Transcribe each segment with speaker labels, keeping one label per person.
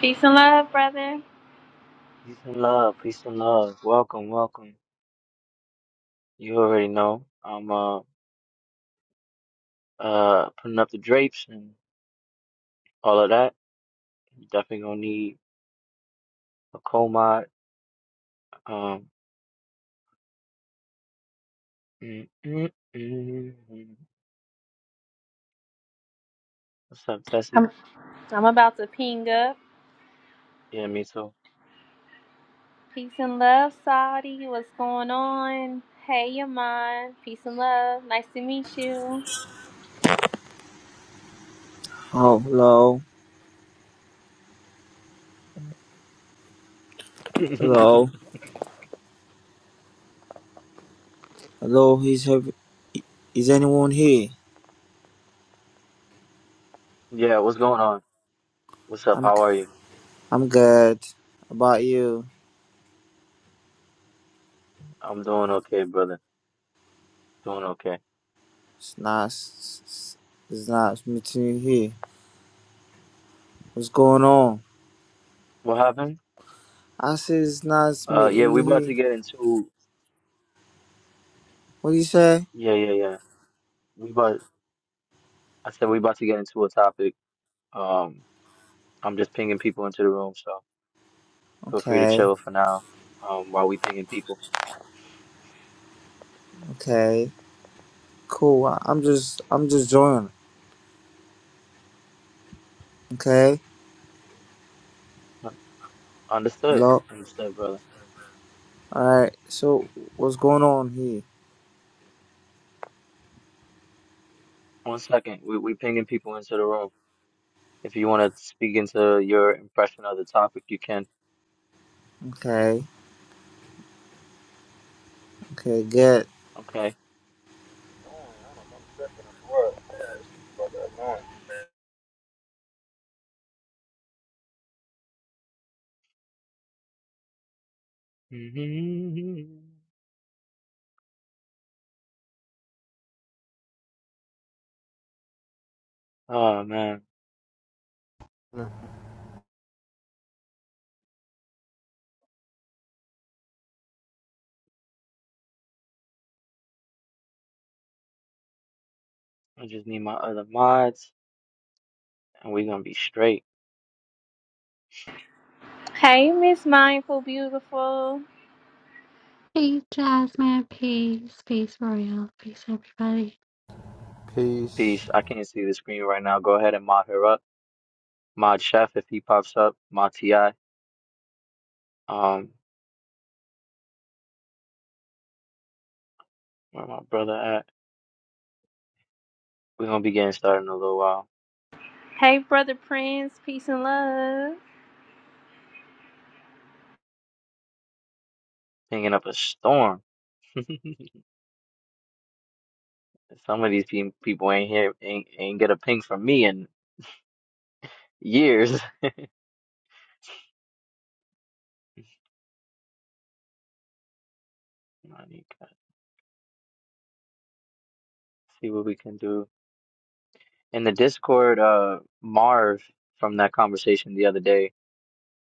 Speaker 1: Peace and love, brother.
Speaker 2: Peace and love, peace and love. Welcome, welcome. You already know I'm uh uh putting up the drapes and all of that. You definitely gonna need a coal mod. Um, mm, mm, mm, mm. what's up,
Speaker 1: I'm
Speaker 2: Tessie?
Speaker 1: I'm about to ping up.
Speaker 2: Yeah, me too.
Speaker 1: Peace and love, Saudi. What's going on? Hey, Yaman. Peace and love. Nice to meet you.
Speaker 3: Oh, hello, hello, hello. Is have, is anyone here?
Speaker 2: yeah, what's going on? What's up?
Speaker 3: I'm
Speaker 2: How are you?
Speaker 3: I'm good. How about you?
Speaker 2: I'm doing okay, brother. Doing okay.
Speaker 3: It's nice. It's nice meeting you here. What's going on?
Speaker 2: What happened?
Speaker 3: I said it's nice
Speaker 2: Uh, yeah,
Speaker 3: meeting you
Speaker 2: we about
Speaker 3: here.
Speaker 2: to get into.
Speaker 3: What do you say?
Speaker 2: Yeah, yeah, yeah. We about. I said we about to get into a topic. Um, I'm just pinging people into the room, so. Feel free to
Speaker 3: Okay,
Speaker 2: chill for now um, while we pinging people.
Speaker 3: okay, cool. I, I'm just I'm just joining. Okay,
Speaker 2: Understood.
Speaker 3: hello.
Speaker 2: Understood, brother.
Speaker 3: All right. So what's going on here?
Speaker 2: One second. We, we pinging people into the room. If you want to speak into your impression of the topic, you can.
Speaker 3: Okay, okay, good.
Speaker 2: Okay.
Speaker 4: annoying. I don't know if I'm tripping or what, but this shit fucking annoying.
Speaker 2: Oh, man. I just need my other mods, and we're going to be straight.
Speaker 1: Hey, Miss Mindful Beautiful.
Speaker 5: Hey Jasmine, peace, peace Royal, peace everybody.
Speaker 4: Peace.
Speaker 2: Peace. I can't see the screen right now. Go ahead and mod her up. Mod Chef if he pops up. Mod TI. Um, where my brother at? We're going to be getting started in a little while.
Speaker 1: Hey, Brother Prince. Peace and love.
Speaker 2: Pinging up a storm. Some of these pe- people ain't here, ain't, ain't get a ping from me in years. Let me See what we can do. In the Discord, uh, Marv from that conversation the other day,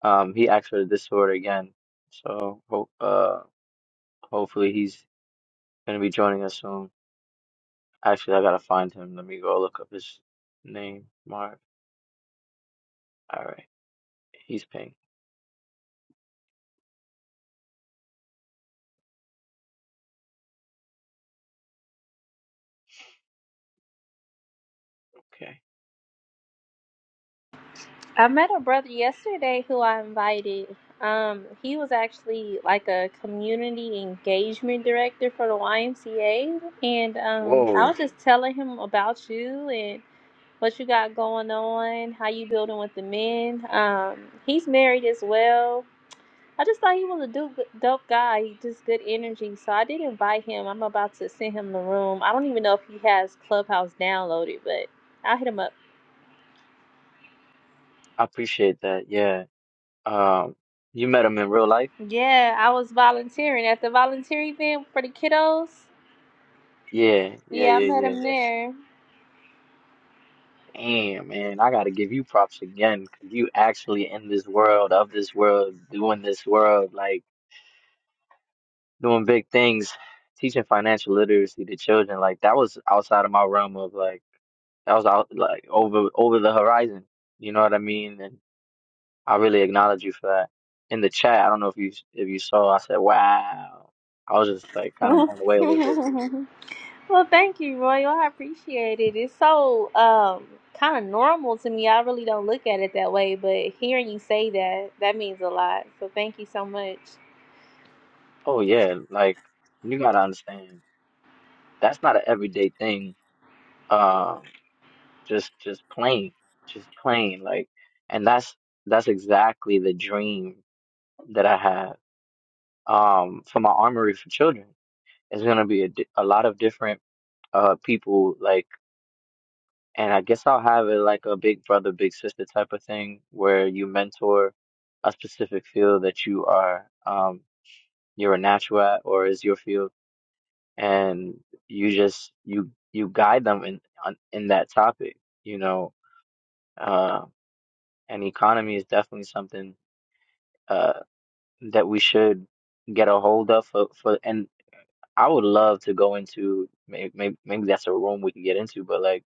Speaker 2: um, he asked for the Discord again. So, ho uh, hopefully he's gonna be joining us soon. Actually, I gotta find him. Let me go look up his name, Marv. All right, he's ping. Okay.
Speaker 1: I met a brother yesterday who I invited. Um, he was actually like a community engagement director for the YMCA, and um, I
Speaker 2: Whoa,
Speaker 1: was just telling him about you, and. what you got going on, how you building with the men. Um, he's married as well. I just thought he was a do- dope guy, he just good energy. So I did invite him. I'm about to send him the room. I don't even know if he has Clubhouse downloaded, but I'll hit him up.
Speaker 2: I appreciate that. Yeah. Um, you met him in real life?
Speaker 1: Yeah, I was volunteering at the volunteer event for the kiddos.
Speaker 2: Yeah, yeah,
Speaker 1: Yeah, I
Speaker 2: yeah,
Speaker 1: met
Speaker 2: yeah, yeah.
Speaker 1: him
Speaker 2: Damn, man, I gotta give you props again because you actually in this world, of this world, doing this world, like doing big things, teaching financial literacy to children. Like that was outside of my realm of like that was out like over over the horizon. You know what I mean? And I really acknowledge you for that. In the chat, I don't know if you if you saw, I said, "Wow." I was just like kind of blown away a little bit.
Speaker 1: there. Well, thank you, Royal. I appreciate it. It's so um kind of normal to me. I really don't look at it that way, but hearing you say that, that means a lot. So thank you so much.
Speaker 2: Oh yeah, like you gotta understand that's not an everyday thing. um, just just plain just plain like and that's that's exactly the dream that i have um for my armory for children it's going to be a, di- a lot of different uh people like and i guess i'll have it like a big brother big sister type of thing where you mentor a specific field that you are um you're a natural at or is your field and you just you you guide them in on- in that topic you know uh, and economy is definitely something uh, that we should get a hold of for, for and I would love to go into maybe, maybe maybe that's a room we can get into but like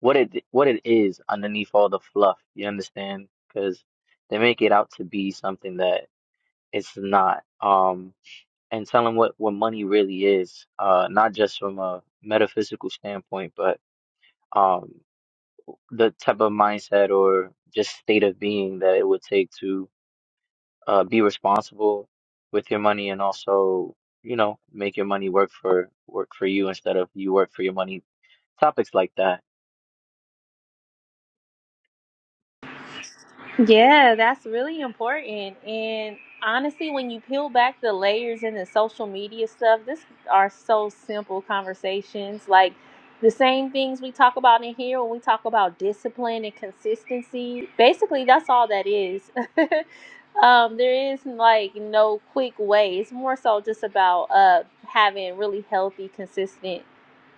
Speaker 2: what it what it is underneath all the fluff you understand because they make it out to be something that it's not um and tell them what what money really is uh not just from a metaphysical standpoint but um the type of mindset or just state of being that it would take to uh, be responsible with your money and also, you know, make your money work for work for you instead of you work for your money. Topics like that.
Speaker 1: Yeah, that's really important. And honestly, when you peel back the layers in the social media stuff, this are so simple conversations. Like the same things we talk about in here when we talk about discipline and consistency. Basically, that's all that is. um, there is like no quick way. It's more so just about uh having really healthy, consistent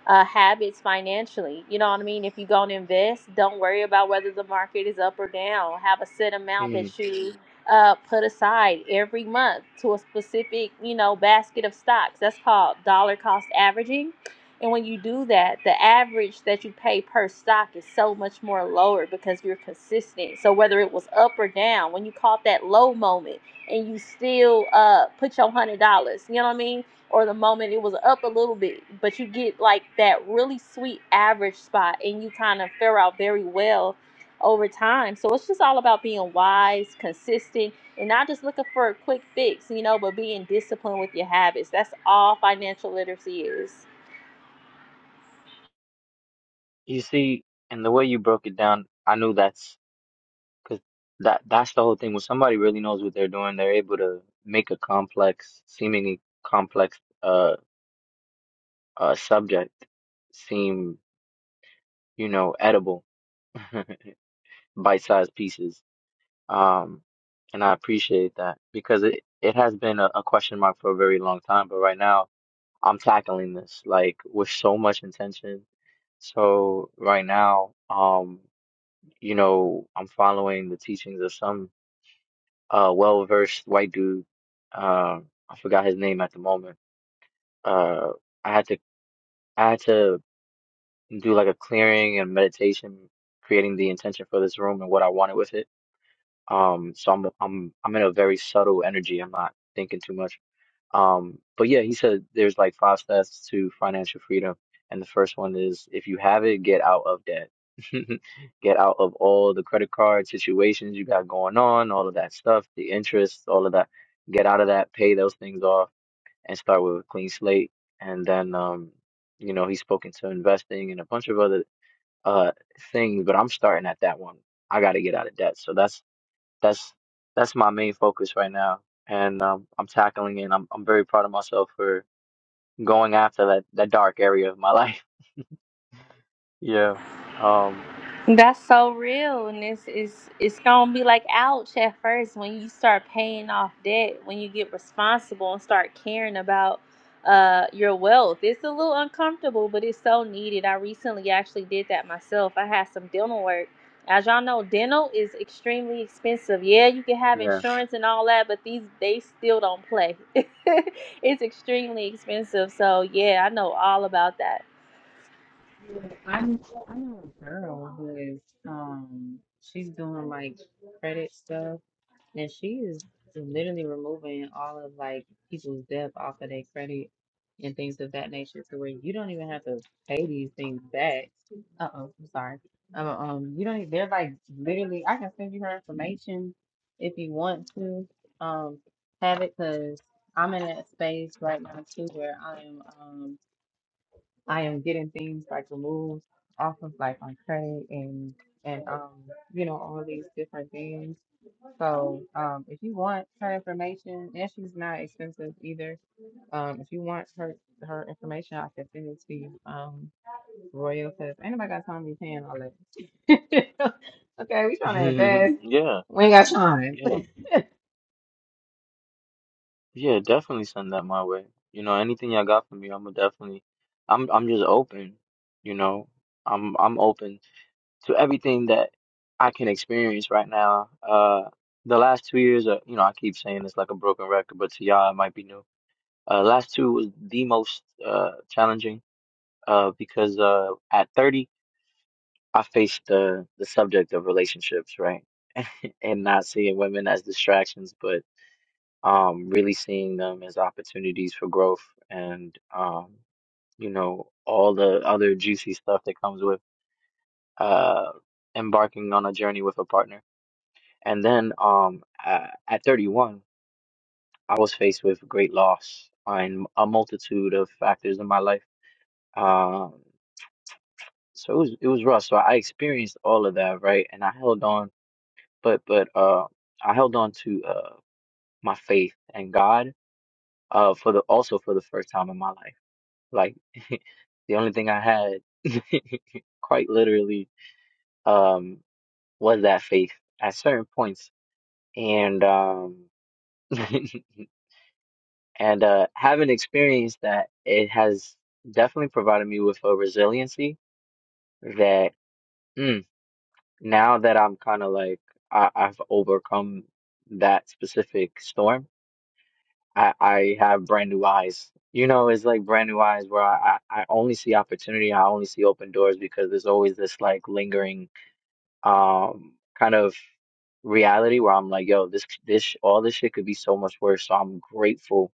Speaker 1: uh, habits financially. You know what I mean? If you're going to invest, don't worry about whether the market is up or down. Have a set amount
Speaker 2: Mm.
Speaker 1: that you uh, put aside every month to a specific, you know, basket of stocks. That's called dollar cost averaging. And when you do that, the average that you pay per stock is so much more lower because you're consistent. So whether it was up or down, when you caught that low moment and you still uh, put your $100, you know what I mean? or the moment it was up a little bit, but you get like that really sweet average spot and you kind of fare out very well over time. So it's just all about being wise, consistent, and not just looking for a quick fix, you know, but being disciplined with your habits. That's all financial literacy is.
Speaker 2: You see, and the way you broke it down, I knew that's because that that's the whole thing. When somebody really knows what they're doing, they're able to make a complex, seemingly complex, uh, uh subject seem, you know, edible, bite-sized pieces Um, and I appreciate that because it, it has been a, a question mark for a very long time, but right now I'm tackling this like with so much intention. So right now, um, you know, I'm following the teachings of some uh well-versed white dude. Uh, I forgot his name at the moment. Uh, I had to I had to do like a clearing and meditation, creating the intention for this room and what I wanted with it Um, so I'm I'm I'm in a very subtle energy. I'm not thinking too much. Um, but yeah, he said there's like five steps to financial freedom, and the first one is if you have it, get out of debt. Get out of all the credit card situations you got going on, all of that stuff, the interest, all of that. Get out of that, pay those things off, and start with a clean slate. And then, um, you know, he's spoken to investing and a bunch of other uh things, but I'm starting at that one. I got to get out of debt. So that's that's that's my main focus right now, and um, I'm tackling it. And I'm I'm very proud of myself for going after that that dark area of my life. Yeah. Um.
Speaker 1: That's so real, and it's it's it's gonna be like ouch at first when you start paying off debt, when you get responsible and start caring about uh your wealth. It's a little uncomfortable, but it's so needed. I recently actually did that myself. I had some dental work. As y'all know, dental is extremely expensive. Yeah, you can have
Speaker 2: Yeah.
Speaker 1: insurance and all that, but these they still don't play. it's extremely expensive. So yeah, I know all about that
Speaker 6: I know, I know a girl who is um she's doing like credit stuff and she is literally removing all of like people's debt off of their credit and things of that nature to where you don't even have to pay these things back. Uh oh, I'm sorry. Um, um you don't e- they're like literally I can send you her information if you want to um have it because I'm in that space right now too where I am um, I am getting things like removed off of like my credit and and um you know all these different things. So um if you want her information and she's not expensive either. Um if you want her her information I can send it to you. Um Royal because ain't nobody got time to be paying all that. okay, we trying to invest.
Speaker 2: yeah.
Speaker 6: We ain't got time.
Speaker 2: Yeah. Yeah. Definitely send that my way. You know, anything y'all got for me, I'm gonna definitely. I'm I'm just open. You know, I'm I'm open to everything that I can experience right now. Uh, the last two years, are, you know, I keep saying it's like a broken record, but to y'all, it might be new Uh, last two was the most uh, challenging uh, because uh, at 30, I faced the the subject of relationships, right? And not seeing women as distractions, but um, really seeing them as opportunities for growth and um, you know, all the other juicy stuff that comes with uh, embarking on a journey with a partner. And then um, a- at 31, I was faced with great loss on a multitude of factors in my life Um. so it was it was rough. So I experienced all of that, right? And I held on, but but uh, I held on to uh my faith and God uh for the also for the first time in my life. Like the only thing I had, quite literally, um, was that faith at certain points, and um, and uh, having experienced that, it has definitely provided me with a resiliency that. hmm, now that I'm kind of like I, I've overcome that specific storm, I, I have brand new eyes. You know, it's like brand new eyes where I, I I only see opportunity, I only see open doors because there's always this like lingering um kind of reality where I'm like, yo, this this sh- all this shit could be so much worse. So I'm grateful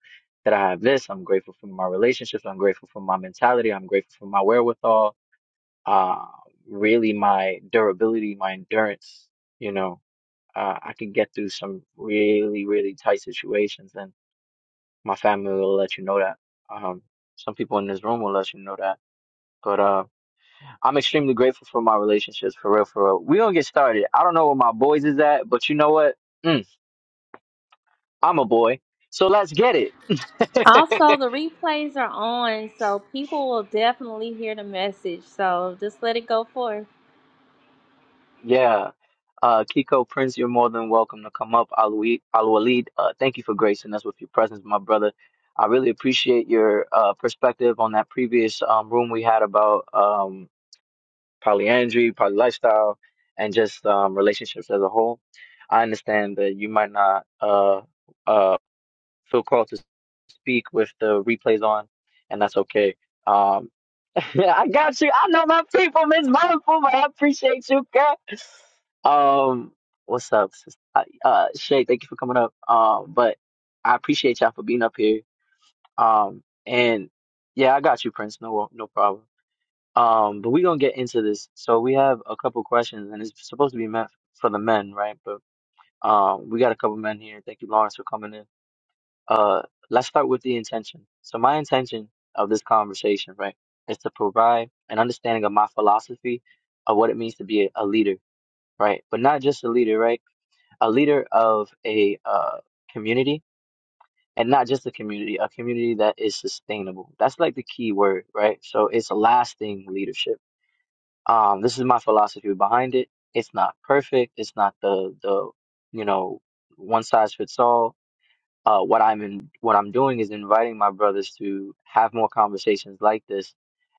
Speaker 2: that I have this. I'm grateful for my relationships. I'm grateful for my mentality. I'm grateful for my wherewithal. Uh, really my durability, my endurance, you know uh, I can get through some really, really tight situations, and my family will let you know that. Um, some people in this room will let you know that. But uh, I'm extremely grateful for my relationships, for real, for real. We gonna get started. I don't know where my boys is at, but you know what? Mm, I'm a boy, so let's get it.
Speaker 1: Also, the replays are on, so people will definitely hear the message. So just let it go forth.
Speaker 2: Yeah. Uh, Kiko Prince, you're more than welcome to come up. Al Walid, uh, thank you for gracing us with your presence, my brother. I really appreciate your uh, perspective on that previous um, room we had about um, polyandry, poly lifestyle, and just um, relationships as a whole. I understand that you might not uh, uh, feel called to speak with the replays on, and that's okay. Um, yeah, I got you. I know my people, Miss Wonderful, but I appreciate you, girl. Um, what's up, sis? Uh, uh, Shay, thank you for coming up. Um, but I appreciate y'all for being up here. Um, and yeah, I got you, Prince. No, no problem. Um, but we gonna get into this. So we have a couple questions, and it's supposed to be meant for the men, right? But um, we got a couple men here. Thank you, Lawrence, for coming in. Uh, let's start with the intention. So my intention of this conversation, right, is to provide an understanding of my philosophy of what it means to be a, a leader, right? But not just a leader, right? A leader of a uh community and not just a community, a community that is sustainable. That's like the key word, right? So it's lasting leadership. Um, this is my philosophy behind it. It's not perfect. It's not the the you know one size fits all uh, what I'm in, what I'm doing is inviting my brothers to have more conversations like this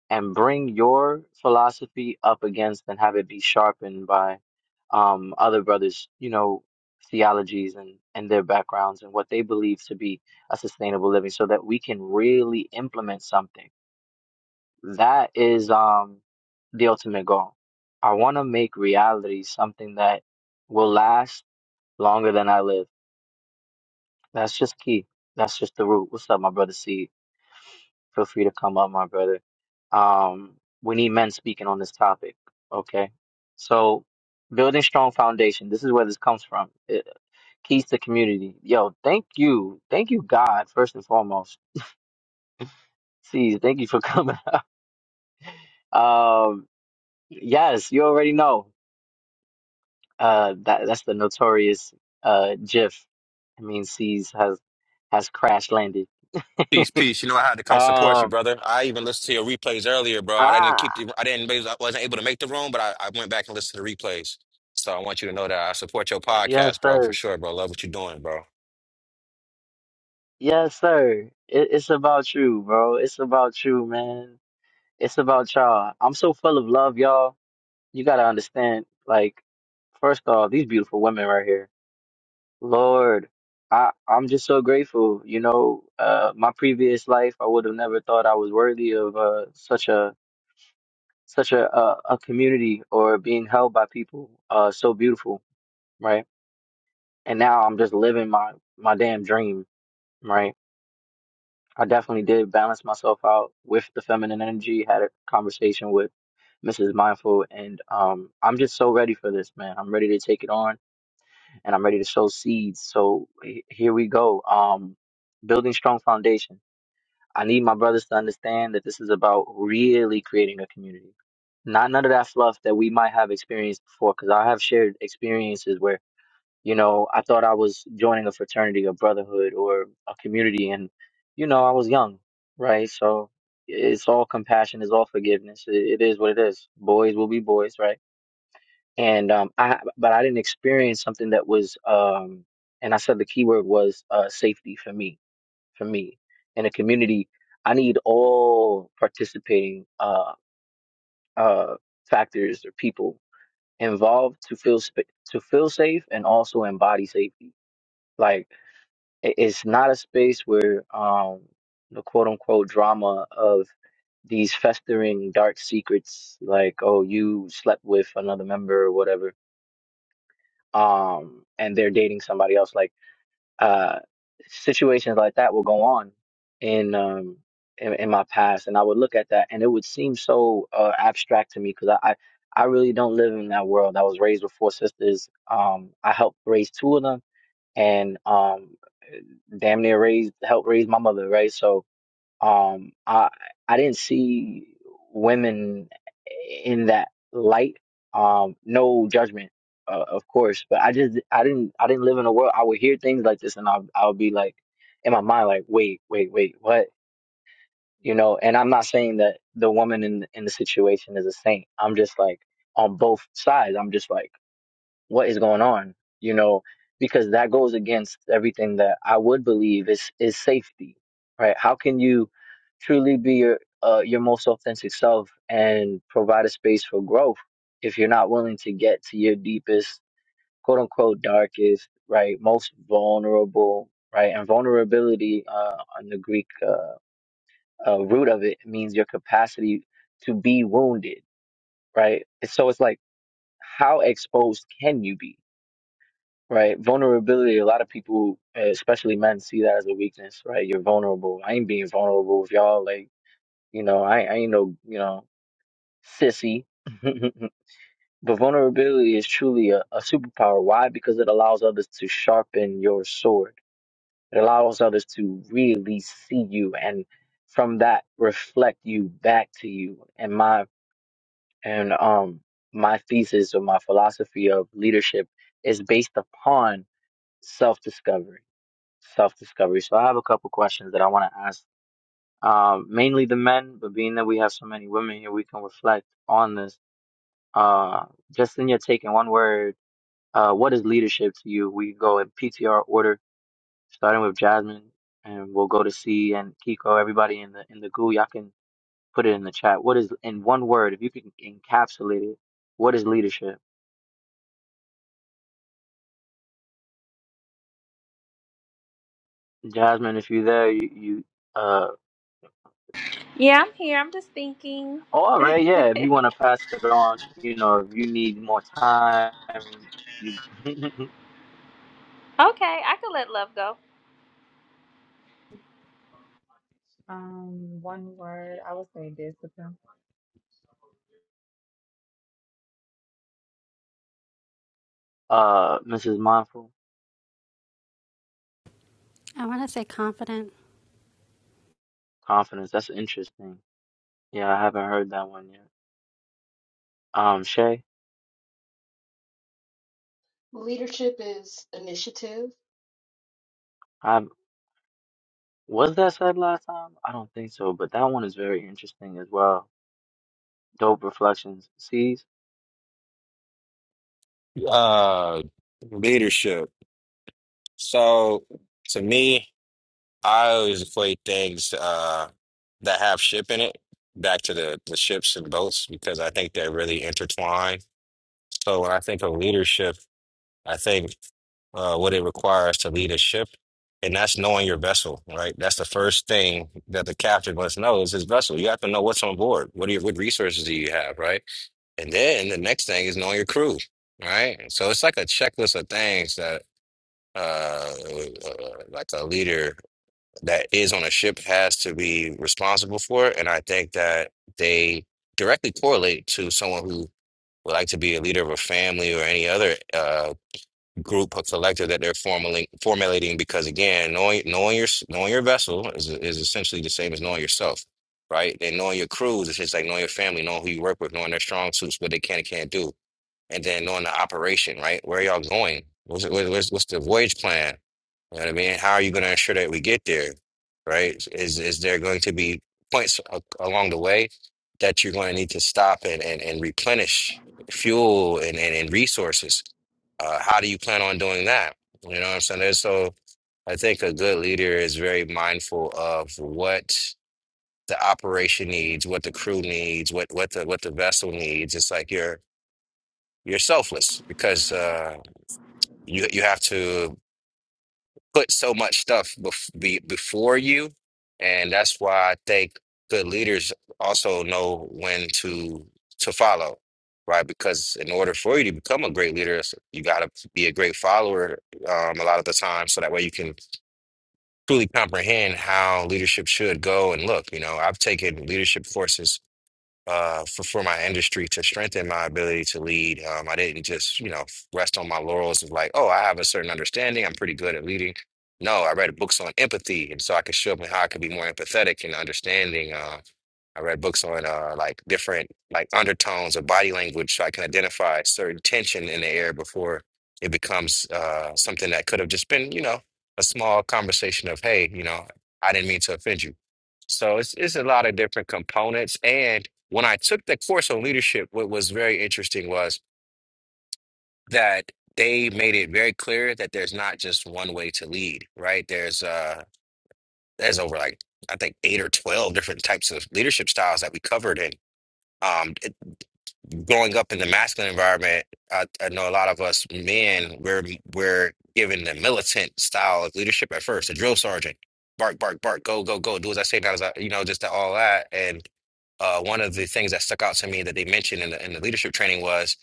Speaker 2: and bring your philosophy up against and have it be sharpened by um, other brothers, you know, theologies and, and their backgrounds and what they believe to be a sustainable living so that we can really implement something. That is um, the ultimate goal. I want to make reality something that will last longer than I live. That's just key. That's just the root. What's up, my brother C? Feel free to come up, my brother. Um, we need men speaking on this topic. Okay. So building strong foundation. This is where this comes from. It, keys to community. Yo, thank you. Thank you, God, first and foremost. See, thank you for coming. Um, yes, you already know. Uh, that that's the notorious uh GIF. I mean, C's has has crash landed.
Speaker 7: Peace, peace. You know I had to come support you,
Speaker 2: Um,
Speaker 7: brother. I even listened to your replays earlier, bro. I didn't
Speaker 2: ah,
Speaker 7: keep the, I didn't, I wasn't able to make the room, but I, I went back and listened to the replays. So I want you to know that I support your
Speaker 2: yes,
Speaker 7: podcast, bro, for
Speaker 2: sir.
Speaker 7: sure, bro. Love what you're doing, bro.
Speaker 2: Yes, sir. It, it's about you, bro. It's about you, man. It's about y'all. I'm so full of love, y'all. You gotta understand, like, first off, these beautiful women right here. Lord, I I'm just so grateful. You know, uh, my previous life, I would have never thought I was worthy of uh such a such a a, a community or being held by people uh so beautiful, right? And now I'm just living my my damn dream, right? I definitely did balance myself out with the feminine energy, had a conversation with Mrs. Mindful, and um, I'm just so ready for this, man. I'm ready to take it on and I'm ready to sow seeds. So he- here we go. Um, building strong foundation. I need my brothers to understand that this is about really creating a community. Not none of that fluff that we might have experienced before, because I have shared experiences where you know, I thought I was joining a fraternity, a brotherhood, or a community, and you know, I was young, right? So it's all compassion, it's all forgiveness. It, it is what it is. Boys will be boys, right? And um, I, but I didn't experience something that was, um, and I said the key word was uh, safety for me. For me, in a community, I need all participating uh, uh, factors or people involved to feel sp- to feel safe and also embody safety. Like it- it's not a space where um the quote unquote drama of these festering dark secrets like oh you slept with another member or whatever um and they're dating somebody else like uh situations like that will go on in um in, in my past and I would look at that and it would seem so uh, abstract to me because I, I I really don't live in that world I was raised with four sisters um I helped raise two of them and um damn near raised helped raise my mother, right? So um I I didn't see women in that light. Um no judgment, uh, of course, but I just I didn't I didn't live in a world I would hear things like this and I will I would be like in my mind like wait, wait, wait, what? You know, and I'm not saying that the woman in in the situation is a saint. I'm just like on both sides. I'm just like what is going on you know because that goes against everything that i would believe is is safety right how can you truly be your uh, your most authentic self and provide a space for growth if you're not willing to get to your deepest quote unquote darkest right most vulnerable right and vulnerability uh, on the greek uh, uh, root of it means your capacity to be wounded right so it's like how exposed can you be Right. Vulnerability, a lot of people, eh, especially men, see that as a weakness, right? You're vulnerable. I ain't being vulnerable with y'all. Like, you know, I, I ain't no, you know, sissy. But vulnerability is truly a, a superpower. Why? Because it allows others to sharpen your sword. It allows others to really see you and from that reflect you back to you. And my and um my thesis or my philosophy of leadership is based upon self-discovery self-discovery. So I have a couple questions that I want to ask, um, mainly the men, but being that we have so many women here, we can reflect on this. Uh, just in your take in one word, uh, what is leadership to you? We go in PTR order, starting with Jasmine, and we'll go to C and Kiko. Everybody in the in the goo, y'all can put it in the chat. What is in one word? If you can encapsulate it, what is leadership? Jasmine, if you're there, you, you uh
Speaker 1: Yeah, I'm here. I'm just thinking.
Speaker 2: All right, yeah. If
Speaker 1: okay,
Speaker 2: you want to pass it on, you know, if you need more time, you,
Speaker 1: I could let love go.
Speaker 6: um one word I would say discipline.
Speaker 2: uh, Mrs. Mindful,
Speaker 5: I want to say confident.
Speaker 2: confidence. That's interesting. Yeah, I haven't heard that one yet. Um, Shay,
Speaker 8: Leadership is initiative.
Speaker 2: I was that said last time? I don't think so, but that one is very interesting as well. Dope reflections. C's.
Speaker 7: Uh, leadership. So to me, I always equate things uh that have ship in it back to the the ships and boats because I think they're really intertwined. So when I think of leadership, I think. uh, what it requires to lead a ship, and that's knowing your vessel, right? That's the first thing that the captain must know is his vessel. You have to know what's on board. What are your, what resources do you have, right? And then the next thing is knowing your crew, right? So it's like a checklist of things that uh, uh like a leader that is on a ship has to be responsible for, and I think that they directly correlate to someone who would like to be a leader of a family or any other uh group of collector that they're formulating formulating because again knowing knowing your knowing your vessel is is essentially the same as knowing yourself right and knowing your crews is just like knowing your family knowing who you work with knowing their strong suits what they can and can't do and then knowing the operation right where are y'all going what's, what's, what's the voyage plan you know what I mean? How are you going to ensure that we get there, right? Is is there going to be points a- along the way that you're going to need to stop and, and, and replenish fuel and, and, and resources? Uh, how do you plan on doing that? You know what I'm saying? There's- So I think a good leader is very mindful of what the operation needs, what the crew needs, what what the what the vessel needs. It's like you're you're selfless because uh, you you have to. put so much stuff bef- be- before you. And that's why I think good leaders also know when to to follow, right? Because in order for you to become a great leader, s- you got to be a great follower um, a lot of the time, so that way you can truly comprehend how leadership should go and look. You know, I've taken leadership courses uh, for, for my industry to strengthen my ability to lead. Um, I didn't just, you know, rest on my laurels of like, oh, I have a certain understanding. I'm pretty good at leading. No, I read books on empathy, and so I could show up and how I could be more empathetic and understanding. Uh, I read books on uh, like different like undertones of body language, so I can identify certain tension in the air before it becomes uh, something that could have just been, you know, a small conversation of, hey, you know, I didn't mean to offend you so it's it's a lot of different components. And when I took the course on leadership, what was very interesting was that they made it very clear that there's not just one way to lead, right? There's uh there's over like I think eight or twelve different types of leadership styles that we covered and um it- growing up in the masculine environment, I, I know a lot of us men we're we're given the militant style of leadership at first, the drill sergeant. Bark, bark, bark, go, go, go, do as I say, not as I, you know, just all that. And uh, one of the things that stuck out to me that they mentioned in the, in the leadership training was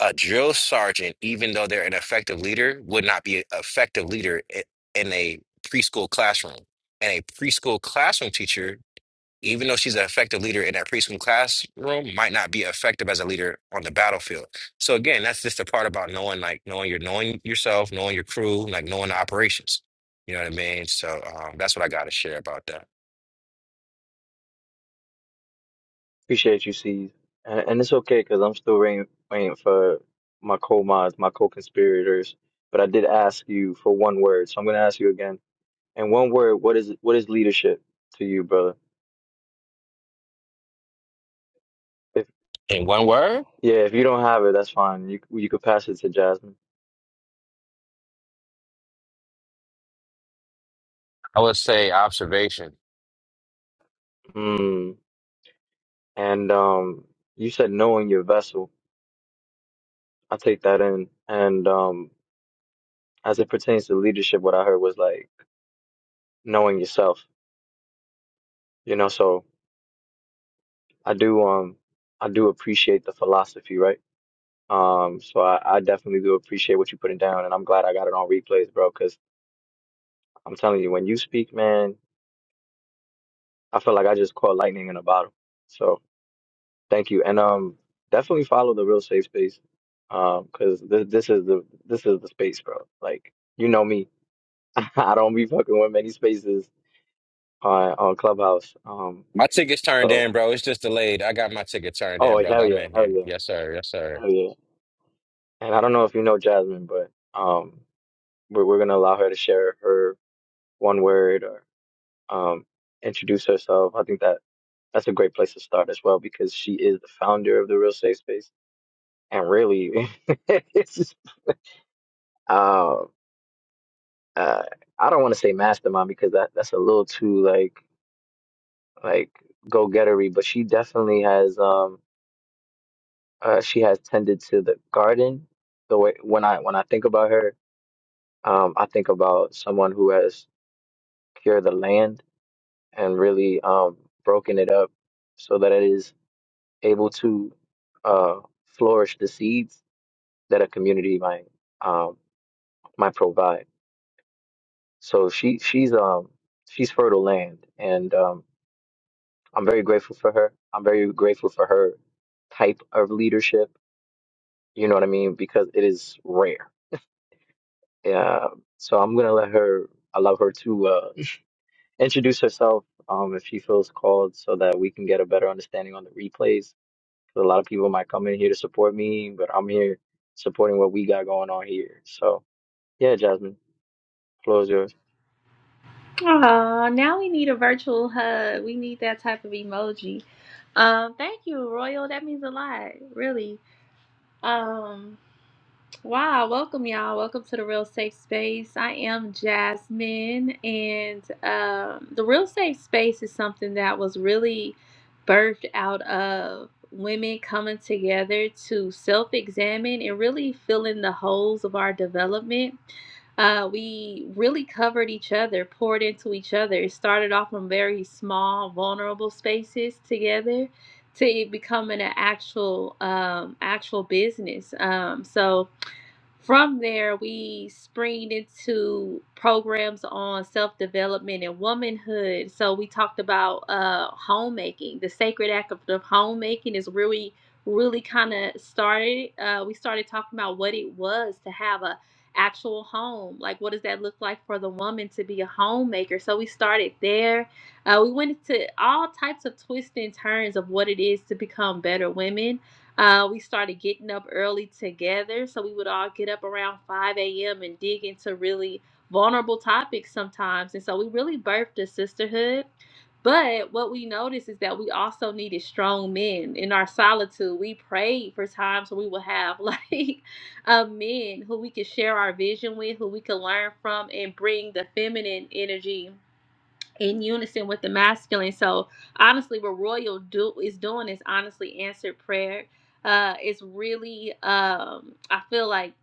Speaker 7: a drill sergeant, even though they're an effective leader, would not be an effective leader i- in a preschool classroom. And a preschool classroom teacher, even though she's an effective leader in that preschool classroom, might not be effective as a leader on the battlefield. So again, that's just the part about knowing, like knowing your knowing yourself, knowing your crew, like knowing the operations. You know what I mean? So um, that's what I got to share about that.
Speaker 2: appreciate you, C's. And, and it's okay because I'm still waiting, waiting for my co-mods, my co-conspirators. But I did ask you for one word, so I'm gonna ask you again. In one word, what is what is leadership to you, brother? If
Speaker 7: In one word,
Speaker 2: yeah, if you don't have it, that's fine. You you could pass it to Jasmine.
Speaker 7: I would say observation
Speaker 2: Hmm. And um, you said knowing your vessel. I take that in. And um, as it pertains to leadership, what I heard was like knowing yourself. You know, so I do um I do appreciate the philosophy, right? Um, so I, I definitely do appreciate what you're putting down, and I'm glad I got it on replays, bro. Because I'm telling you, when you speak, man, I feel like I just caught lightning in a bottle. So. Thank you, and um, definitely follow the real safe space, um, because this this is the this is the space, bro. Like you know me, I don't be fucking with many spaces on on Clubhouse. Um,
Speaker 7: My ticket's turned
Speaker 2: so
Speaker 7: in, bro. It's just delayed. I got my ticket turned in,
Speaker 2: oh
Speaker 7: brother.
Speaker 2: hell
Speaker 7: I'm
Speaker 2: yeah,
Speaker 7: in
Speaker 2: hell
Speaker 7: here.
Speaker 2: yeah,
Speaker 7: Yes, sir. Yes, sir.
Speaker 2: hell yeah. And I don't know if you know Jasmine, but um, we're we're gonna allow her to share her one word or um introduce herself. I think that that's a great place to start as well because she is the founder of the real safe space and really uh. uh, I don't want to say mastermind because that that's a little too like like go gettery, but she definitely has um uh, she has tended to the garden. The way when I when I think about her, um, I think about someone who has cured the land and really um broken it up so that it is able to uh flourish the seeds that a community might um might provide. So she she's um she's fertile land and um I'm very grateful for her. I'm very grateful for her type of leadership. You know what I mean? Because it is rare. Yeah. So I'm gonna let her. allow her to uh, introduce herself um, if she feels called, so that we can get a better understanding on the replays. 'Cause a lot of people might come in here to support me, but I'm here supporting what we got going on here. So yeah, Jasmine, floor is yours.
Speaker 1: Oh, now we need a virtual hug. We need that type of emoji. Um, thank you, Royal. That means a lot, really. Um, Wow, welcome y'all. Welcome to the Real Safe Space. I am Jasmine, and um, the Real Safe Space is something that was really birthed out of women coming together to self examine and really fill in the holes of our development. Uh, we really covered each other, poured into each other. It started off from very small, vulnerable spaces together to it becoming an actual, um, actual business. Um, so, from there, we springed into programs on self development and womanhood. So, we talked about uh, homemaking. The sacred act of, of homemaking is really, really kind of started. Uh, we started talking about what it was to have a actual home. Like, what does that look like for the woman to be a homemaker? So, we started there. Uh, we went into all types of twists and turns of what it is to become better women uh, we started getting up early together. So we would all get up around 5 a.m. and dig into really vulnerable topics sometimes. And so we really birthed a sisterhood. But what we noticed is that we also needed strong men in our solitude. We prayed for times where we would have like uh, men who we could share our vision with, who we could learn from, and bring the feminine energy in unison with the masculine. So honestly, what Royal do is doing is honestly answered prayer. Uh, it's really um, I feel like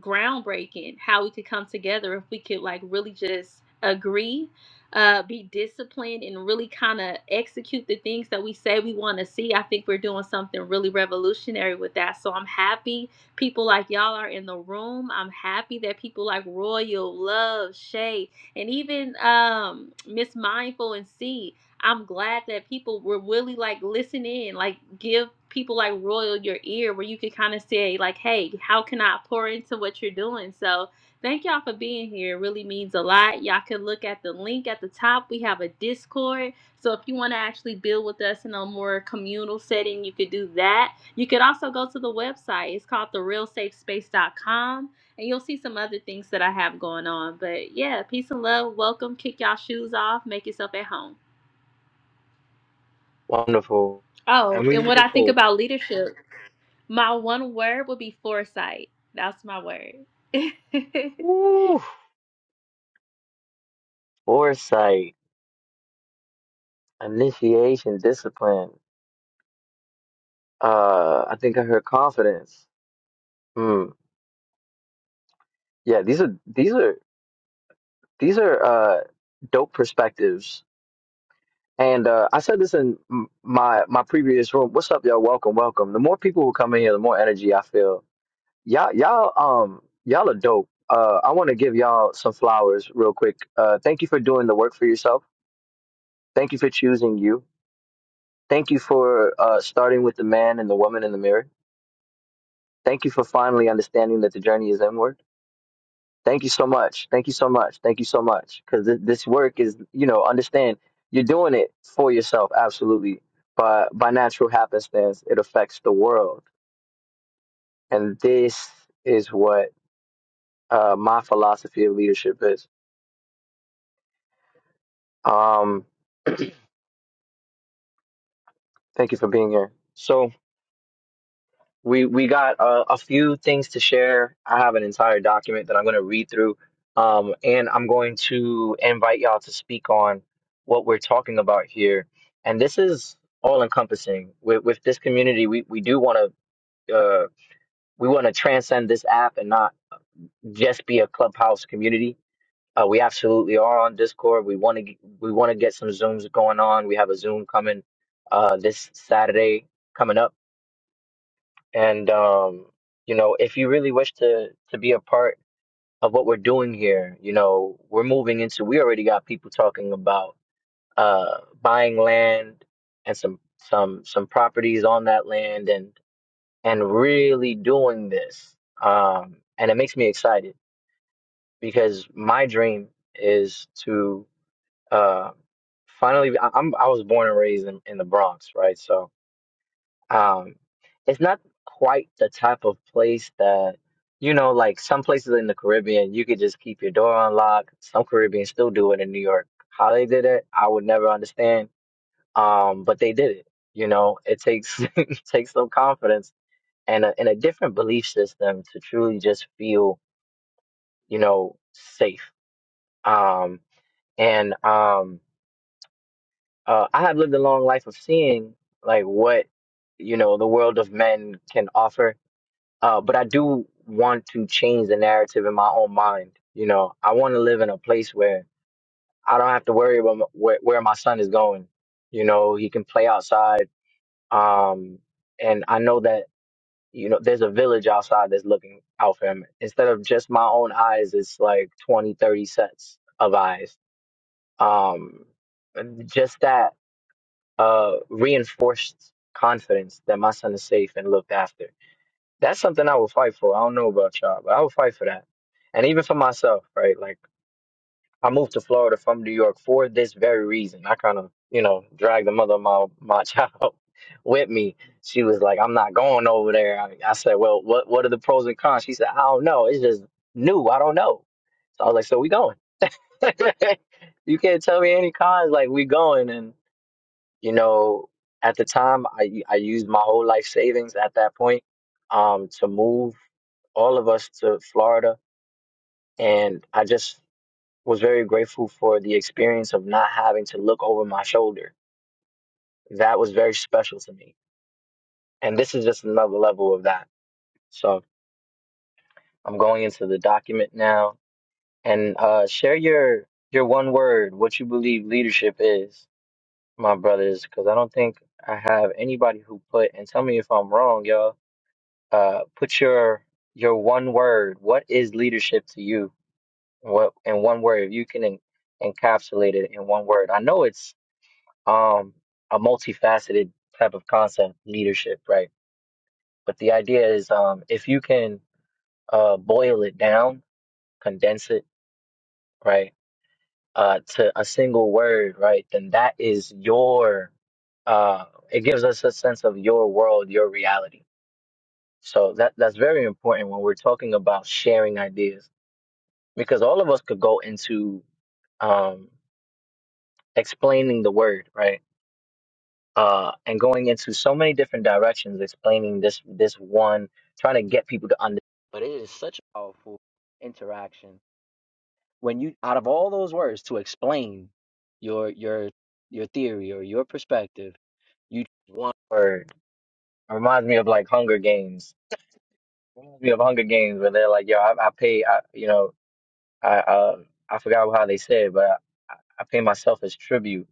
Speaker 1: groundbreaking how we could come together if we could like really just agree uh be disciplined and really kind of execute the things that we say we want to see i think we're doing something really revolutionary with that so i'm happy people like y'all are in the room i'm happy that people like royal love shay and even um miss mindful and c I'm glad that people were really like listen in, like give people like Royal your ear where you could kind of say like, hey, how can I pour into what you're doing? So thank y'all for being here. It really means a lot. Y'all can look at the link at the top. We have a Discord. So if you want to actually build with us in a more communal setting, you could do that. You could also go to the website. It's called therealsafespace.com and you'll see some other things that I have going on. But yeah, peace and love. Welcome. Kick y'all shoes off. Make yourself at home.
Speaker 2: Wonderful,
Speaker 1: Oh,
Speaker 2: and we
Speaker 1: and what
Speaker 2: looking
Speaker 1: I think
Speaker 2: for
Speaker 1: about leadership, my one word would be foresight. That's my word.
Speaker 2: woo, foresight, initiation, discipline. Uh, I think I heard confidence. Mm. Yeah, these are these are these are uh dope perspectives. And uh, I said this in m- my my previous room. What's up, y'all? Welcome, welcome. The more people who come in here, the more energy I feel. Y'all, y'all, um, y'all are dope. Uh, I want to give y'all some flowers real quick. Uh, thank you for doing the work for yourself. Thank you for choosing you. Thank you for uh, starting with the man and the woman in the mirror. Thank you for finally understanding that the journey is inward Thank you so much. Thank you so much. Thank you so much. Because th- this work is, you know, understand you're doing it for yourself, absolutely. But by natural happenstance, it affects the world, and this is what uh, my philosophy of leadership is. Um, thank you for being here. So. We we got a, a few things to share. I have an entire document that I'm going to read through, um, and I'm going to invite y'all to speak on what we're talking about here. And this is all encompassing. With with this community, we we do want to uh, we want to transcend this app and not just be a clubhouse community. Uh, we absolutely are on Discord. We want to we want to get some zooms going on. We have a Zoom coming uh, this Saturday coming up and um, you know, if you really wish to to be a part of what we're doing here, you know, we're moving into we already got people talking about uh buying land and some some some properties on that land and and really doing this. Um, and it makes me excited because my dream is to uh finally I, I'm I was born and raised in, in the Bronx, right? So Um, it's not quite the type of place that, you know, like some places in the Caribbean, you could just keep your door unlocked. Some Caribbeans still do it in New York. How they did it, I would never understand. Um, but they did it. You know, it takes it takes some confidence and a, and a different belief system to truly just feel, you know, safe. Um, and um, uh, I have lived a long life of seeing like what, you know, the world of men can offer Uh, but I do want to change the narrative in my own mind. You know, I want to live in a place where I don't have to worry about m- where, where my son is going. You know, he can play outside. Um, and I know that, you know, there's a village outside that's looking out for him. Instead of just my own eyes, it's like 20, 30 sets of eyes. Um, just that uh, reinforced confidence that my son is safe and looked after That's something I would fight for. I don't know about y'all, but I would fight for that. And even for myself, right? Like I moved to Florida from New York for this very reason. I kind of, you know, dragged the mother of my my child with me. She was like, "I'm not going over there." I, I said, "Well, what what are the pros and cons?" She said, "I don't know. It's just new. I don't know." So I was like, "So we going?" you can't tell me any cons. Like we going, and you know, at the time, I I used my whole life savings at that point um to move all of us to Florida. And I just was very grateful for the experience of not having to look over my shoulder. That was very special to me. And this is just another level of that. So I'm going into the document now and uh, share your your one word, what you believe leadership is, my brothers, because I don't think I have anybody who put and tell me if I'm wrong, y'all. Uh, put your your one word. What is leadership to you? What in one word, if you can en- encapsulate it in one word. I know it's um a multifaceted type of concept, leadership, right? But the idea is um if you can uh boil it down, condense it, right, uh to a single word, right, then that is your uh it gives us a sense of your world, your reality. So that that's very important when we're talking about sharing ideas because all of us could go into um explaining the word, right? uh, and going into so many different directions, explaining this this one, trying to get people to understand. But it is such a powerful interaction when you, out of all those words, to explain your your your theory or your perspective, you choose one word. It reminds me of like Hunger Games. It reminds me of Hunger Games where they're like, "Yo, I, I pay, I, you know, I uh, I forgot how they said, it, but I, I pay myself as tribute."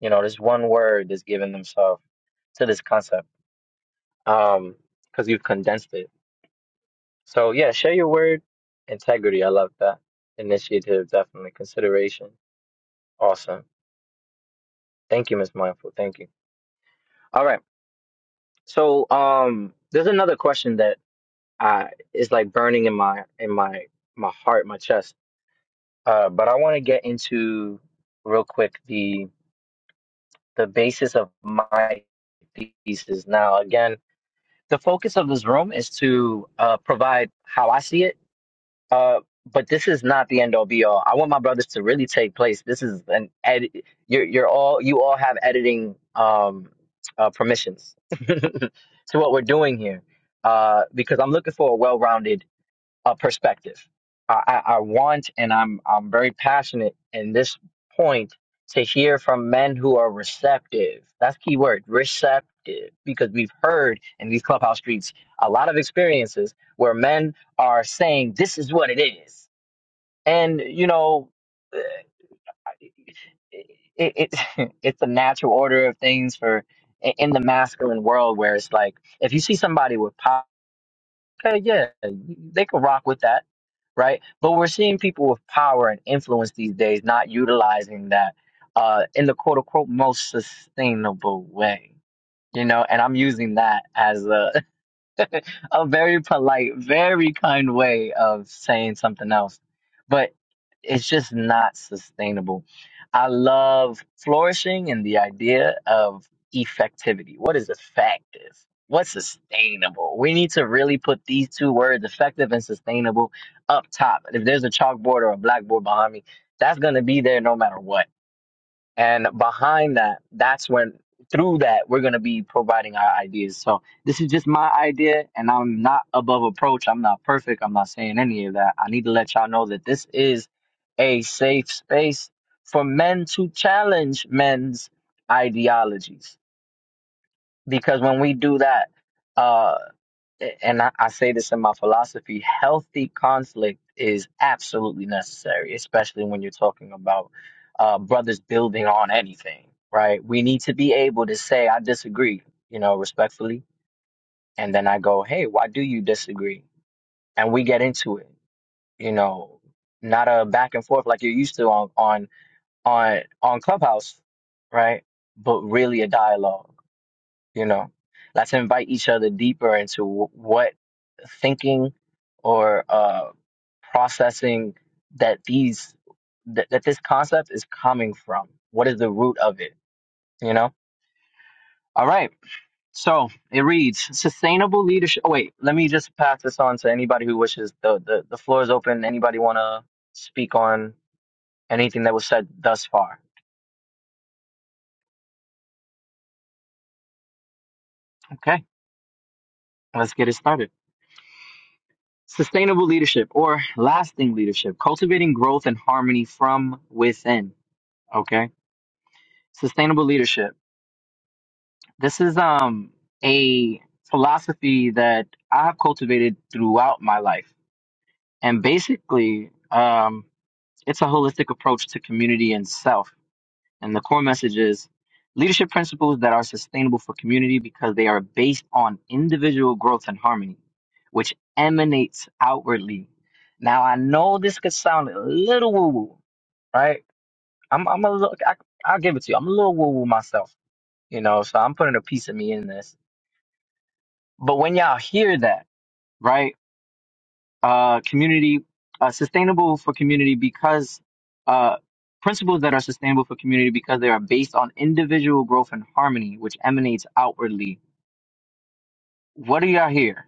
Speaker 2: You know, this one word that's giving themselves to this concept um, because you've condensed it. So yeah, share your word, integrity. I love that initiative. Definitely consideration. Awesome. Thank you, Miss Mindful. Thank you. All right. So um, there's another question that I is like burning in my in my my heart, my chest. Uh, but I want to get into real quick the the basis of my thesis. Now, again, the focus of this room is to uh, provide how I see it Uh, but this is not the end all be all. I want my brothers to really take place. This is an edit. You're you're all you all have editing um uh, permissions to what we're doing here. Uh, because I'm looking for a well-rounded uh, perspective. I, I, I want, and I'm I'm very passionate in this point to hear from men who are receptive. That's key word, receptive, because we've heard in these clubhouse streets a lot of experiences where men are saying this is what it is, and you know, it, it it's a natural order of things for in the masculine world where it's like if you see somebody with power okay, yeah, they could rock with that, right? But we're seeing people with power and influence these days not utilizing that uh, in the quote unquote most sustainable way, you know. And I'm using that as a a very polite, very kind way of saying something else. But it's just not sustainable. I love flourishing and the idea of effectivity. What is effective? What's sustainable? We need to really put these two words, effective and sustainable, up top. If there's a chalkboard or a blackboard behind me, that's going to be there no matter what and behind that, that's when through that we're gonna be providing our ideas. So this is just my idea, and I'm not above approach. I'm not perfect. I'm not saying any of that. I need to let y'all know that this is a safe space for men to challenge men's ideologies. Because when we do that, uh, and I, I say this in my philosophy healthy conflict is absolutely necessary especially when you're talking about uh, brothers building on anything right we need to be able to say i disagree you know respectfully and then i go hey why do you disagree and we get into it you know not a back and forth like you're used to on on on on clubhouse right but really a dialogue you know let's invite each other deeper into wh- what thinking or uh processing that these that, that this concept is coming from what is the root of it you know all right so it reads sustainable leadership oh wait let me just pass this on to anybody who wishes the the, the floor is open anybody want to speak on anything that was said thus far okay let's get it started Sustainable leadership or lasting leadership, cultivating growth and harmony from within. Okay. Sustainable leadership. This is um a philosophy that I have cultivated throughout my life. And basically, um, it's a holistic approach to community and self And the core message is leadership principles that are sustainable for community because they are based on individual growth and harmony, which emanates outwardly. Now, I know this could sound a little woo woo, right? I'm, I'm a little, I, I'll give it to you. I'm a little woo woo myself, you know, so I'm putting a piece of me in this. But when y'all hear that, right? uh, community uh, sustainable for community because uh, principles that are sustainable for community because they are based on individual growth and harmony, which emanates outwardly. What do y'all hear?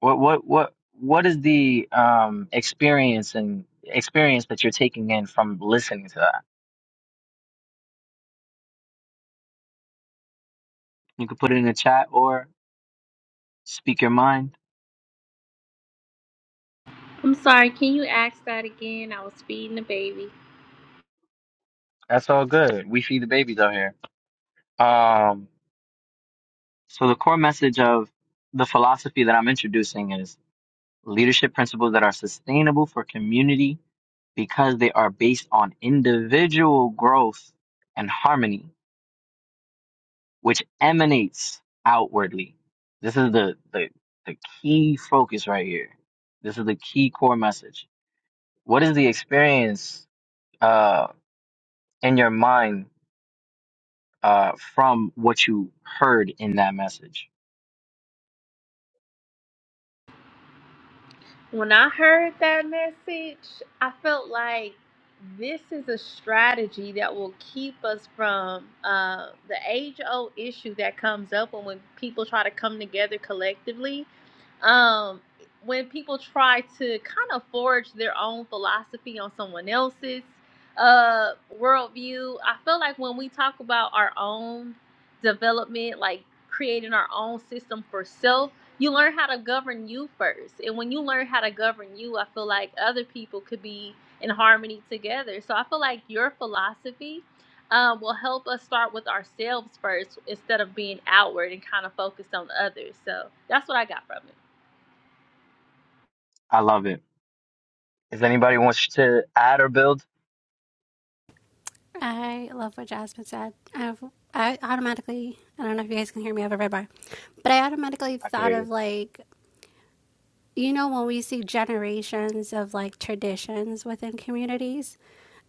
Speaker 2: What what what what is the um, experience and experience that you're taking in from listening to that? You can put it in the chat or speak your mind.
Speaker 1: I'm sorry, can you ask that again? I was feeding the baby.
Speaker 2: That's all good. We feed the babies out here. Um, so the core message of the philosophy that I'm introducing is leadership principles that are sustainable for community because they are based on individual growth and harmony, which emanates outwardly. This is the, the, the key focus right here. This is the key core message. What is the experience uh, in your mind uh, from what you heard in that message?
Speaker 1: When I heard that message, I felt like this is a strategy that will keep us from uh, the age old issue that comes up when, when people try to come together collectively. Um, when people try to kind of forge their own philosophy on someone else's uh, worldview, I feel like when we talk about our own development, like creating our own system for self you learn how to govern you first and when you learn how to govern you i feel like other people could be in harmony together so i feel like your philosophy um, will help us start with ourselves first instead of being outward and kind of focused on others so that's what i got from it
Speaker 2: I love it. If anybody wants to add or build,
Speaker 5: I love what Jasmine said. I've, I automatically, I don't know if you guys can hear me, I have a red bar, but I automatically
Speaker 2: I can
Speaker 5: thought
Speaker 2: hear
Speaker 5: of
Speaker 2: you.
Speaker 5: like, you know, when we see generations of like traditions within communities,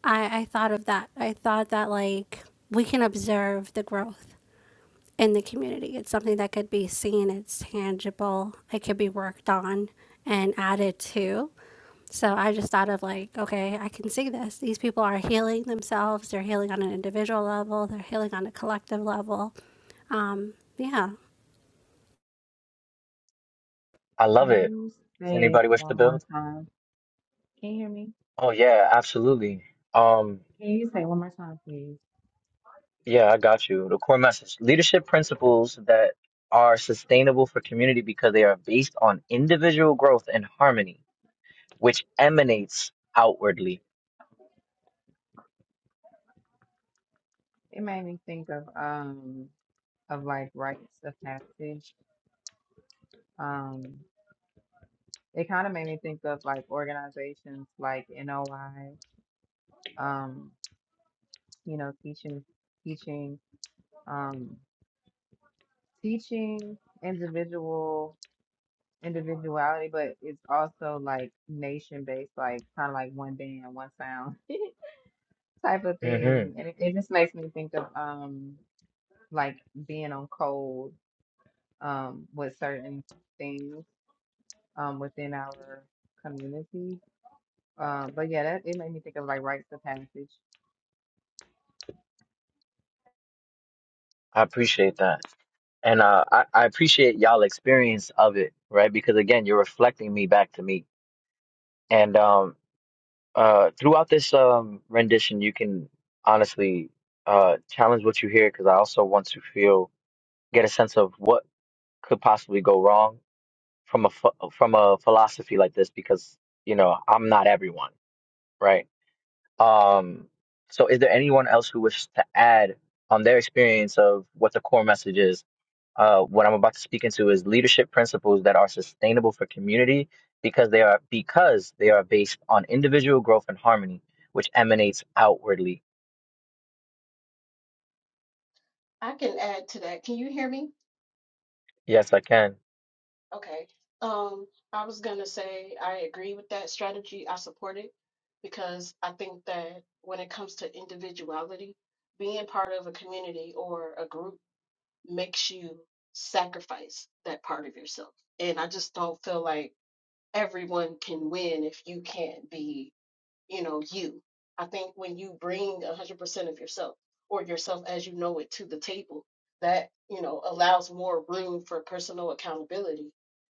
Speaker 5: I, I thought of that. I thought that like we can observe the growth in the community. It's something that could be seen, it's tangible, it could be worked on and added to. So I just thought of like, okay, I can see this. These people are healing themselves. They're healing on an individual level. They're healing on a collective level. Um, yeah.
Speaker 2: I love
Speaker 6: Can
Speaker 2: it.
Speaker 6: you
Speaker 2: Does
Speaker 6: say it
Speaker 2: anybody wish to
Speaker 6: one
Speaker 2: build?
Speaker 6: more time? Can you hear me?
Speaker 2: Oh yeah, absolutely. Um,
Speaker 6: Can you say it one more time, please?
Speaker 2: yeah, I got you. The core message. Leadership principles that are sustainable for community because they are based on individual growth and harmony, which emanates outwardly.
Speaker 6: It made me think of um of like rites of passage. Um, it kind of made me think of like organizations like NOI, um, you know, teaching teaching um teaching individual individuality, but it's also like nation based, like kind of like one band, one sound type of
Speaker 2: hmm
Speaker 6: thing. And it, it just makes me think of um like being on cold um, with certain things um, within our community. Uh, but yeah, that it made me think of like rites of passage.
Speaker 2: I appreciate that. And uh, I, I appreciate y'all experience of it, right? Because again, you're reflecting me back to me. And um, uh, throughout this um, rendition, you can honestly uh, challenge what you hear because I also want to feel get a sense of what could possibly go wrong from a ph- from a philosophy like this because you know I'm not everyone, right? Um, so is there anyone else who wishes to add on their experience of what the core message is? Uh, what I'm about to speak into is leadership principles that are sustainable for community because they are because they are based on individual growth and harmony, which emanates outwardly.
Speaker 8: I can add to that. Can you hear me?
Speaker 2: Yes, I can.
Speaker 8: Okay. Um, I was gonna say I agree with that strategy. I support it because I think that when it comes to individuality, being part of a community or a group makes you sacrifice that part of yourself. And I just don't feel like everyone can win if you can't be you know, you. I think when you bring 100% of yourself or yourself as you know it to the table, that, you know, allows more room for personal accountability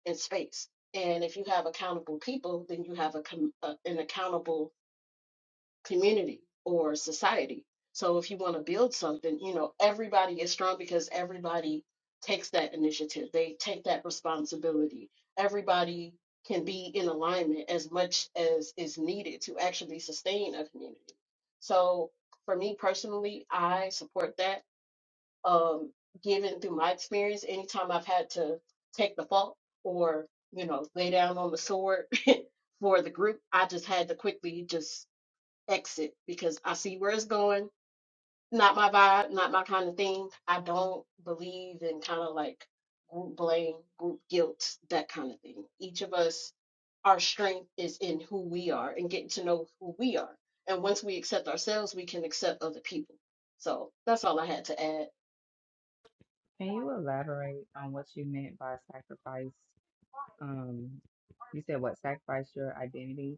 Speaker 8: and space. And if you have accountable people, then you have a, com- a an accountable community or society. So if you want to build something, you know, everybody is strong because everybody takes that initiative. They take that responsibility. Everybody can be in alignment as much as is needed to actually sustain a community. So for me personally, I support that. Um, given through my experience, anytime I've had to take the fault or, you know, lay down on the sword for the group, I just had to quickly just exit because I see where it's going. Not my vibe, not my kind of thing. I don't believe in kind of like group blame, group guilt, that kind of thing. Each of us, our strength is in who we are and getting to know who we are. And once we accept ourselves, we can accept other people. So that's all I had to add.
Speaker 6: Can you elaborate on what you meant by sacrifice? Um, you said what sacrifice your identity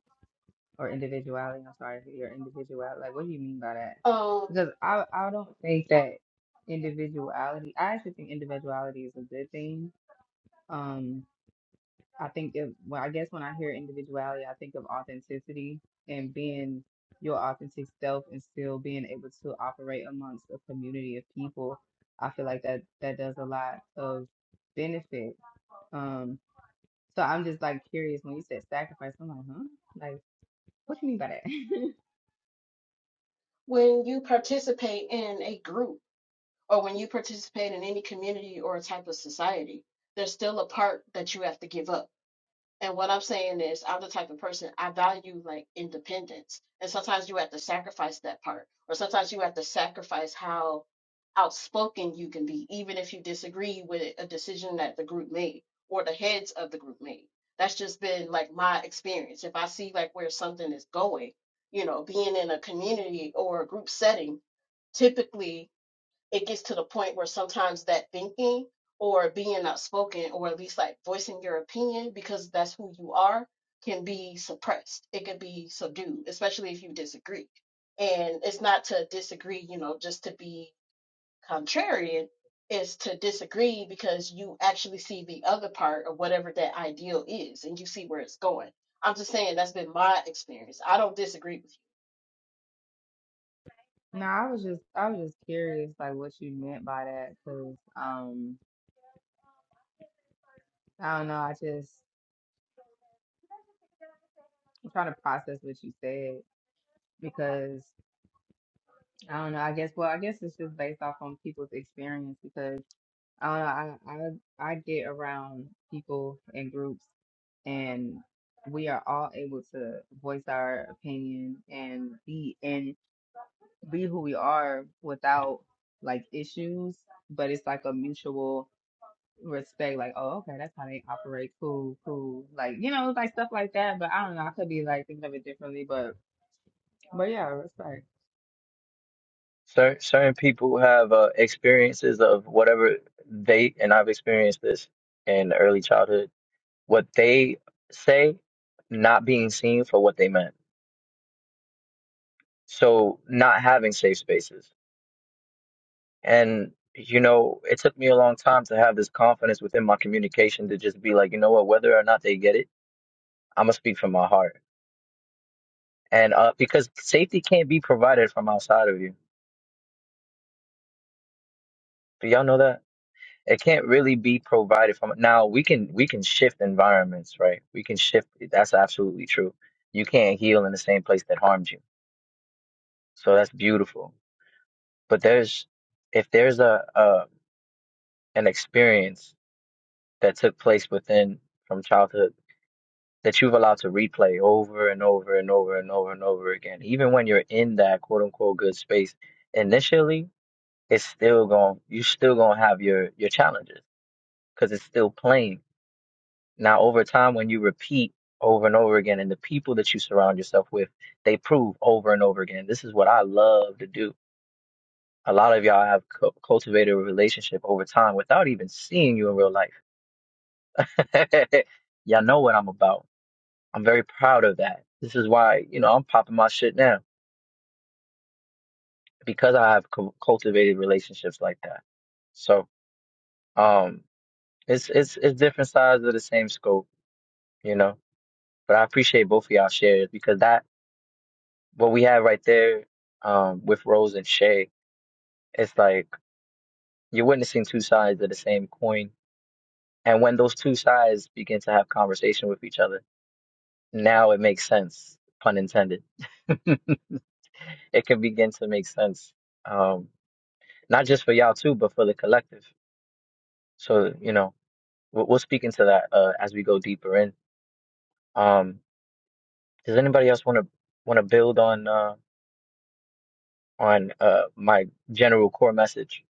Speaker 6: or individuality? I'm sorry, your individuality. Like, what do you mean by that?
Speaker 8: Um,
Speaker 6: Because I I don't think that individuality. I actually think individuality is a good thing. Um, I think of well, I guess when I hear individuality, I think of authenticity and being your authentic self and still being able to operate amongst a community of people. I feel like that that does a lot of benefit. Um, so I'm just like curious when you said sacrifice, I'm like, huh? Like, what you mean by that?
Speaker 8: when you participate in a group or when you participate in any community or type of society, there's still a part that you have to give up And what I'm saying is, I'm the type of person I value like independence. And sometimes you have to sacrifice that part, or sometimes you have to sacrifice how outspoken you can be, even if you disagree with a decision that the group made or the heads of the group made. That's just been like my experience. If I see like where something is going, you know, being in a community or a group setting, typically it gets to the point where sometimes that thinking or being outspoken or at least like voicing your opinion because that's who you are can be suppressed. It can be subdued, especially if you disagree. And it's not to disagree, you know, just to be contrarian. It's to disagree because you actually see the other part of whatever that ideal is and you see where it's going. I'm just saying that's been my experience. I don't disagree with
Speaker 6: no, I was just I was just curious like what you meant by that because um I don't know, I just I'm trying to process what you said because I don't know. I guess. Well, I guess it's just based off on people's experience because I don't know. I I, I get around people and groups, and we are all able to voice our opinion and be and be who we are without like issues. But it's like a mutual respect. Like, oh, okay, that's how they operate. Cool, cool. Like, you know, like stuff like that. But I don't know. I could be like thinking of it differently. But but yeah, respect.
Speaker 2: Certain certain people have uh, experiences of whatever they, and I've experienced this in early childhood, what they say not being seen for what they meant. So not having safe spaces. And, you know, it took me a long time to have this confidence within my communication to just be like, you know what, whether or not they get it, I'm gonna speak from my heart. And uh, because safety can't be provided from outside of you. Do y'all know that? it can't really be provided from now we can we can shift environments right we can shift that's absolutely true you can't heal in the same place that harmed you so that's beautiful but there's if there's a, a an experience that took place within from childhood that you've allowed to replay over and over and over and over and over again even when you're in that quote unquote good space initially it's still going you're still going to have your your challenges because it's still playing Now, over time, when you repeat over and over again, and the people that you surround yourself with, they prove over and over again. This is what I love to do. A lot of y'all have cu- cultivated a relationship over time without even seeing you in real life. y'all know what I'm about. I'm very proud of that. This is why, you know, I'm popping my shit now because I have cu- cultivated relationships like that. So, um, it's it's it's different sides of the same scope, you know. But I appreciate both of y'all shares because that what we have right there um, with Rose and Shay, it's like you're witnessing two sides of the same coin. And when those two sides begin to have conversation with each other, now it makes sense, pun intended. It can begin to make sense, um, not just for y'all too, but for the collective. So, you know, we'll, we'll speak into that uh, as we go deeper in. Um, does anybody else want to want to build on uh, on uh, my general core message?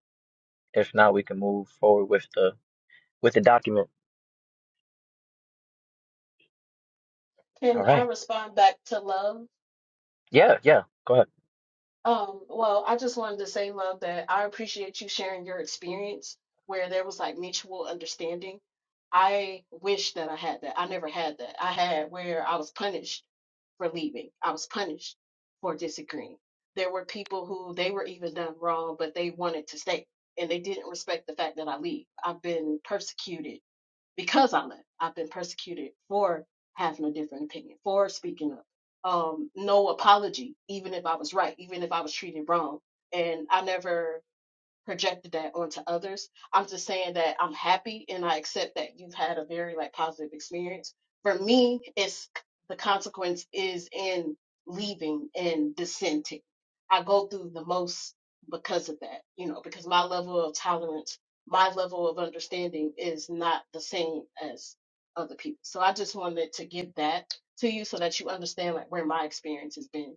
Speaker 2: If not, we can move forward with the With the document.
Speaker 8: you. Can
Speaker 2: All
Speaker 8: I
Speaker 2: right.
Speaker 8: respond back to love?
Speaker 2: Yeah, yeah. Go ahead.
Speaker 8: Um, well, I just wanted to say, love, that I appreciate you sharing your experience where there was like mutual understanding. I wish that I had that. I never had that. I had where I was punished for leaving. I was punished for disagreeing. There were people who they were even done wrong, but they wanted to stay and they didn't respect the fact that I leave. I've been persecuted because I left. I've been persecuted for having a different opinion, for speaking up. Um, no apology, even if I was right, even if I was treated wrong. And I never projected that onto others. I'm just saying that I'm happy and I accept that you've had a very like positive experience. For me, it's the consequence is in leaving and dissenting. I go through the most because of that, you know, because my level of tolerance, my level of understanding is not the same as other people. So I just wanted to give that to you so that you understand like where my experience has been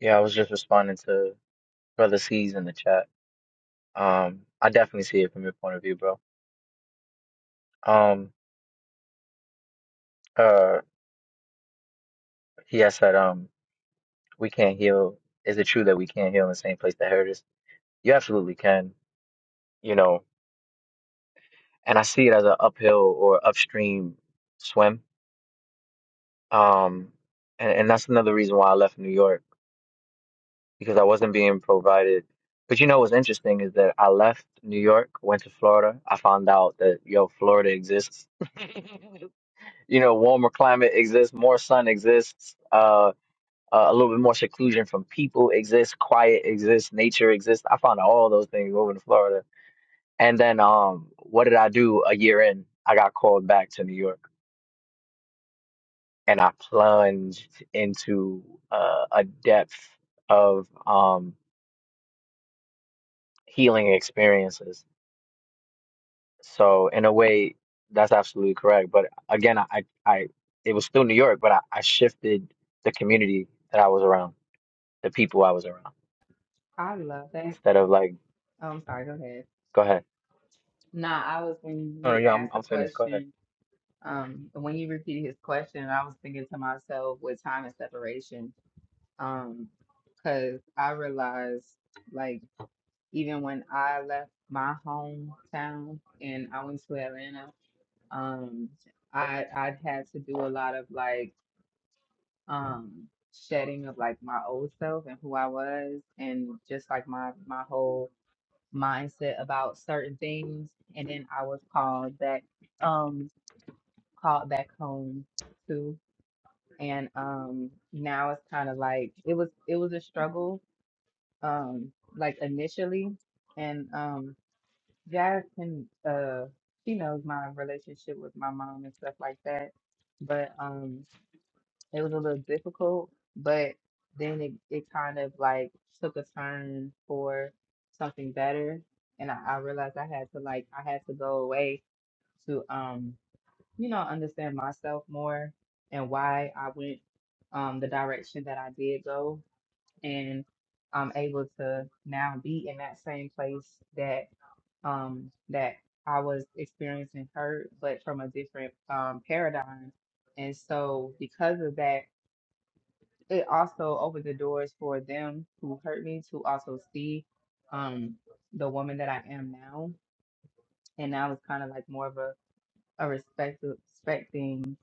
Speaker 2: Yeah, I was just responding to Brother C's in the chat. Um, I definitely see it from your point of view, bro. Um, uh, he has said, um, we can't heal. Is it true that we can't heal in the same place that hurt us? You absolutely can, you know, and I see it as an uphill or upstream swim. Um, and, and that's another reason why I left New York. because I wasn't being provided. But you know what's interesting is that I left New York, went to Florida. I found out that yo, Florida exists. you know, warmer climate exists, more sun exists, uh, uh, a little bit more seclusion from people exists, quiet exists, nature exists. I found out all those things over to Florida. And then, um, what did I do a year in? I got called back to New York and I plunged into uh, a depth of um, healing experiences So in a way, that's absolutely correct. But again, I, I I- it was still New York, but I, I shifted the community that I was around, the people I was around,
Speaker 6: I love that.
Speaker 2: instead of like,
Speaker 6: Oh, I'm sorry. Go ahead.
Speaker 2: go ahead.
Speaker 6: Nah, I was when
Speaker 2: No, no,
Speaker 6: you
Speaker 2: yeah, I'm,
Speaker 6: asked the
Speaker 2: I'm finished. Go ahead.
Speaker 6: question, um, when you repeated his question, I was thinking to myself with time and separation, um, because I realized like even when I left my hometown and I went to Atlanta, um, I I'd had to do a lot of like um shedding of like my old self and who I was and just like my my whole mindset about certain things, and then I was called back. um called back home too. And um now it's kind of like it was it was a struggle um like initially and um Jazz can uh she knows my relationship with my mom and stuff like that. But um it was a little difficult, but then it, it kind of like took a turn for something better and I, I realized I had to like I had to go away to um you know, understand myself more and why I went um, the direction that I did go. And I'm able to now be in that same place that um, that I was experiencing hurt, but from a different um, paradigm. And so, because of that, it also opened the doors for them who hurt me to also see um, the woman that I am now. And now it's kind of like more of a a respect respecting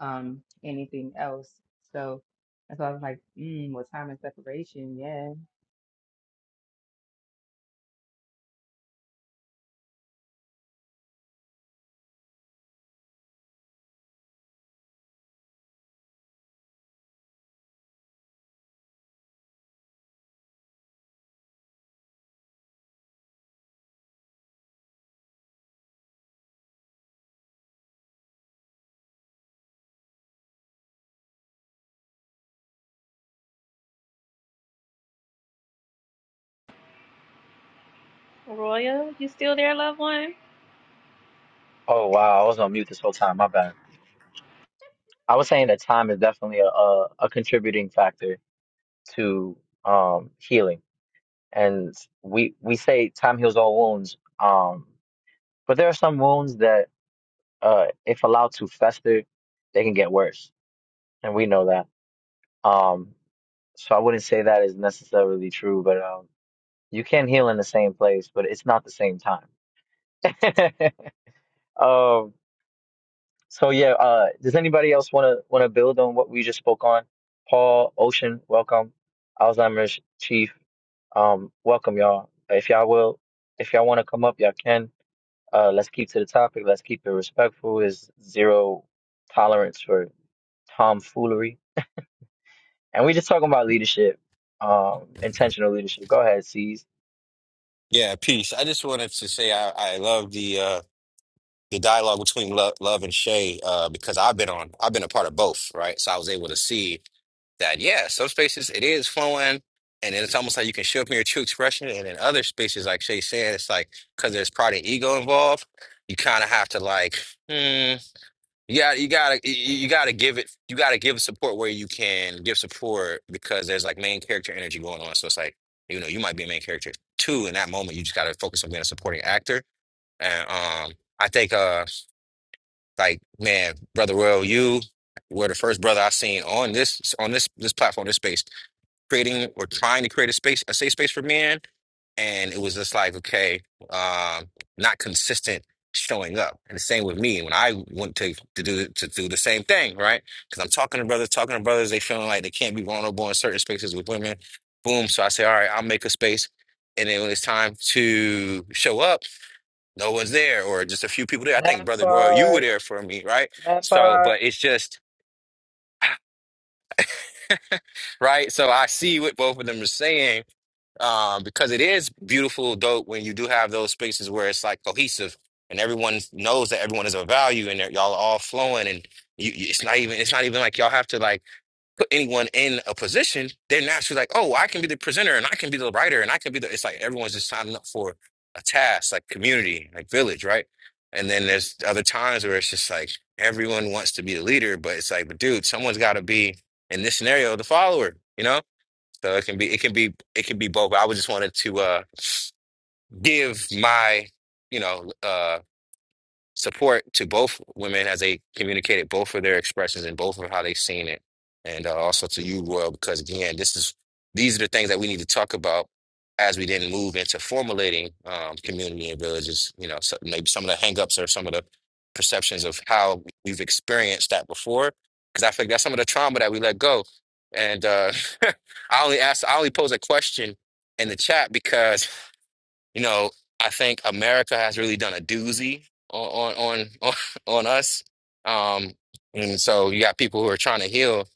Speaker 6: than um anything else. So that's why I was like, mm, with time and separation, yeah.
Speaker 1: royal you still there loved one
Speaker 2: Oh wow, I was on mute this whole time. My bad. I was saying that time is definitely a, a, a contributing factor to um healing, and we we say time heals all wounds. Um, but there are some wounds that, uh, if allowed to fester, they can get worse, and we know that. Um, so I wouldn't say that is necessarily true, but um, you can heal in the same place, but it's not the same time. um, so yeah, uh, does anybody else want to want to build on what we just spoke on? Paul, Ocean, welcome. Alzheimer's Chief, um, welcome y'all. If y'all will, if y'all want to come up, y'all can. Uh, let's keep to the topic. Let's keep it respectful. Is zero tolerance for tomfoolery And we just talking about leadership, um, intentional leadership. Go ahead, C's.
Speaker 7: Yeah, peace. I just wanted to say I, I love the uh the dialogue between love, love and Shay uh because I've been on I've been a part of both, right? So I was able to see that yeah, some spaces it is flowing and it's almost like you can show up in your true expression and in other spaces like Shay said it's like because there's pride and ego involved, you kind of have to like hmm. You got you gotta you you gotta give it you gotta give support where you can give support because there's like main character energy going on. So it's like, you know, you might be a main character. too in that moment, you just gotta focus on being a supporting actor. And um I think uh like man, Brother Royal, you were the first brother I seen on this on this this platform, this space, creating or trying to create a space, a safe space for men and it was just like okay um not consistent showing up and the same with me when i went to, to do to do the same thing right because i'm talking to brothers talking to brothers they feeling like they can't be vulnerable in certain spaces with women boom so i say all right i'll make a space and then when it's time to show up no one's there or just a few people there i think
Speaker 2: That
Speaker 7: brother royal you were
Speaker 2: part,
Speaker 7: there for me right
Speaker 2: that
Speaker 7: so
Speaker 2: part.
Speaker 7: but it's just right so i see what both of them are saying um, because it is beautiful, dope when you do have those spaces where it's like cohesive and everyone knows that everyone is of value and that y'all are all flowing and you, you- it's not even it's not even like y'all have to like put anyone in a position. They're naturally like, oh, I can be the presenter and I can be the writer and I can be the. It's like everyone's just signing up for a task, like community, like village, right? And then there's other times where it's just like everyone wants to be the leader, but it's like, but dude, someone's got to be in this scenario the follower, you know? So it can be it can be it can be both. I would just wanted to uh give my you know uh, support to both women as they communicated both of their expressions and both of how they've seen it. And uh, also to you, Royal, because again, this is these are the things that we need to talk about as we then move into formulating um, community and villages. You know, so maybe some of the hangups or some of the perceptions of how we've experienced that before, because I think that's some of the trauma that we let go. And uh, I only asked, I only posed a question in the chat because. You know, I think America has really done a doozy on on on on us. Um, and so you got people who are trying to heal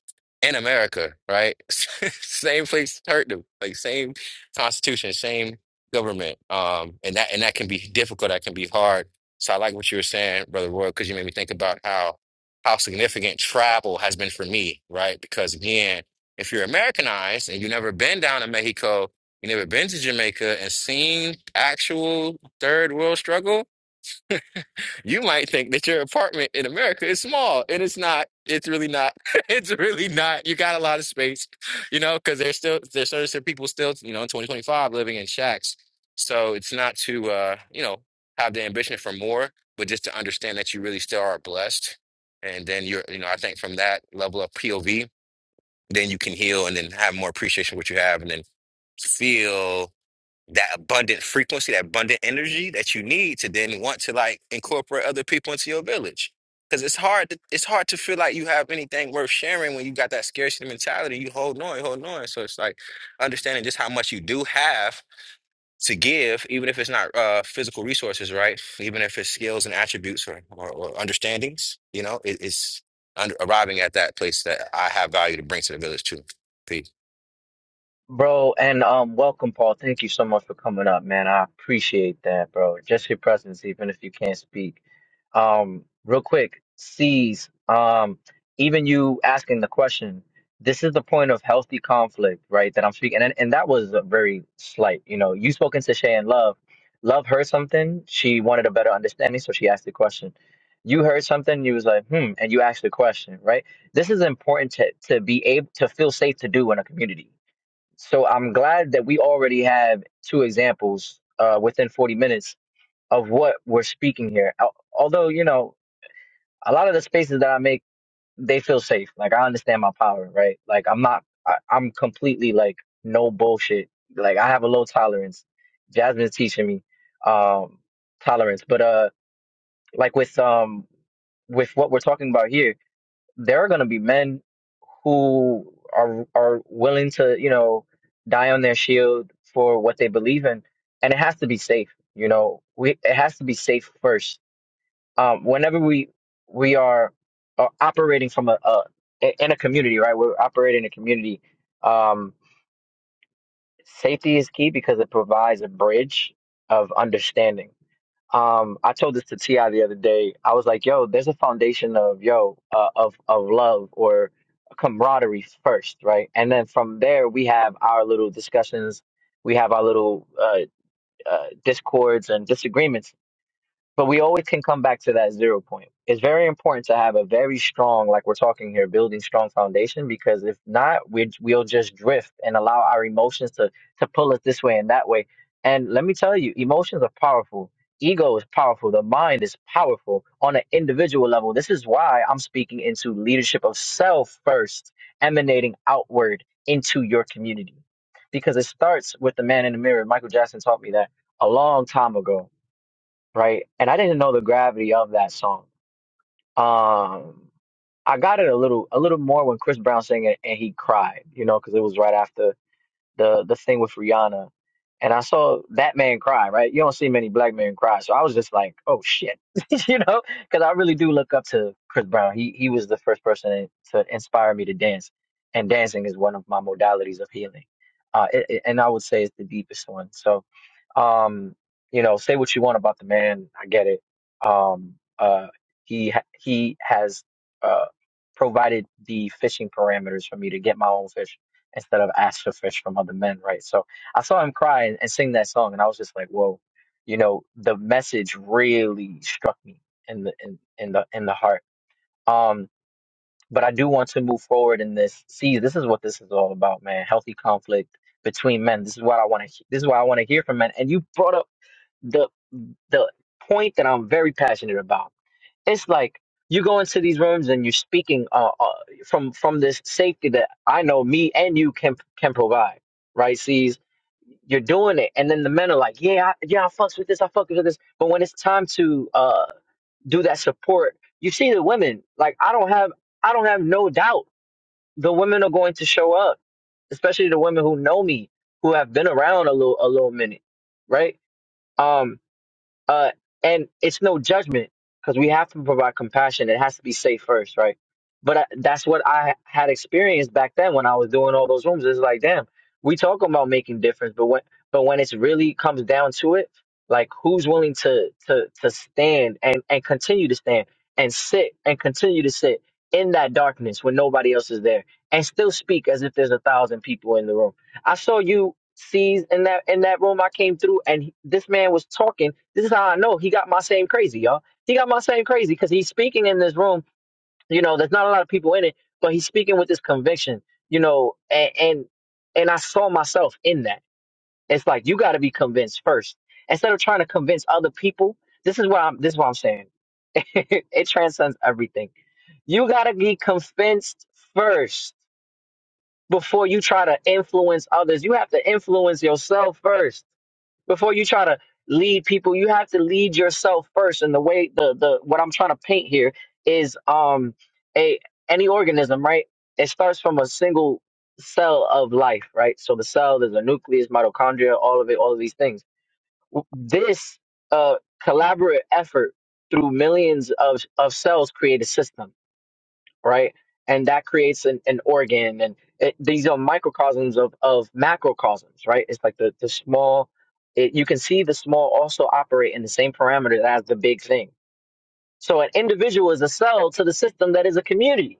Speaker 7: in America, right? same place hurt them, like same constitution, same government. Um, and that and that can be difficult. That can be hard. So I like what you were saying, Brother Roy, because you made me think about how how significant travel has been for me, right? Because again, if you're Americanized and you've never been down to Mexico, you never been to Jamaica and seen actual third world struggle, you might think that your apartment in America is small, and it's not. It's really not. It's really not. You got a lot of space, you know, because there's still there's certain certain people still, you know, in 2025 living in shacks. So it's not to uh, you know, have the ambition for more, but just to understand that you really still are blessed. And then you're, you know, I think from that level of POV, then you can heal and then have more appreciation for what you have and then feel that abundant frequency, that abundant energy that you need to then want to like incorporate other people into your village. Because it's hard to it's hard to feel like you have anything worth sharing when you got that scarcity mentality. You hold on, hold on. So it's like understanding just how much you do have to give, even if it's not uh, physical resources, right? Even if it's skills and attributes or, or, or understandings, you know, it, it's under, arriving at that place that I have value to bring to the village too.
Speaker 2: Bro, and um, welcome, Paul. Thank you so much for coming up, man. I appreciate that, bro. Just your presence, even if you can't speak. Um, real quick, C's, um, even you asking the question, this is the point of healthy conflict, right? That I'm speaking, and and that was a very slight. You know, you spoke into Shay and Love. Love heard something. She wanted a better understanding, so she asked the question. You heard something, you was like, hmm, and you asked the question, right? This is important to to be able to feel safe to do in a community so I'm glad that we already have two examples uh, within 40 minutes of what we're speaking here. Al- Although, you know, a lot of the spaces that I make, they feel safe. Like I understand my power, right? Like I'm not, I, I'm completely like no bullshit. Like I have a low tolerance. Jasmine's teaching me um, tolerance, but uh, like with um, with what we're talking about here, there are going to be men who are are willing to you know die on their shield for what they believe in and it has to be safe you know we it has to be safe first um whenever we we are, are operating from a, a in a community right we're operating in a community um safety is key because it provides a bridge of understanding um, I told this to Ti the other day. I was like, "Yo, there's a foundation of yo uh, of of love or camaraderie first, right? And then from there, we have our little discussions, we have our little uh, uh, discords and disagreements." But we always can come back to that zero point. It's very important to have a very strong, like we're talking here, building strong foundation because if not, we we'll just drift and allow our emotions to to pull us this way and that way. And let me tell you, emotions are powerful. Ego is powerful. The mind is powerful on an individual level. This is why I'm speaking into leadership of self first, emanating outward into your community. Because it starts with the man in the mirror. Michael Jackson taught me that a long time ago right? And I didn't know the gravity of that song. Um, I got it a little, a little more when Chris Brown sang it and he cried, you know, because it was right after the the thing with Rihanna, and I saw that man cry. Right, you don't see many black men cry, so I was just like, oh shit, you know, because I really do look up to Chris Brown. He he was the first person to inspire me to dance, and dancing is one of my modalities of healing, uh, it, it- and I would say it's the deepest one. So, um, you know, say what you want about the man, I get it. Um, uh, he ha- he has uh provided the fishing parameters for me to get my own fish instead of ash to fish from other men, right? So I saw him cry and, and sing that song, and I was just like, whoa, you know, the message really struck me in the in, in the in the heart. Um, but I do want to move forward in this. See, this is what this is all about, man. Healthy conflict between men. This is what I want to. This is what I want to hear from men. And you brought up the the point that I'm very passionate about it's like you go into these rooms and you're speaking uh, uh, from from this safety that I know me and you can can provide, right? Sees you're doing it, and then the men are like, yeah, I, yeah, I fucks with this, I fucks with this, but when it's time to uh do that support, you see the women like I don't have I don't have no doubt the women are going to show up, especially the women who know me, who have been around a little a little minute, right? Um, uh, and it's no judgment because we have to provide compassion. It has to be safe first, right? But I, that's what I had experienced back then when I was doing all those rooms. It's like, damn, we talk about making difference, but when but when it's really comes down to it, like who's willing to to to stand and and continue to stand and sit and continue to sit in that darkness when nobody else is there and still speak as if there's a thousand people in the room I saw you sees in that in that room I came through, and he- this man was talking. This is how I know he got my same crazy, y'all. He got my same crazy because he's speaking in this room. You know, there's not a lot of people in it, but he's speaking with this conviction. You know, and and, and I saw myself in that. It's like you got to be convinced first instead of trying to convince other people. This is what I'm. This is what I'm saying. it transcends everything. You got to be convinced first before you try to influence others. You have to influence yourself first before you try to lead people. You have to lead yourself first. And the way the the what I'm trying to paint here is um a any organism, right? It starts from a single cell of life, right? So the cell, there's a nucleus, mitochondria, all of it, all of these things. W- This uh collaborative effort through millions of of cells create a system right? And that creates an, an organ, and it, these are microcosms of of macrocosms, right? It's like the the small. It, you can see the small also operate in the same parameters as the big thing. So an individual is a cell to the system that is a community.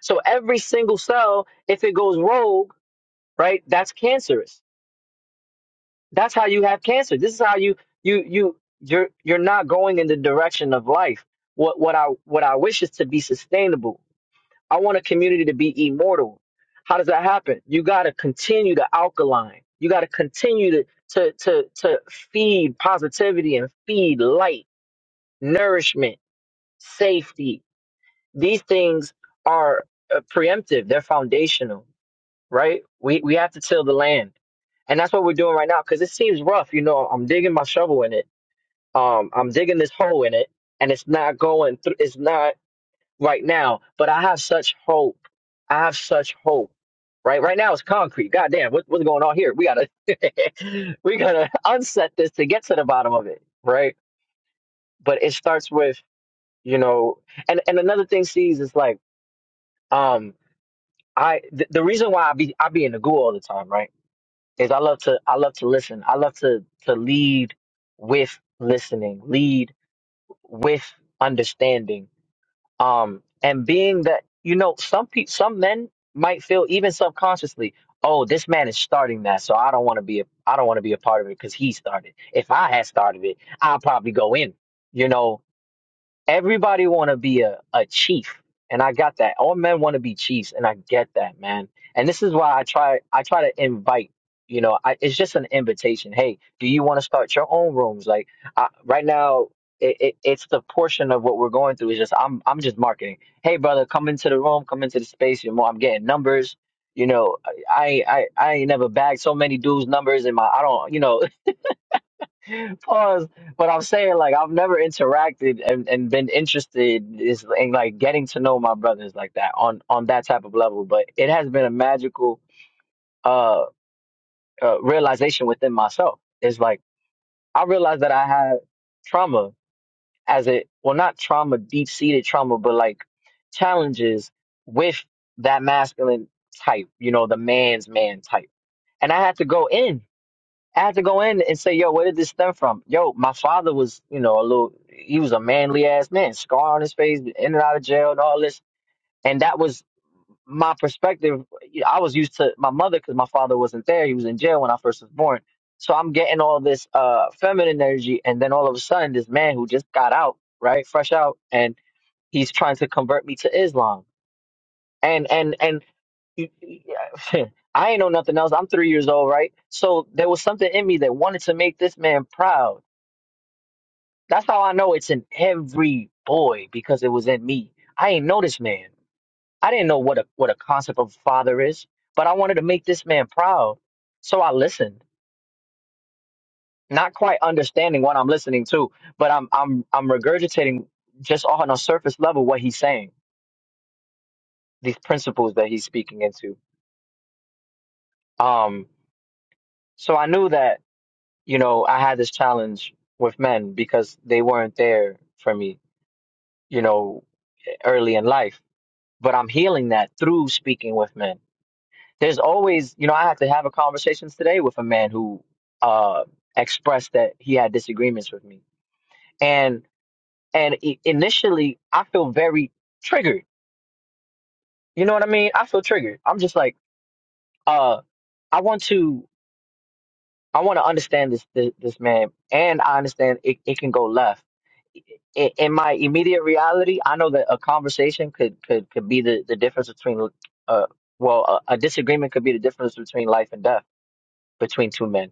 Speaker 2: So every single cell, if it goes rogue, right, that's cancerous. That's how you have cancer. This is how you you you you're you're not going in the direction of life. What what I what I wish is to be sustainable I want a community to be immortal. How does that happen? You got to continue to alkaline. You got to continue to, to to to feed positivity and feed light, nourishment, safety. These things are uh, preemptive. They're foundational, right? We we have to till the land, and that's what we're doing right now. Because it seems rough, you know. I'm digging my shovel in it. Um, I'm digging this hole in it, and it's not going. through. it's not right now, but I have such hope. I have such hope. Right, right now it's concrete. Goddamn, what, what's going on here? We gotta, we gotta unset this to get to the bottom of it. Right, but it starts with you know, and and another thing, sees is like, um, I th- the reason why I be I be in the goo all the time, right, is I love to I love to listen. I love to to lead with listening, lead with understanding um and being that you know some pe- some men might feel even subconsciously oh this man is starting that so i don't want to be a i don't want to be a part of it because he started if i had started it i'll probably go in you know everybody want to be a, a chief and i got that all men want to be chiefs and i get that man and this is why i try i try to invite you know I, it's just an invitation hey do you want to start your own rooms like I, right now it, it, it's the portion of what we're going through is just i'm i'm just marketing hey brother come into the room come into the space you know i'm getting numbers you know i i i ain't never bagged so many dudes numbers in my i don't you know Pause. But I'm saying like I've never interacted and, and been interested is in like getting to know my brothers like that on on that type of level. But it has been a magical uh, uh realization within myself. It's like I realized that I had trauma as it well not trauma deep seated trauma but like challenges with that masculine type, you know, the man's man type. And I had to go in I had to go in and say, yo, where did this stem from? Yo, my father was, you know, a little, he was a manly ass man, scar on his face, in and out of jail and all this. And that was my perspective. I was used to my mother because my father wasn't there. He was in jail when I first was born. So I'm getting all this uh, feminine energy. And then all of a sudden, this man who just got out, right, fresh out, and he's trying to convert me to Islam. And, and, and you- you- yeah, I ain't know nothing else. I'm three years old, right? So there was something in me that wanted to make this man proud. That's how I know it's in every boy because it was in me. I ain't know this man. I didn't know what a what a concept of father is, but I wanted to make this man proud. So I listened, not quite understanding what I'm listening to, but I'm I'm I'm regurgitating just on a surface level what he's saying, these principles that he's speaking into. Um, so I knew that you know, I had this challenge with men because they weren't there for me, you know, early in life. But I'm healing that through speaking with men. There's always, you know, I had to have a conversations today with a man who uh, expressed that he had disagreements with me, and and i- initially I feel very triggered. You know what I mean? I feel triggered. I'm just like, uh, I want to, I want to understand this, this this man, and I understand it, it can go left in, in my immediate reality, I know that a conversation could could could be the the difference between uh well a, a disagreement could be the difference between life and death between two men.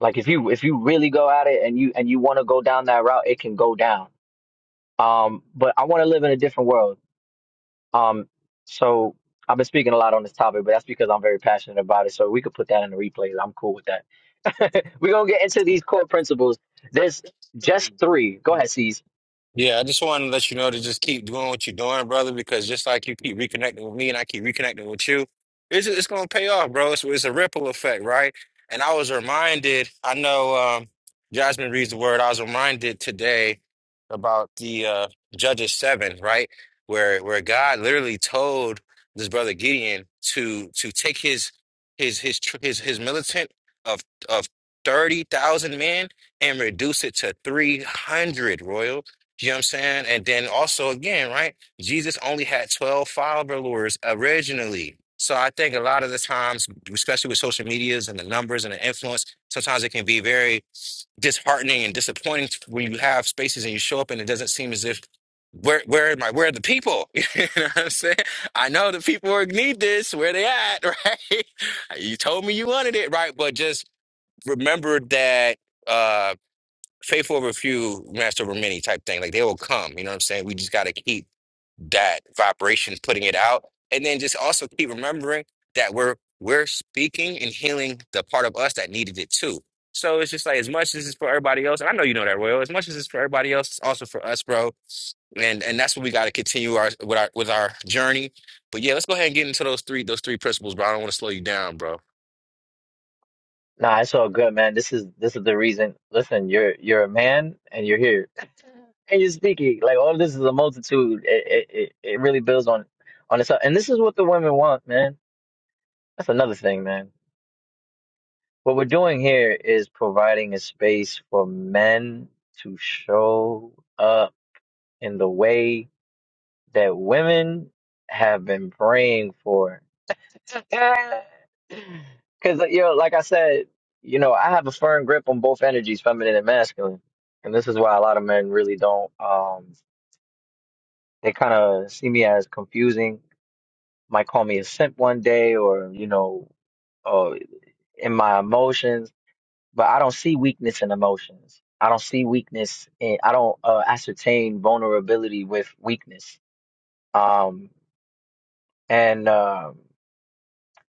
Speaker 2: Like if you if you really go at it and you and you want to go down that route, it can go down. Um, but I want to live in a different world. Um, so I've been speaking a lot on this topic, but that's because I'm very passionate about it. So we could put that in the replays. I'm cool with that. We're gonna get into these core principles. There's just three. Go ahead, C's.
Speaker 7: Yeah, I just wanted to let you know to just keep doing what you're doing, brother, because just like you keep reconnecting with me and I keep reconnecting with you, it's it's gonna pay off, bro. It's, it's a ripple effect, right? And I was reminded, I know um, Jasmine reads the word. I was reminded today about the uh, Judges seven, right, where where God literally told this brother Gideon to to take his his his tr- his his militant of of thirty thousand men and reduce it to three hundred. You know what I'm saying? And then also again, right? Jesus only had 12 followers originally. So I think a lot of the times, especially with social medias and the numbers and the influence, sometimes it can be very disheartening and disappointing when you have spaces and you show up and it doesn't seem as if where where am I? Where are the people? You know what I'm saying? I know the people who need this. Where they at? Right? You told me you wanted it, right? But just remember that. uh, faithful over few, master over many type thing. Like they will come. You know what I'm saying? We just got to keep that vibration, putting it out, and then just also keep remembering that we're we're speaking and healing the part of us that needed it too. So it's just like as much as it's for everybody else, and I know you know that, Royal. As much as it's for everybody else, it's also for us, bro. And and that's what we got to continue our with our with our journey. But yeah, let's go ahead and get into those three those three principles, bro. I don't want to slow you down, bro.
Speaker 2: Nah, it's all good, man. This is this is the reason. Listen, you're you're a man and you're here and you're speaking. Like all this is a multitude. It it it it really builds on on itself. And this is what the women want, man. That's another thing, man. What we're doing here is providing a space for men to show up in the way that women have been praying for Because, you know, like I said, you know, I have a firm grip on both energies, feminine and masculine. And this is why a lot of men really don't, um, they kind of see me as confusing, might call me a simp one day or, you know, or in my emotions, but I don't see weakness in emotions. I don't see weakness in, I don't uh, ascertain vulnerability with weakness. Um, and, um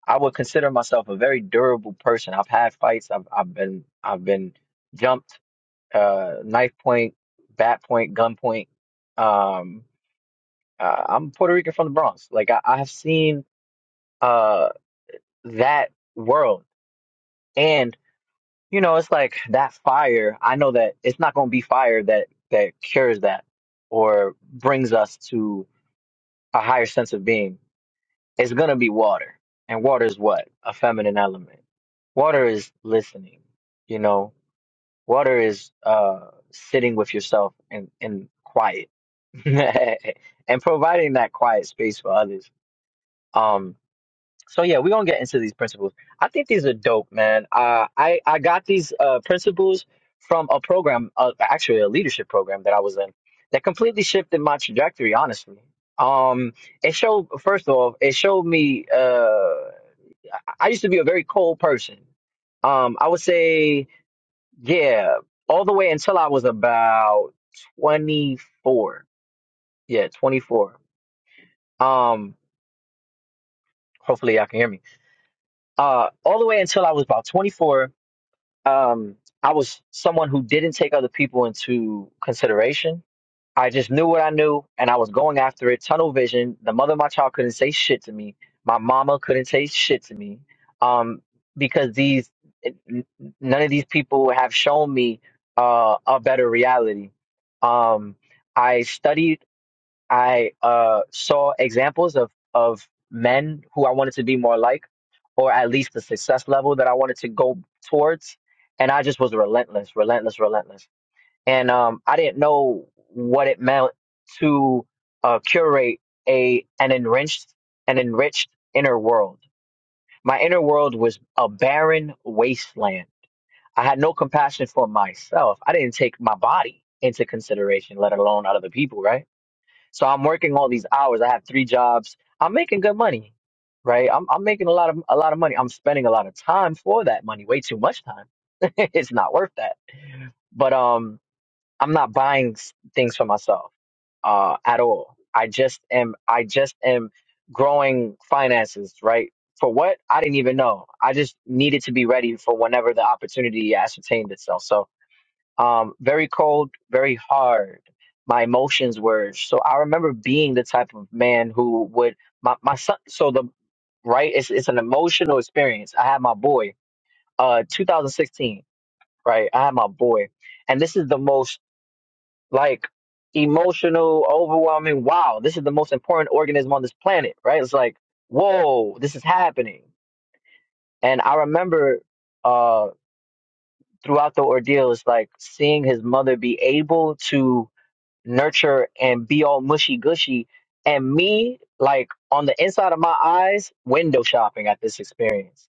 Speaker 2: I would consider myself a very durable person. I've had fights. I've I've been I've been jumped, uh, knife point, bat point, gun point. Um, uh, I'm Puerto Rican from the Bronx. Like I, I have seen uh that world, and you know it's like that fire. I know that it's not going to be fire that that cures that or brings us to a higher sense of being. It's gonna be water. And water is what? A feminine element. Water is listening, you know. Water is uh sitting with yourself in, in quiet and providing that quiet space for others. Um so yeah, we're gonna get into these principles. I think these are dope, man. Uh I, I got these uh principles from a program, uh, actually a leadership program that I was in that completely shifted my trajectory, honestly. Um it showed first off it showed me uh, I used to be a very cold person. Um, I would say, yeah, all the way until I was about 24. Yeah, 24. Um, hopefully y'all can hear me. Uh, all the way until I was about 24, um, I was someone who didn't take other people into consideration I just knew what I knew and I was going after it. Tunnel vision. The mother of my child couldn't say shit to me. My mama couldn't say shit to me. Um, because these, n- none of these people have shown me, uh, a better reality. Um, I studied, I, uh, saw examples of, of men who I wanted to be more like, or at least the success level that I wanted to go towards. And I just was relentless, relentless, relentless and um, I didn't know what it meant to uh, curate a an enriched an enriched inner world. My inner world was a barren wasteland. I had no compassion for myself. I didn't take my body into consideration, let alone other people. Right. So I'm working all these hours. I have three jobs. I'm making good money. Right. I'm I'm making a lot of a lot of money. I'm spending a lot of time for that money. Way too much time. it's not worth that. But um I'm not buying s- things for myself uh, at all. I just am. I just am growing finances. Right for what? I didn't even know. I just needed to be ready for whenever the opportunity ascertained itself. So, um, very cold, very hard. My emotions were so. I remember being the type of man who would my my son. So the right, it's it's an emotional experience. I had my boy, uh, 2016. Right, I had my boy, and this is the most like emotional, overwhelming. Wow, this is the most important organism on this planet, right? It's like, whoa, this is happening. And I remember uh, throughout the ordeal, it's like seeing his mother be able to nurture and be all mushy gushy, and me like on the inside of my eyes, window shopping at this experience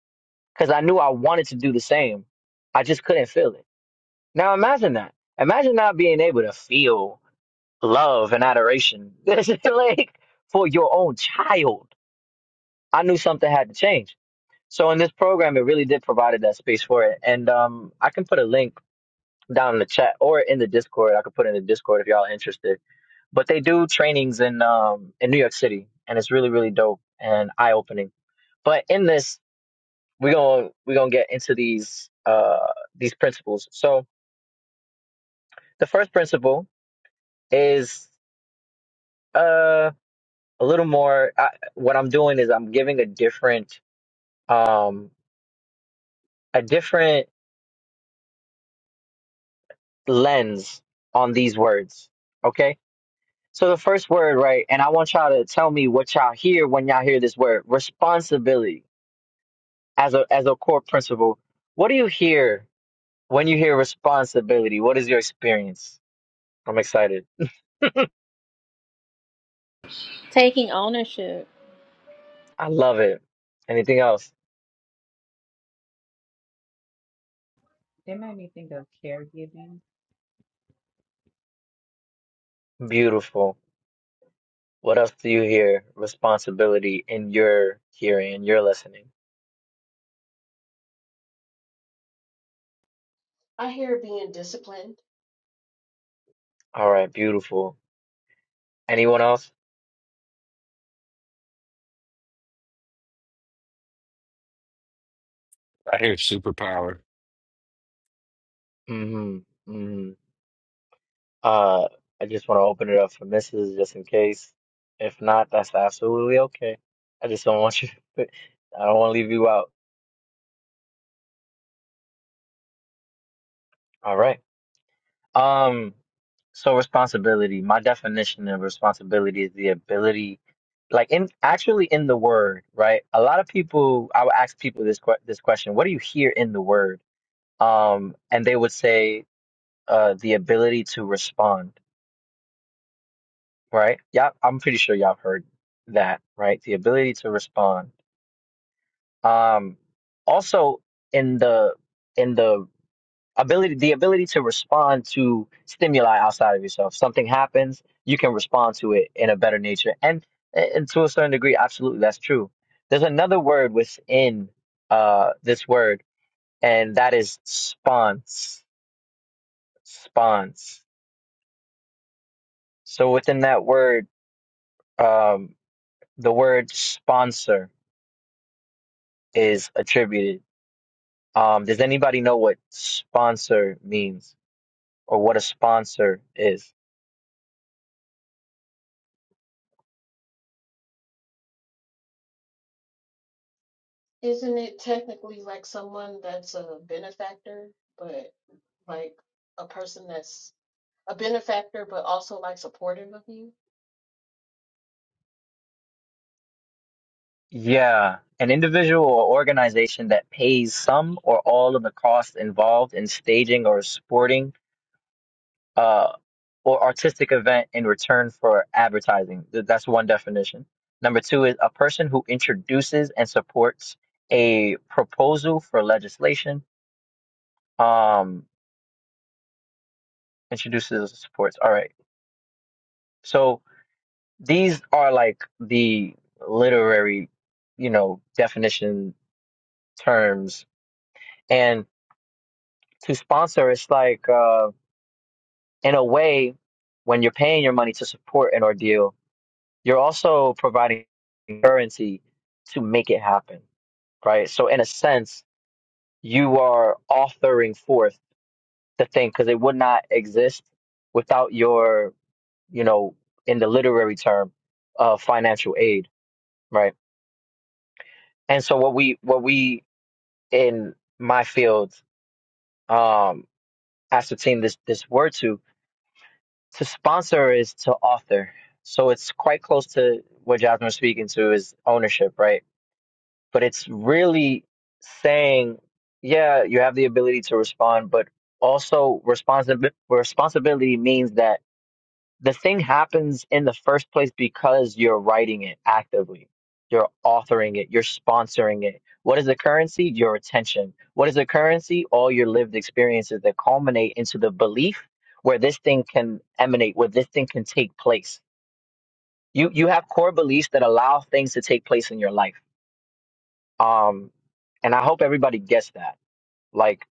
Speaker 2: because I knew I wanted to do the same. I just couldn't feel it. Now imagine that. Imagine not being able to feel love and adoration like for your own child. I knew something had to change. So in this program, it really did provided that space for it. And um, I can put a link down in the chat or in the Discord. I could put it in the Discord if y'all are interested. But they do trainings in um in New York City, and it's really really dope and eye opening. But in this, we're gonna we're gonna get into these uh these principles. So the first principle is um a little more I, what i'm doing is i'm giving a different um a different lens on these words okay so the first word right and i want y'all to tell me what y'all hear when y'all hear this word responsibility as a as a core principle what do you hear when you hear responsibility what is your experience i'm excited
Speaker 1: taking ownership
Speaker 2: i love it anything else
Speaker 6: It made me think of caregiving.
Speaker 2: beautiful what else do you hear responsibility in your hearing in your listening
Speaker 8: I hear being disciplined.
Speaker 2: all right, beautiful. Anyone else?
Speaker 7: I hear superpower.
Speaker 2: hmm hmm Uh, I just want to open it up for misses just in case. If not, that's absolutely okay. I just don't want you I don't want to leave you out. All right. Um, so responsibility, my definition of responsibility is the ability, like in actually in the word, right? A lot of people, I would ask people this que this question, what do you hear in the word? Um, and they would say, uh, the ability to respond right? Yeah, I'm pretty sure y'all have heard that, right? The ability to respond. Um, also in the in the ability the ability to respond to stimuli outside of yourself. Something happens, you can respond to it in a better nature. And and to a certain degree, absolutely that's true. There's another word within uh this word, and that is sponse. Sponse. So within that word, um the word sponsor is attributed. Um, does anybody know what sponsor means or what a sponsor is?
Speaker 8: Isn't it technically like someone that's a benefactor, but like a person that's a benefactor, but also like supportive of you?
Speaker 2: Yeah, an individual or organization that pays some or all of the costs involved in staging or sporting uh, or artistic event in return for advertising. Th- That's one definition. Number two is a person who introduces and supports a proposal for legislation. Um, introduces and supports. All right. So these are like the literary, you know, definition terms. And to sponsor, it's like, uh, in a way, when you're paying your money to support an ordeal, you're also providing currency to make it happen, right? So, in a sense, you are authoring forth the thing because it would not exist without your, you know, in the literary term, uh, financial aid, right? And so, what we, what we, in my field, um, ascertain this this word to to sponsor is to author, so it's quite close to what Jasmine was speaking to is ownership, right? But it's really saying, yeah, you have the ability to respond, but also responsibility responsibility means that the thing happens in the first place because you're writing it actively. You're authoring it. You're sponsoring it. What is the currency? Your attention. What is the currency? All your lived experiences that culminate into the belief where this thing can emanate, where this thing can take place. You you have core beliefs that allow things to take place in your life. Um, and I hope everybody gets that. Like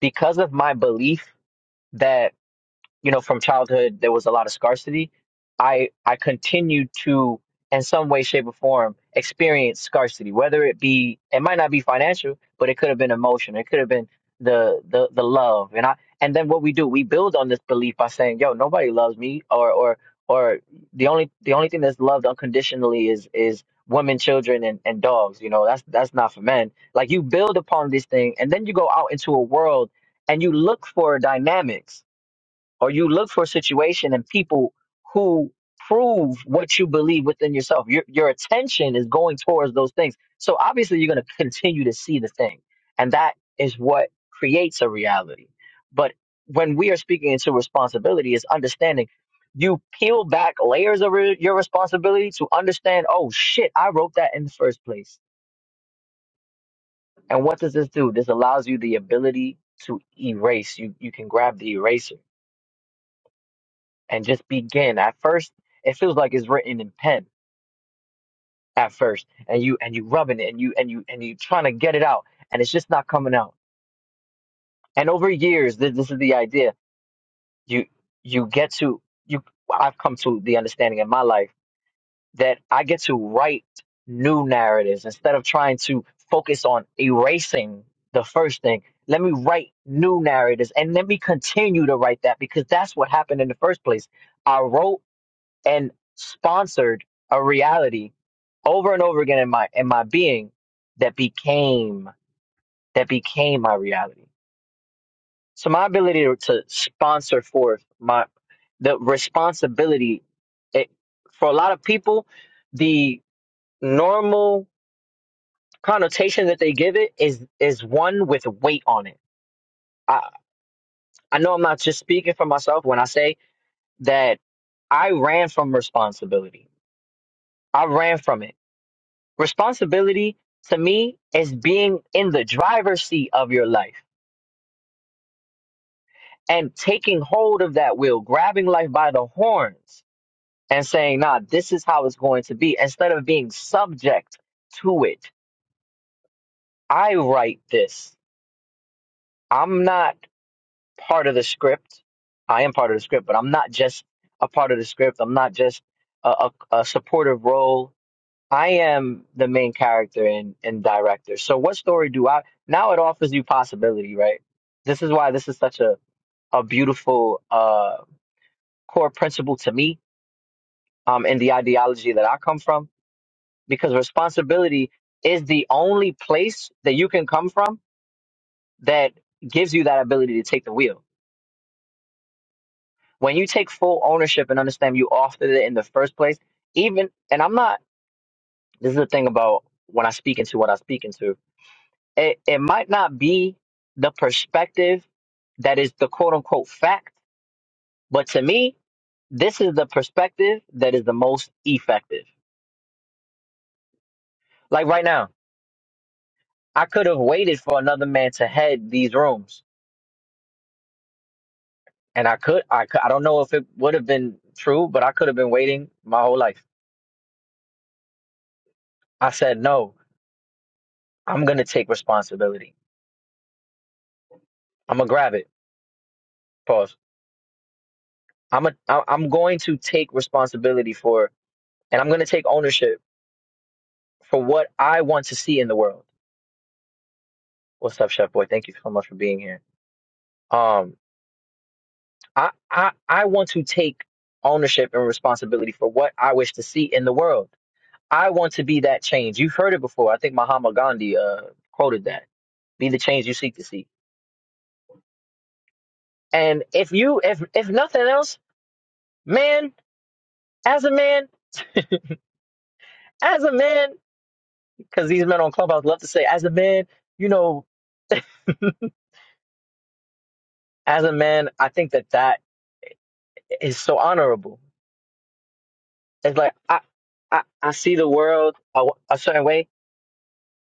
Speaker 2: because of my belief that you know, from childhood, there was a lot of scarcity. I I continued to, in some way, shape, or form, experience scarcity. Whether it be, it might not be financial, but it could have been emotion. It could have been the the the love. And I and then what we do, we build on this belief by saying, "Yo, nobody loves me," or or or the only the only thing that's loved unconditionally is is women, children, and and dogs. You know, that's that's not for men. Like you build upon this thing, and then you go out into a world and you look for dynamics or you look for a situation and people who prove what you believe within yourself. Your your attention is going towards those things. So obviously you're going to continue to see the thing. And that is what creates a reality. But when we are speaking into responsibility is understanding you peel back layers of re- your responsibility to understand, oh shit, I wrote that in the first place. And what does this do? This allows you the ability to erase. You you can grab the eraser and just begin. At first, it feels like it's written in pen at first, and you and you rubbing it, and you and you and you trying to get it out, and it's just not coming out. And over years, this, this is the idea. You you get to you. I've come to the understanding in my life that I get to write new narratives instead of trying to focus on erasing the first thing. Let me write new narratives and let me continue to write that because that's what happened in the first place. I wrote and sponsored a reality over and over again in my in my being that became that became my reality. So my ability to, to sponsor forth my the responsibility it, for a lot of people, the normal connotation that they give it is is one with weight on it. I I know I'm not just speaking for myself when I say that I ran from responsibility. I ran from it Responsibility to me is being in the driver's seat of your life and taking hold of that wheel, grabbing life by the horns and saying, nah, this is how it's going to be instead of being subject to it. I write this. I'm not part of the script. I am part of the script, but I'm not just a part of the script. I'm not just a, a, a supportive role I am the main character and, and director. So what story do I now it offers you possibility, right? This is why this is such a, a beautiful uh core principle to me, um, in the ideology that I come from, because responsibility is the only place that you can come from that gives you that ability to take the wheel. When you take full ownership and understand you authored it in the first place, even and I'm not this is the thing about when I speak into what I speak into it, it might not be the perspective that is the quote unquote fact, but to me, this is the perspective that is the most effective. Like right now, I could have waited for another man to head these rooms, and I could, I could, I don't know if it would have been true, but I could have been waiting my whole life. I said, no, I'm gonna take responsibility. I'm gonna grab it. Pause. I'm a, I- I'm going to take responsibility for, and I'm gonna take ownership for what I want to see in the world What's up, Chef Boy? Thank you so much for being here. Um, I, I I want to take ownership and responsibility for what I wish to see in the world. I want to be that change. You've heard it before. I think Mahatma Gandhi uh quoted that. Be the change you seek to see. And if you if if nothing else, man, as a man, as a man, because these men on Clubhouse love to say, as a man, you know, as a man, I think that that is so honorable. It's like I I, I see the world a, a certain way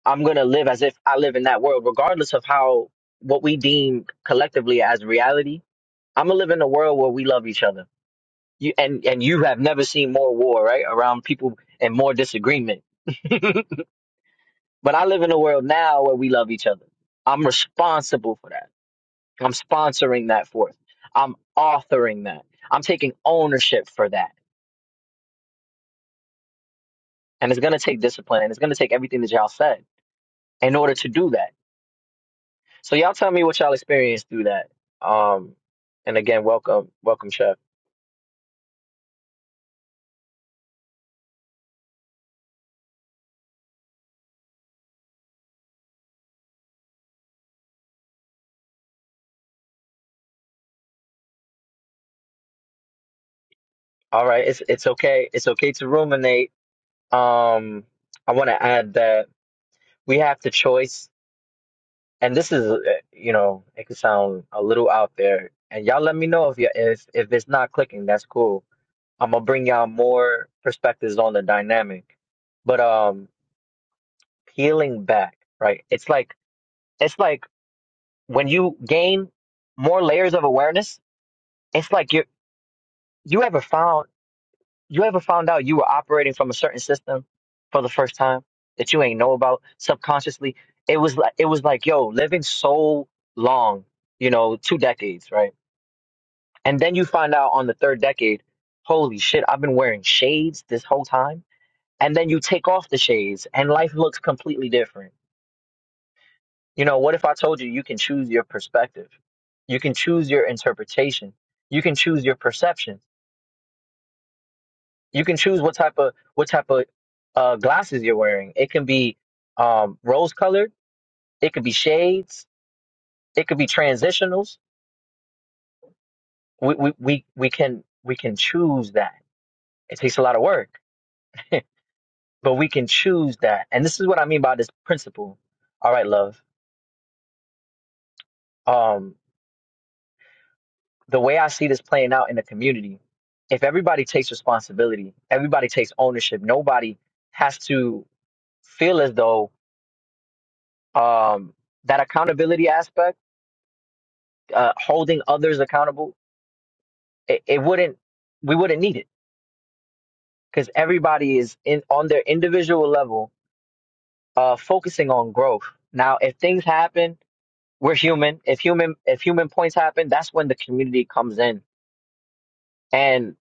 Speaker 2: I'm going to live as if I live in that world, regardless of how what we deem collectively as reality. I'm gonna live in a world where we love each other. You and and you have never seen more war, right? Around people and more disagreement. but I live in a world now where we love each other. I'm responsible for that. I'm sponsoring that forth. I'm authoring that. I'm taking ownership for that. And it's gonna take discipline and it's gonna take everything that y'all said in order to do that So y'all tell me what y'all experienced through that. Um, and again, welcome, welcome, Chef. All right, it's it's okay. It's okay to ruminate. Um, I want to add that we have the choice, and this is, uh, you know, it could sound a little out there. And y'all, let me know if you if if it's not clicking. That's cool. I'm gonna bring y'all more perspectives on the dynamic. But um, peeling back, right? It's like it's like when you gain more layers of awareness. It's like you're You ever found you ever found out you were operating from a certain system for the first time that you ain't know about subconsciously? It was like it was like, yo, living so long, you know, two decades, right? And then you find out on the third decade, holy shit, I've been wearing shades this whole time. And then you take off the shades and life looks completely different. You know, what if I told you you can choose your perspective? You can choose your interpretation. You can choose your perception you can choose what type of what type of uh, glasses you're wearing. It can be um, rose colored. It could be shades. It could be transitionals. We, we we we can we can choose that. It takes a lot of work, but we can choose that. And this is what I mean by this principle. All right, love. Um, the way I see this playing out in the community, if everybody takes responsibility, everybody takes ownership. Nobody has to feel as though um, that accountability aspect uh, holding others accountable, it, it wouldn't we wouldn't need it because everybody is in on their individual level uh, focusing on growth. Now, if things happen, we're human. If human if human points happen, that's when the community comes in and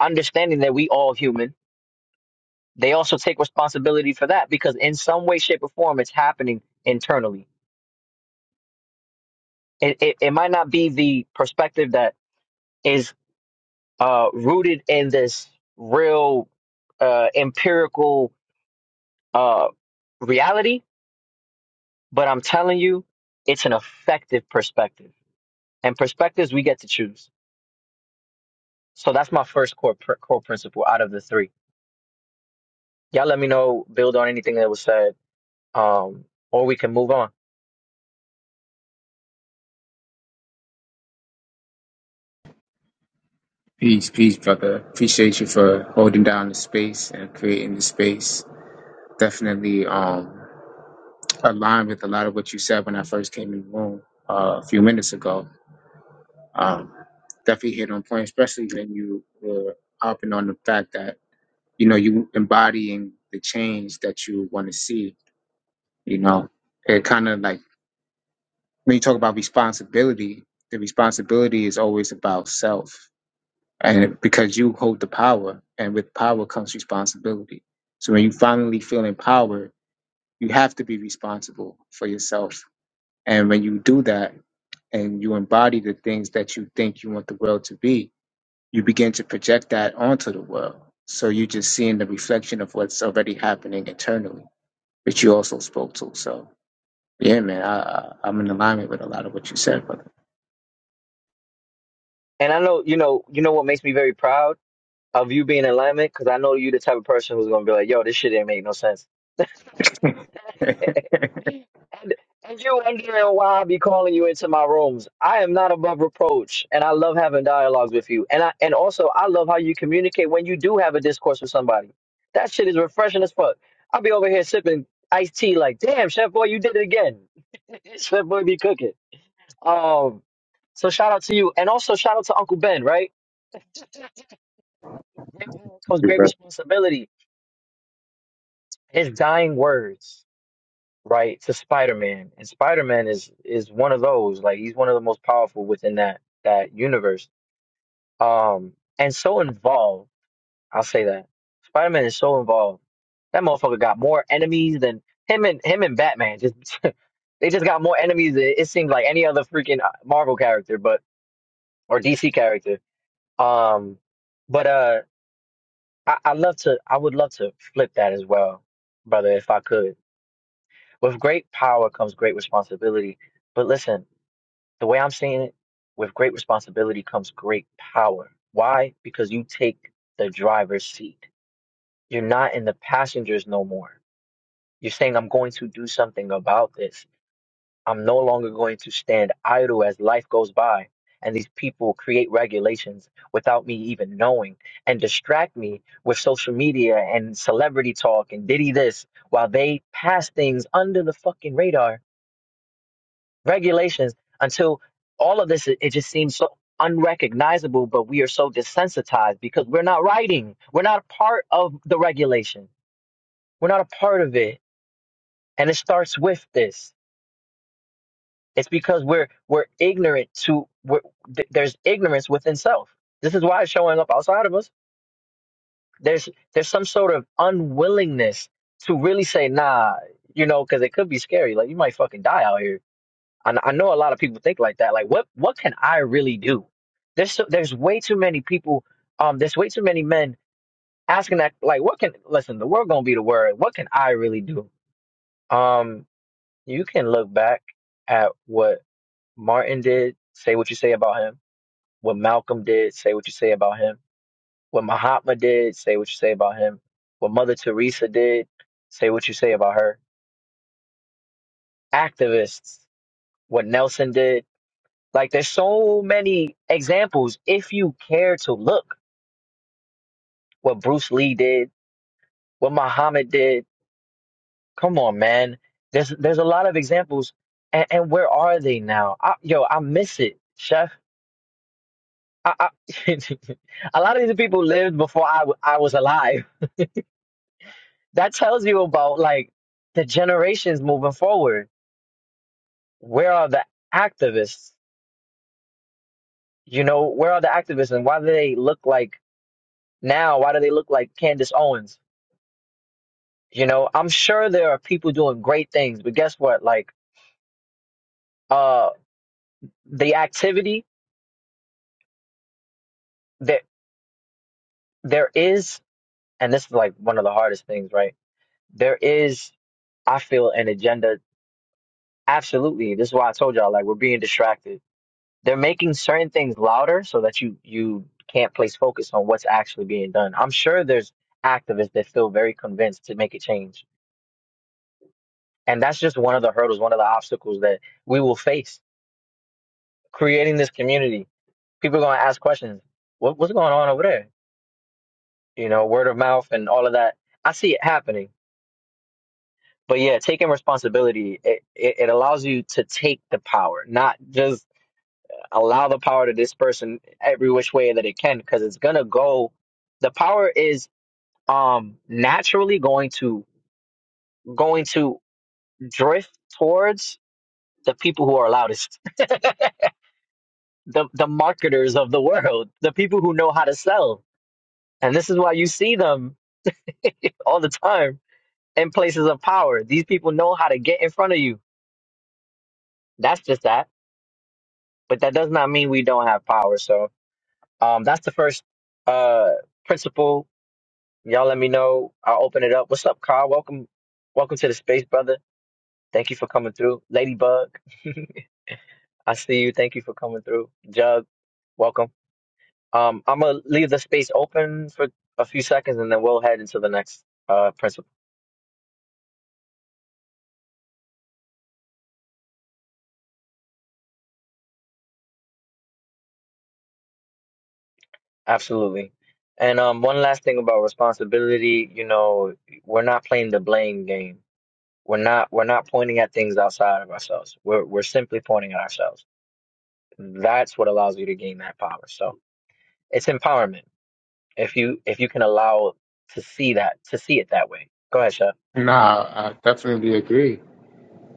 Speaker 2: understanding that we all human. They also take responsibility for that because in some way, shape, or form, it's happening internally. It it, it might not be the perspective that is uh, rooted in this real uh, empirical uh, reality, but I'm telling you, it's an effective perspective. And perspectives we get to choose. So that's my first core pr- core principle out of the three. Y'all let me know, build on anything that was said, um, or we can move on.
Speaker 9: Peace, peace, brother. Appreciate you for holding down the space and creating the space. Definitely um, aligned with a lot of what you said when I first came in the room uh, a few minutes ago. Um, definitely hit on point, especially when you were harping on the fact that you know you embodying the change that you want to see. You know, it kind of like when you talk about responsibility, the responsibility is always about self. and because you hold the power and with power comes responsibility so when you finally feel empowered you have to be responsible for yourself and when you do that and you embody the things that you think you want the world to be you begin to project that onto the world so you're just seeing the reflection of what's already happening internally which you also spoke to so yeah man i, I i'm in alignment with a lot of what you said brother
Speaker 2: And I know you know you know what makes me very proud of you being in alignment because I know you the type of person who's gonna be like, yo, this shit ain't make no sense And, and you're wondering why I be calling you into my rooms. I am not above reproach, and I love having dialogues with you. And I and also I love how you communicate when you do have a discourse with somebody. That shit is refreshing as fuck. I'll be over here sipping iced tea, like, damn, Chef Boy, you did it again. Chef Boy be cooking. Um, so shout out to you, and also shout out to Uncle Ben. Right, Great power comes great responsibility. His dying words. right, to Spider-Man. And Spider-Man is is one of those, like he's one of the most powerful within that that universe. Um and so involved, I'll say that. Spider-Man is so involved. That motherfucker got more enemies than him and him and Batman just they just got more enemies than it seems like any other freaking uh, Marvel character but or DC character. Um but uh I, I love to I would love to flip that as well, brother, if I could. With great power comes great responsibility. But listen, The way I'm saying it, with great responsibility comes great power. Why? Because you take the driver's seat. You're not in the passengers no more. You're saying, I'm going to do something about this. I'm no longer going to stand idle as life goes by and these people create regulations without me even knowing and distract me with social media and celebrity talk and diddy this while they pass things under the fucking radar regulations until all of this it it just seems so unrecognizable but we are so desensitized because we're not writing we're not a part of the regulation we're not a part of it and it starts with this it's because we're we're ignorant to we're, th- there's ignorance within self this is why it's showing up outside of us there's there's some sort of unwillingness to really say nah you know because it could be scary like you might fucking die out here I, I know a lot of people think like that. Like, what what can I really do? There's so, there's way too many people. Um, there's way too many men asking that. Like, what can listen? The word gonna be the word. What can I really do? Um, you can look back at what Martin did. Say what you say about him. What Malcolm did. Say what you say about him. What Mahatma did. Say what you say about him. What Mother Teresa did. Say what you say about her. Activists. What Nelson did Like there's so many examples if you care to look what Bruce Lee did, what Muhammad did. Come on, man. There's there's a lot of examples, and, and where are they now? I, yo, I miss it, Chef. I, I, a lot of these people lived before I w- I was alive. That tells you about like the generations moving forward. Where are the activists? You know, where are the activists, and why do they look like now? Why do they look like Candace Owens? You know, I'm sure there are people doing great things, but guess what? Like, uh, the activity that there is, and this is like one of the hardest things, right? There is, I feel, an agenda. Absolutely. This is why I told y'all, like, we're being distracted. They're making certain things louder so that you you can't place focus on what's actually being done. I'm sure there's activists that feel very convinced to make a change. And that's just one of the hurdles, one of the obstacles that we will face creating this community people gonna ask questions. What what's going on over there? You know, word of mouth and all of that. I see it happening. But yeah, taking responsibility, it, it, it allows you to take the power, not just allow the power to disperse in every which way that it can, because it's gonna go the power is um naturally going to going to drift towards the people who are loudest. The the marketers of the world, the people who know how to sell. And this is why you see them all the time in places of power. These people know how to get in front of you. That's just that. But that does not mean we don't have power. So um, that's the first uh, principle. Y'all let me know. I'll open it up. What's up, Carl? Welcome. Welcome to the space, brother. Thank you for coming through. Ladybug, I see you. Thank you for coming through. Jug, welcome. Um, I'm going to leave the space open for a few seconds and then we'll head into the next uh, principle. Absolutely. And um, one last thing about responsibility, you know, we're not playing the blame game. We're not we're not pointing at things outside of ourselves. We're we're simply pointing at ourselves. That's what allows you to gain that power. So it's empowerment if you if you can allow to see that to see it that way. Go ahead, Chef.
Speaker 9: no i definitely agree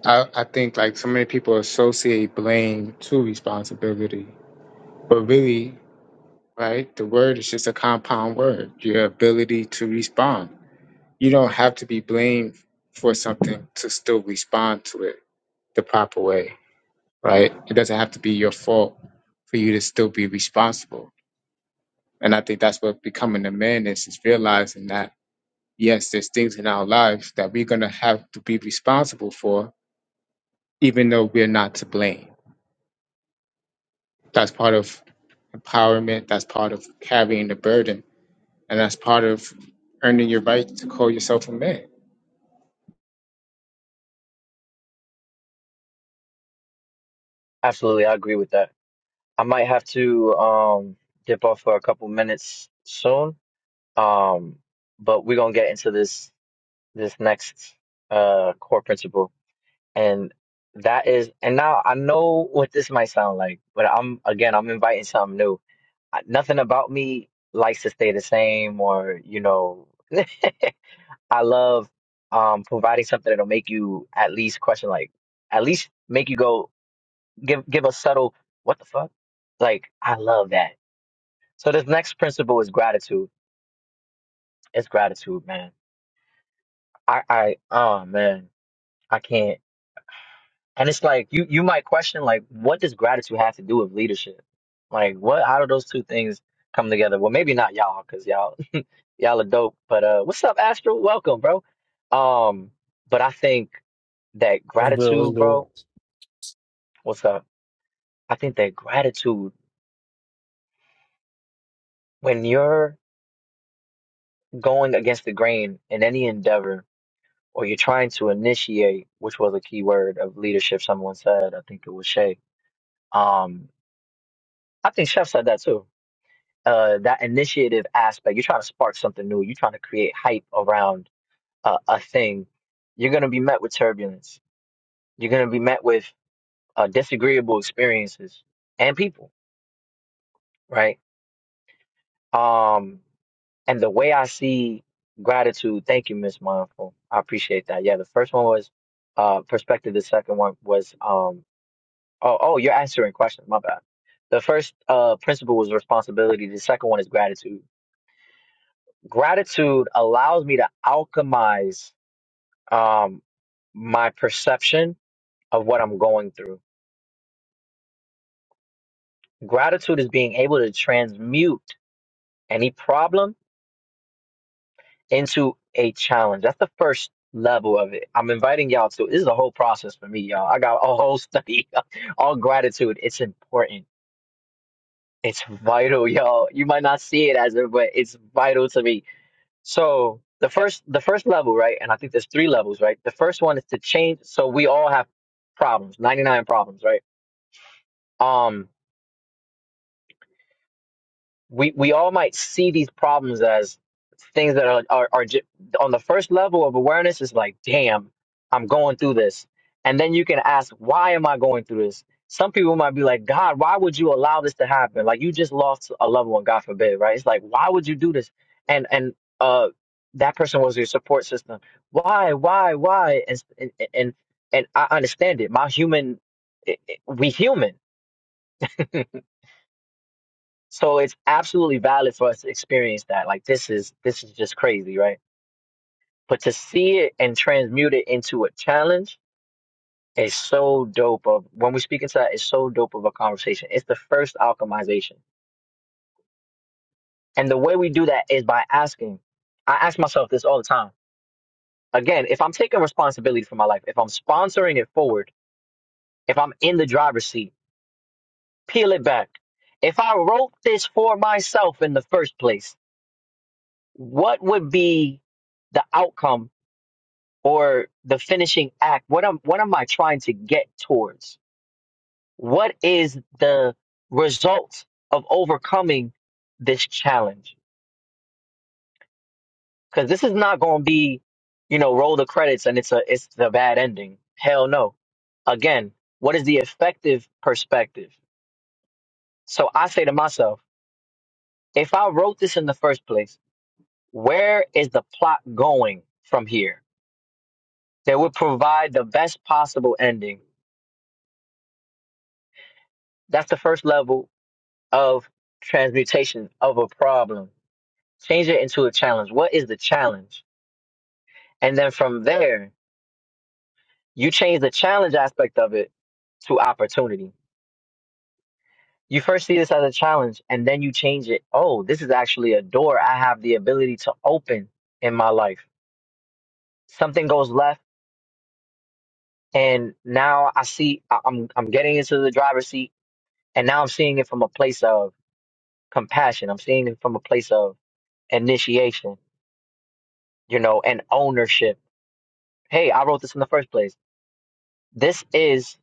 Speaker 9: I, I think like so many people associate blame to responsibility, but really, right? The word is just a compound word. Your ability to respond. You don't have to be blamed for something to still respond to it the proper way, right? It doesn't have to be your fault for you to still be responsible. And I think that's what becoming a man is: is realizing that yes, there's things in our lives that we're gonna have to be responsible for, even though we're not to blame. That's part of empowerment. That's part of carrying the burden, and that's part of earning your right to call yourself a man.
Speaker 2: Absolutely, I agree with that. I might have to um dip off for a couple minutes soon. Um, but we're gonna get into this this next uh core principle. And that is, and now I know what this might sound like, but I'm, again, I'm inviting something new. I, nothing about me likes to stay the same or, you know, I love um providing something that'll make you at least question, like, at least make you go, give, give a subtle, what the fuck? Like, I love that. So this next principle is gratitude. It's gratitude, man. I, I, oh man, I can't. And it's like you you might question like what does gratitude have to do with leadership? Like what how do those two things come together? Well, maybe not y'all cuz y'all y'all are dope, but uh what's up Astro? Welcome, bro. Um but I think that
Speaker 10: Let's do it. Let's
Speaker 2: gratitude,
Speaker 10: do it.
Speaker 2: bro, what's up? I think that gratitude when you're going against the grain in any endeavor or you're trying to initiate, which was a key word of leadership someone said, I think it was Shay. Um I think Chef said that too uh, that initiative aspect, you're trying to spark something new, you're trying to create hype around uh, a thing, you're going to be met with turbulence. You're going to be met with uh, disagreeable experiences and people, right? Um, and the way I see gratitude, thank you, Miss Mindful. I appreciate that. Yeah, the first one was uh, perspective. The second one was, um, oh, oh, you're answering questions. My bad. The first uh, principle was responsibility. The second one is gratitude Gratitude allows me to alchemize um, my perception of what I'm going through. Gratitude is being able to transmute any problem into a challenge. That's the first level of it. I'm inviting y'all to. This is a whole process for me, y'all. I got a whole study on gratitude. It's important. It's vital, y'all. You might not see it as it, but it's vital to me So the first the first level, right? And I think there's three levels, right? The first one is to change so we all have problems, 99 problems, right? Um we we all might see these problems as things that are are, are ju- on the first level of awareness It's like damn i'm going through this and then you can ask why am i going through this some people might be like god why would you allow this to happen like you just lost a loved one god forbid right it's like why would you do this and and uh that person was your support system why why why and and and, and i understand it my human we human So it's absolutely valid for us to experience that. Like this is this is just crazy, right? But to see it and transmute it into a challenge is so dope. Of when we speak into that, it's so dope of a conversation. It's the first alchemization, and the way we do that is by asking. I ask myself this all the time. Again, if I'm taking responsibility for my life, if I'm sponsoring it forward, if I'm in the driver's seat, peel it back. If I wrote this for myself in the first place, what would be the outcome or the finishing act what am what am i trying to get towards what is the result of overcoming this challenge because this is not going to be you know roll the credits and it's a it's a bad ending hell no again what is the effective perspective so i say to myself if i wrote this in the first place where is the plot going from here that would provide the best possible ending that's the first level of transmutation of a problem. Change it into a challenge. What is the challenge? And then from there, you change the challenge aspect of it to opportunity. You first see this as a challenge and then you change it. Oh, this is actually a door I have the ability to open in my life. Something goes left and now I see I- I'm I'm getting into the driver's seat and now I'm seeing it from a place of compassion. I'm seeing it from a place of initiation, you know, and ownership hey, I wrote this in the first place. This is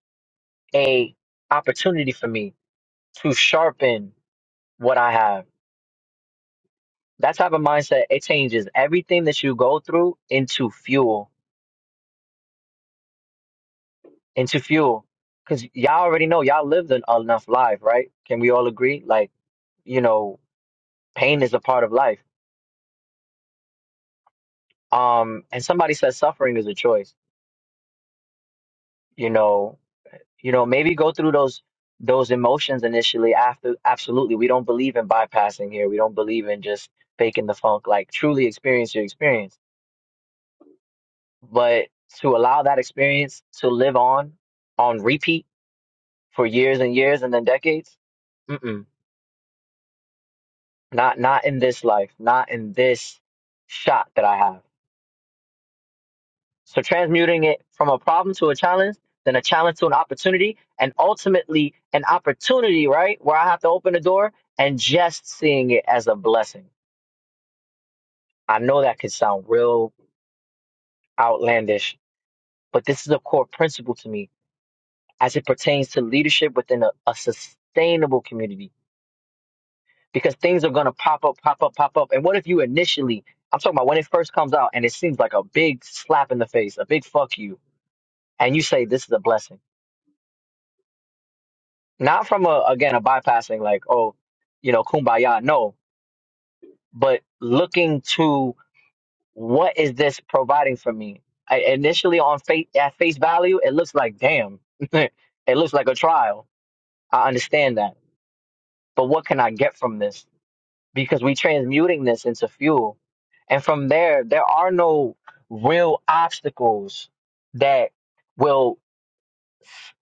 Speaker 2: a opportunity for me to sharpen what I have. That type of mindset, it changes everything that you go through into fuel, into fuel. Cause y'all already know y'all lived an enough life, right? Can we all agree? Like, you know, pain is a part of life. Um, and somebody says suffering is a choice. You know, you know maybe go through those those emotions initially after absolutely we don't believe in bypassing here we don't believe in just faking the funk like truly experience your experience but to allow that experience to live on on repeat for years and years and then decades mm-mm, not not in this life not in this shot that i have So transmuting it from a problem to a challenge, then a challenge to an opportunity, and ultimately an opportunity, right? Where I have to open the door and just seeing it as a blessing. I know that could sound real outlandish, but this is a core principle to me as it pertains to leadership within a, a sustainable community because things are going to pop up, pop up, pop up. And what if you initially, I'm talking about when it first comes out and it seems like a big slap in the face, a big fuck you, and you say, this is a blessing not from a again a bypassing like oh you know kumbaya no but looking to what is this providing for me I, initially on face at face value it looks like damn it looks like a trial i understand that but what can i get from this because we transmuting this into fuel and from there there are no real obstacles that will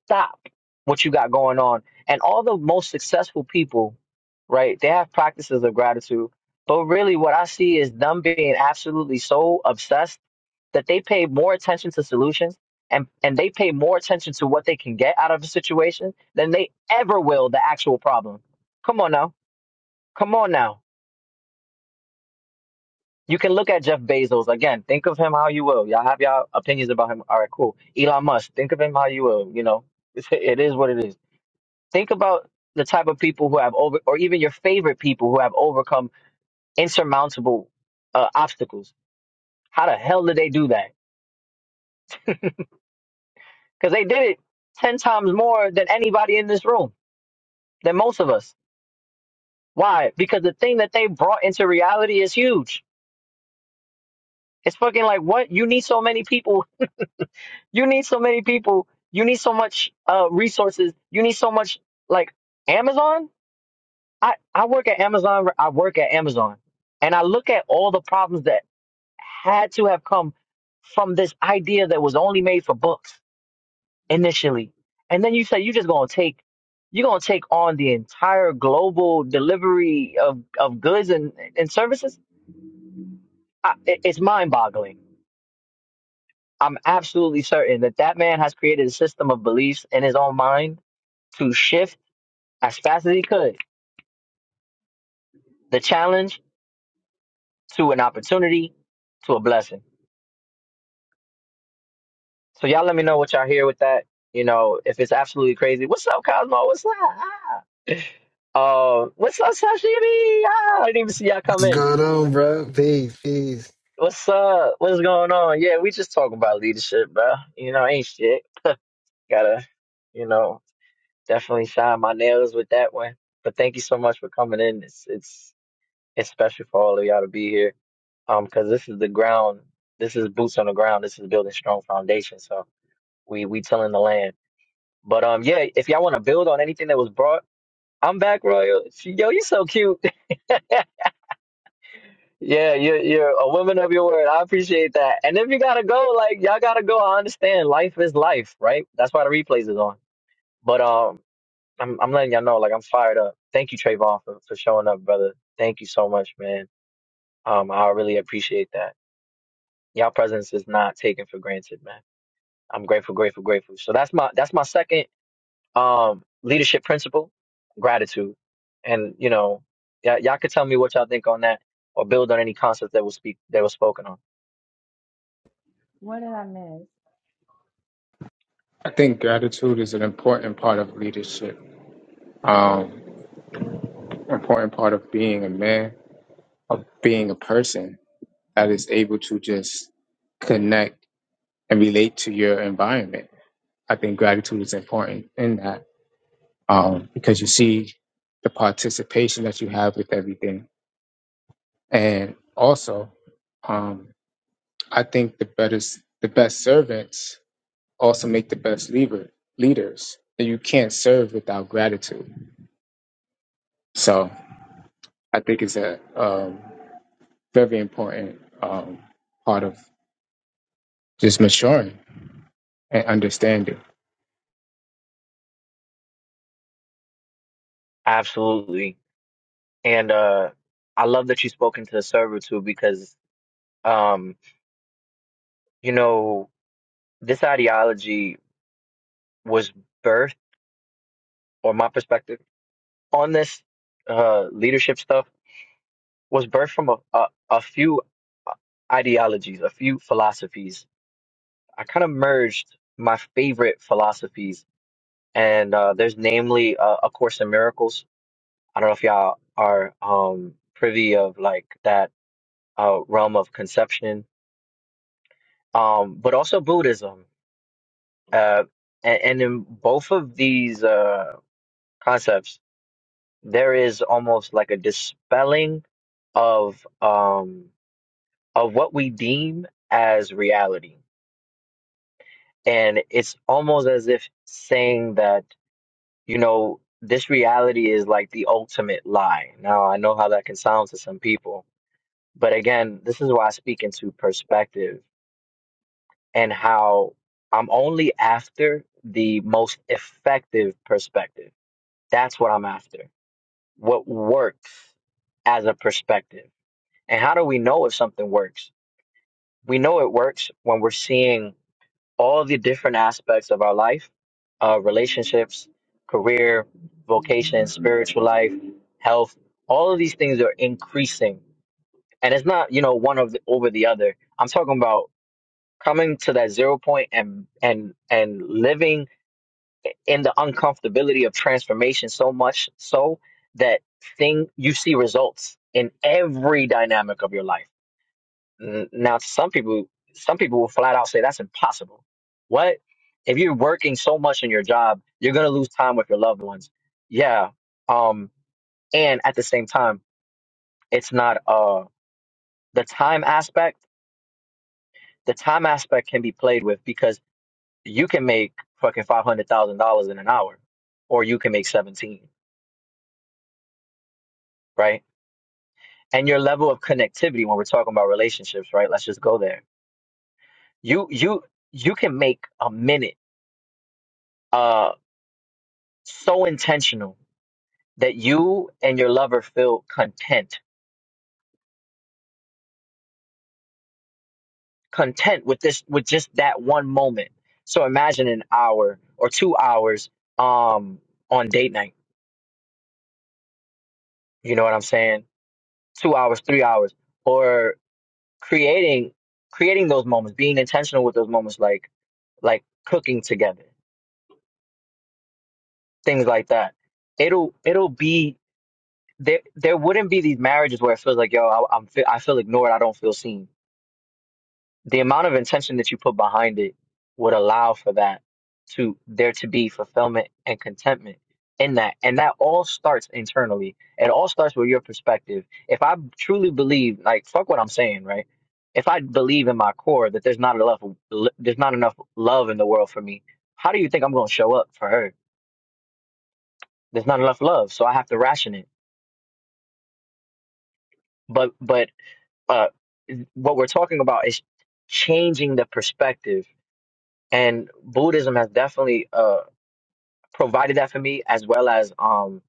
Speaker 2: Stop what you got going on. And all the most successful people, right, they have practices of gratitude. But really, what I see is them being absolutely so obsessed that they pay more attention to solutions and, and they pay more attention to what they can get out of a situation than they ever will the actual problem. Come on now. Come on now. You can look at Jeff Bezos again. Think of him how you will. Y'all have y'all opinions about him. All right, cool. Elon Musk. Think of him how you will. You know, it's, what it is. Think about the type of people who have over, or even your favorite people who have overcome insurmountable uh, obstacles. How the hell did they do that? Because they did it 10 times more than anybody in this room, than most of us. Why? Because the thing that they brought into reality is huge. It's fucking like, what? You need so many people. You need so many people. You need so much uh, resources. You need so much, like, Amazon? I, I work at Amazon. I work at Amazon and I look at all the problems that had to have come from this idea that was only made for books initially. And then you say you're just gonna take you're gonna take on the entire global delivery of, of goods and, and services. I, it- it's mind boggling. I'm absolutely certain that that man has created a system of beliefs in his own mind to shift as fast as he could the challenge to an opportunity to a blessing. So y'all let me know what y'all hear with that. You know, if it's absolutely crazy. What's up, Cosmo? What's up? Ah, Um, what's up, Sashimi? Ah, I didn't even see y'all come
Speaker 11: What's
Speaker 2: in.
Speaker 11: going on, bro? Peace, peace.
Speaker 2: What's up? What's going on? Yeah, we just talking about leadership, bro. You know, ain't shit. Gotta, you know, definitely shine my nails with that one. But thank you so much for coming in. It's it's it's special for all of y'all to be here. Um, because this is the ground. This is boots on the ground. This is building strong foundation. So we we tilling the land. But um, yeah, if y'all want to build on anything that was brought, I'm back, Royal. Yo, you so cute. Yeah, you're you're a woman of your word. I appreciate that. And if you gotta go, like y'all gotta go. I understand. Life is life, right? That's why the replays is on. But um, I'm I'm letting y'all know, like I'm fired up. Thank you, Trayvon, for, for showing up, brother. Thank you so much, man. Um, I really appreciate that. Y'all presence is not taken for granted, man. I'm grateful, grateful, grateful. So that's my that's my second um leadership principle, gratitude. And you know, y- y'all could tell me what y'all think on that, or build on any concepts that was speak that was spoken on.
Speaker 6: What did I miss?
Speaker 9: I think gratitude is an important part of leadership, um, important part of being a man, of being a person that is able to just connect and relate to your environment. I think gratitude is important in that um, because you see the participation that you have with everything, and also um, I think the better the best servants also make the best leader leaders. And you can't serve without gratitude. So I think it's a um, very important um, part of just maturing and understanding.
Speaker 2: Absolutely. And uh I love that you spoke into the server too because um you know this ideology was birthed or my perspective on this uh leadership stuff was birthed from a a, a few uh, ideologies, a few philosophies. I kind of merged my favorite philosophies and uh there's namely uh, A Course in Miracles. I don't know if y'all are um privy of like that uh realm of conception um, but also Buddhism. Uh, and, and in both of these uh, concepts, there is almost like a dispelling of um, of what we deem as reality, and it's almost as if saying that you know this reality is like the ultimate lie. Now I know how that can sound to some people, but again, this is why I speak into perspective and how I'm only after the most effective perspective. That's what I'm after. What works as a perspective. And how do we know if something works? We know it works when we're seeing all the different aspects of our life, uh, relationships, career, vocation, spiritual life, health. All of these things are increasing, and it's not you know one of the, over the other. I'm talking about coming to that zero point and and and living in the uncomfortability of transformation so much so that thing you see results in every dynamic of your life. N- Now, some people, some people will flat out say that's impossible. What if you're working so much in your job, you're gonna lose time with your loved ones? Yeah. Um, and at the same time, it's not uh the time aspect. The time aspect can be played with because you can make fucking five hundred thousand dollars in an hour, or you can make seventeen, right? and your level of connectivity when we're talking about relationships, right? Let's just go there. You you you can make a minute uh so intentional that you and your lover feel content, content with this with just that one moment. So imagine an hour or two hours um on date night. You know what I'm saying? Two hours, three hours, or creating creating those moments, being intentional with those moments like like cooking together, things like that it'll it'll be there there wouldn't be these marriages where it feels like yo I, I'm fe- I feel ignored I don't feel seen the amount of intention that you put behind it would allow for that to there to be fulfillment and contentment in that and that all starts internally it all starts with your perspective if I truly believe like fuck what I'm saying right if I believe in my core that there's not enough there's not enough love in the world for me how do you think I'm gonna show up for her there's not enough love so I have to ration it but but uh, what we're talking about is changing the perspective, and Buddhism has definitely uh, provided that for me, as well as um,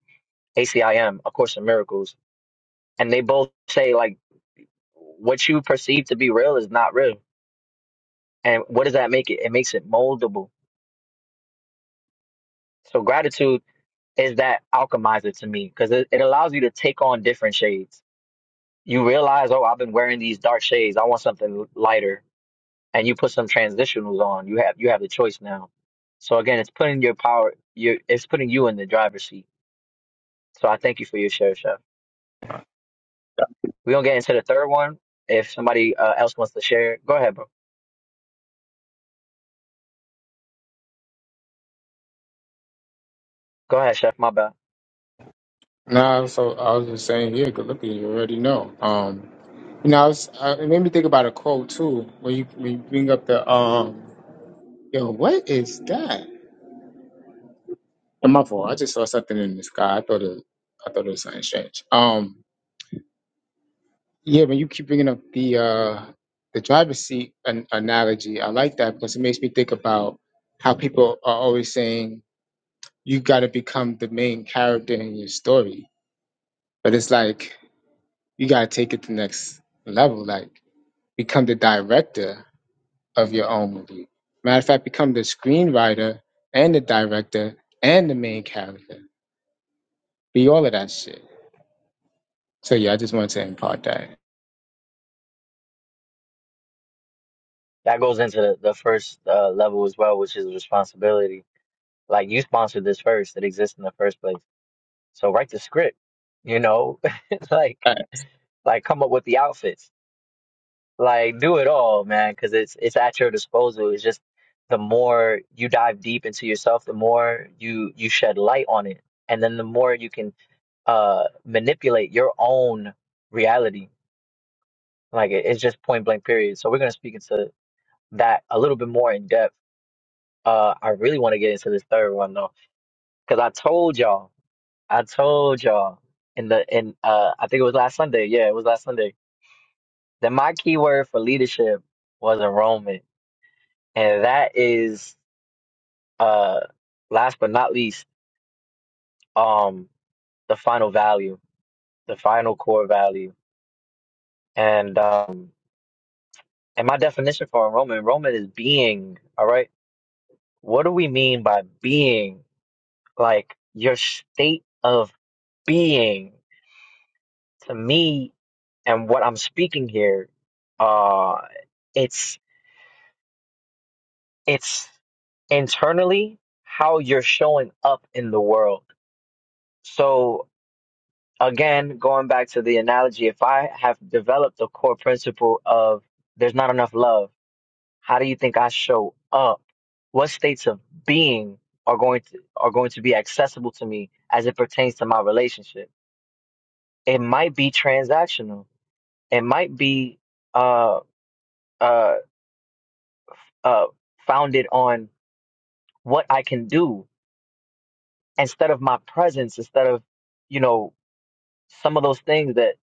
Speaker 2: ACIM, A Course in Miracles, and they both say like what you perceive to be real is not real, and what does that make it? It makes it moldable. So gratitude is that alchemizer to me because it, it allows you to take on different shades. You realize, oh, I've been wearing these dark shades. I want something lighter and you put some transitionals on, you have you have the choice now. So again, it's putting your power, your it's putting you in the driver's seat. So I thank you for your share, chef. We're gonna get into the third one. If somebody uh, else wants to share, go ahead, bro. Go ahead, chef. My bad.
Speaker 9: Now, so I was just saying, yeah, good looking. You already know. Um, you know, I was, uh, it made me think about a quote too. When you when you bring up the um, yo, what is that? And my fault. I just saw something in the sky. I thought it, I thought it was something strange. Um, Yeah, when you keep bringing up the uh, the driver's seat an- analogy. I like that because it makes me think about how people are always saying you got to become the main character in your story, but it's like you got to take it to the next level. Like become the director of your own movie. Matter of fact, become the screenwriter and the director and the main character. Be all of that shit. So yeah, I just wanted to impart that.
Speaker 2: That goes into the, the first uh, level as well, which is responsibility. Like you sponsored this first; it exists in the first place. So write the script. You know, like
Speaker 9: Uh,
Speaker 2: like come up with the outfits Like, do it all, man, because it's it's at your disposal. It's just the more you dive deep into yourself, the more you you shed light on it, and then the more you can uh manipulate your own reality. Like, it, it's just point blank, period. So we're gonna speak into that a little bit more in depth. Uh, I really want to get into this third one though, because I told y'all, I told y'all in the in uh, I think it was last Sunday. Yeah, it was last Sunday. That my keyword for leadership was enrollment. And that is Uh, last but not least, um, the final value, the final core value, and um, and my definition for enrollment, enrollment is being. All right, what do we mean by being? Like your state of being. To me, and what I'm speaking here, uh, it's it's internally how you're showing up in the world. So again, going back to the analogy, if I have developed a core principle of there's not enough love, how do you think I show up? What states of being are going to are going to be accessible to me as it pertains to my relationship? It might be transactional. It might be uh uh uh founded on what I can do instead of my presence, instead of you know some of those things that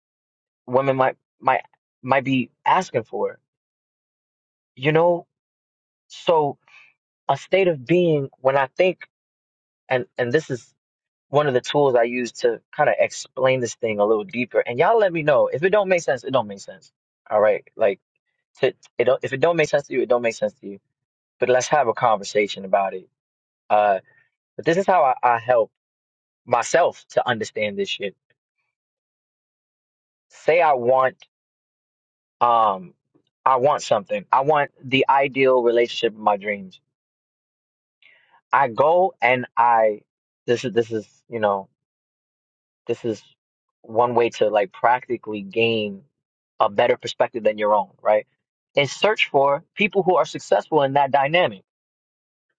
Speaker 2: women might might might be asking for. You know, So a state of being, when I think, and and this is one of the tools I use to kind of explain this thing a little deeper. And y'all let me know if it don't make sense. It don't make sense. All right, like to, it don't, if it don't make sense to you, it don't make sense to you. But let's have a conversation about it. Uh, but this is how I, I help myself to understand this shit. Say I want, um, I want something. I want the ideal relationship of my dreams. I go and I. This is this is you know This is one way to like practically gain a better perspective than your own, right? And search for people who are successful in that dynamic.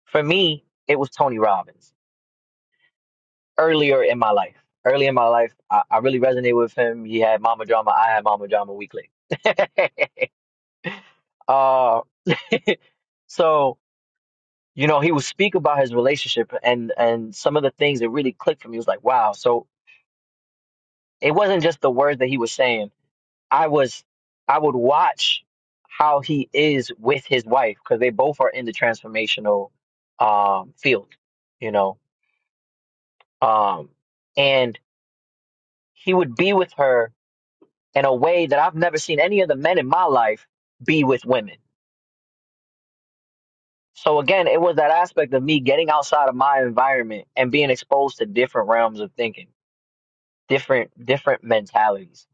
Speaker 2: For me, it was Tony Robbins earlier in my life. Early in my life, I, I really resonated with him. He had mama drama. I had mama drama weekly. uh, so, you know, he would speak about his relationship and, and some of the things that really clicked for me It was like, wow. So it wasn't just the words that he was saying I was I would watch how he is with his wife because they both are in the transformational um field, you know. Um and he would be with her in a way that I've never seen any of the men in my life be with women. So again, it was that aspect of me getting outside of my environment and being exposed to different realms of thinking, different different mentalities.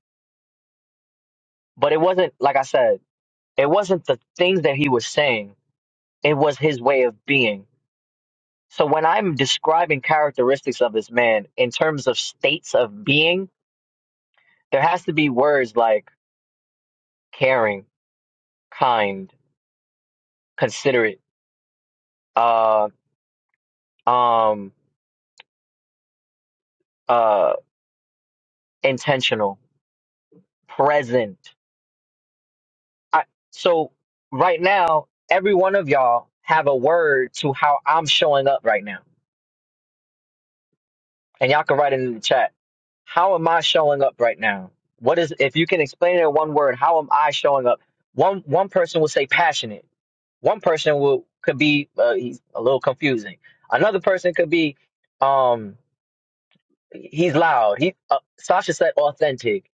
Speaker 2: But it wasn't like I said, it wasn't the things that he was saying. It was his way of being So when I'm describing characteristics of this man in terms of states of being, there has to be words like caring, kind, considerate, uh, um, uh, intentional, present. I, so right now, every one of y'all have a word to how I'm showing up right now, and y'all can write it in the chat. How am I showing up right now? What is if you can explain it in one word? How am I showing up? One one person will say passionate One person will could be uh, he's a little confusing. Another person could be um he's loud. He uh, Sasha said authentic,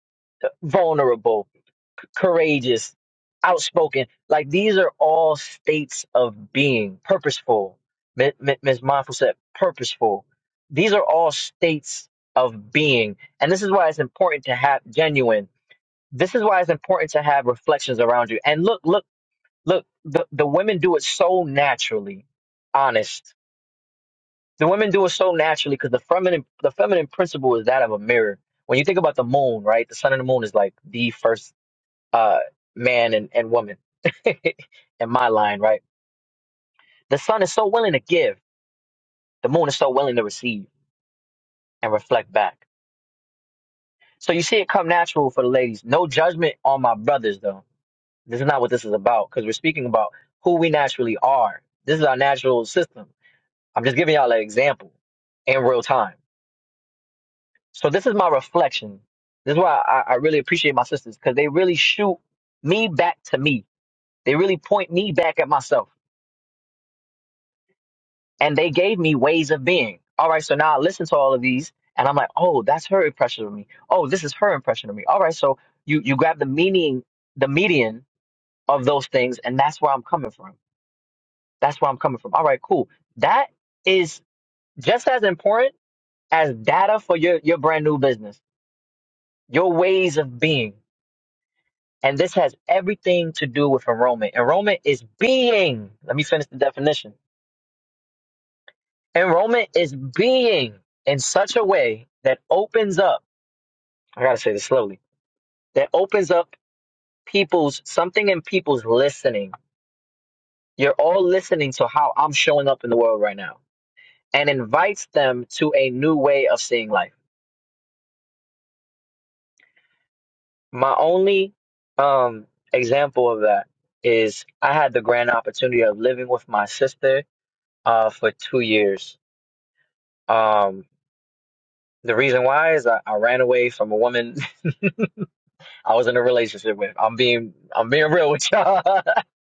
Speaker 2: vulnerable, courageous, outspoken. Like these are all states of being. Purposeful. M- M- Ms. Mindful said purposeful. These are all states of being, and this is why it's important to have genuine. This is why it's important to have reflections around you. And look, look look the, the women do it so naturally honest the women do it so naturally because the feminine the feminine principle is that of a mirror when you think about the moon right the sun and the moon is like the first uh man and, and woman in my line right the sun is so willing to give the moon is so willing to receive and reflect back so you see it come natural for the ladies no judgment on my brothers though this is not what this is about because we're speaking about who we naturally are this is our natural system I'm just giving y'all an example in real time. So this is my reflection. This is why I, I really appreciate my sisters because they really shoot me back to me. They really point me back at myself. And they gave me ways of being. All right, so now I listen to all of these and I'm like, oh, that's her impression of me. Oh, this is her impression of me. All right, so you you grab the meaning, the median of those things, and that's where I'm coming from. That's where I'm coming from. All right, cool. That is just as important as data for your, your brand new business your ways of being. And this has everything to do with enrollment. Enrollment is being, let me finish the definition. Enrollment is being in such a way that opens up, I gotta say this slowly, that opens up people's, something in people's listening. You're all listening to how I'm showing up in the world right now and invites them to a new way of seeing life. My only um, example of that is I had the grand opportunity of living with my sister uh, for two years. Um, the reason why is I, I ran away from a woman I was in a relationship with. I'm being I'm being real with y'all.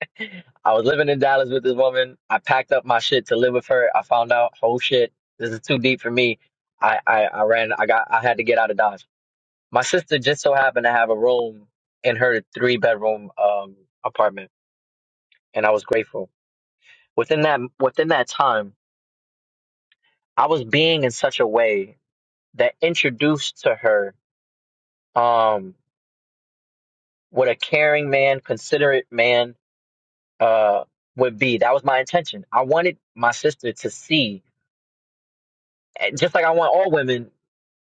Speaker 2: I was living in Dallas with this woman. I packed up my shit to live with her. I found out, whole shit, this is too deep for me. I, I, I ran. I got. I had to get out of Dodge. My sister just so happened to have a room in her three bedroom um apartment, and I was grateful. Within that within that time, I was being in such a way that introduced to her um, what a caring man, considerate man uh, would be. That was my intention. I wanted my sister to see, and just like I want all women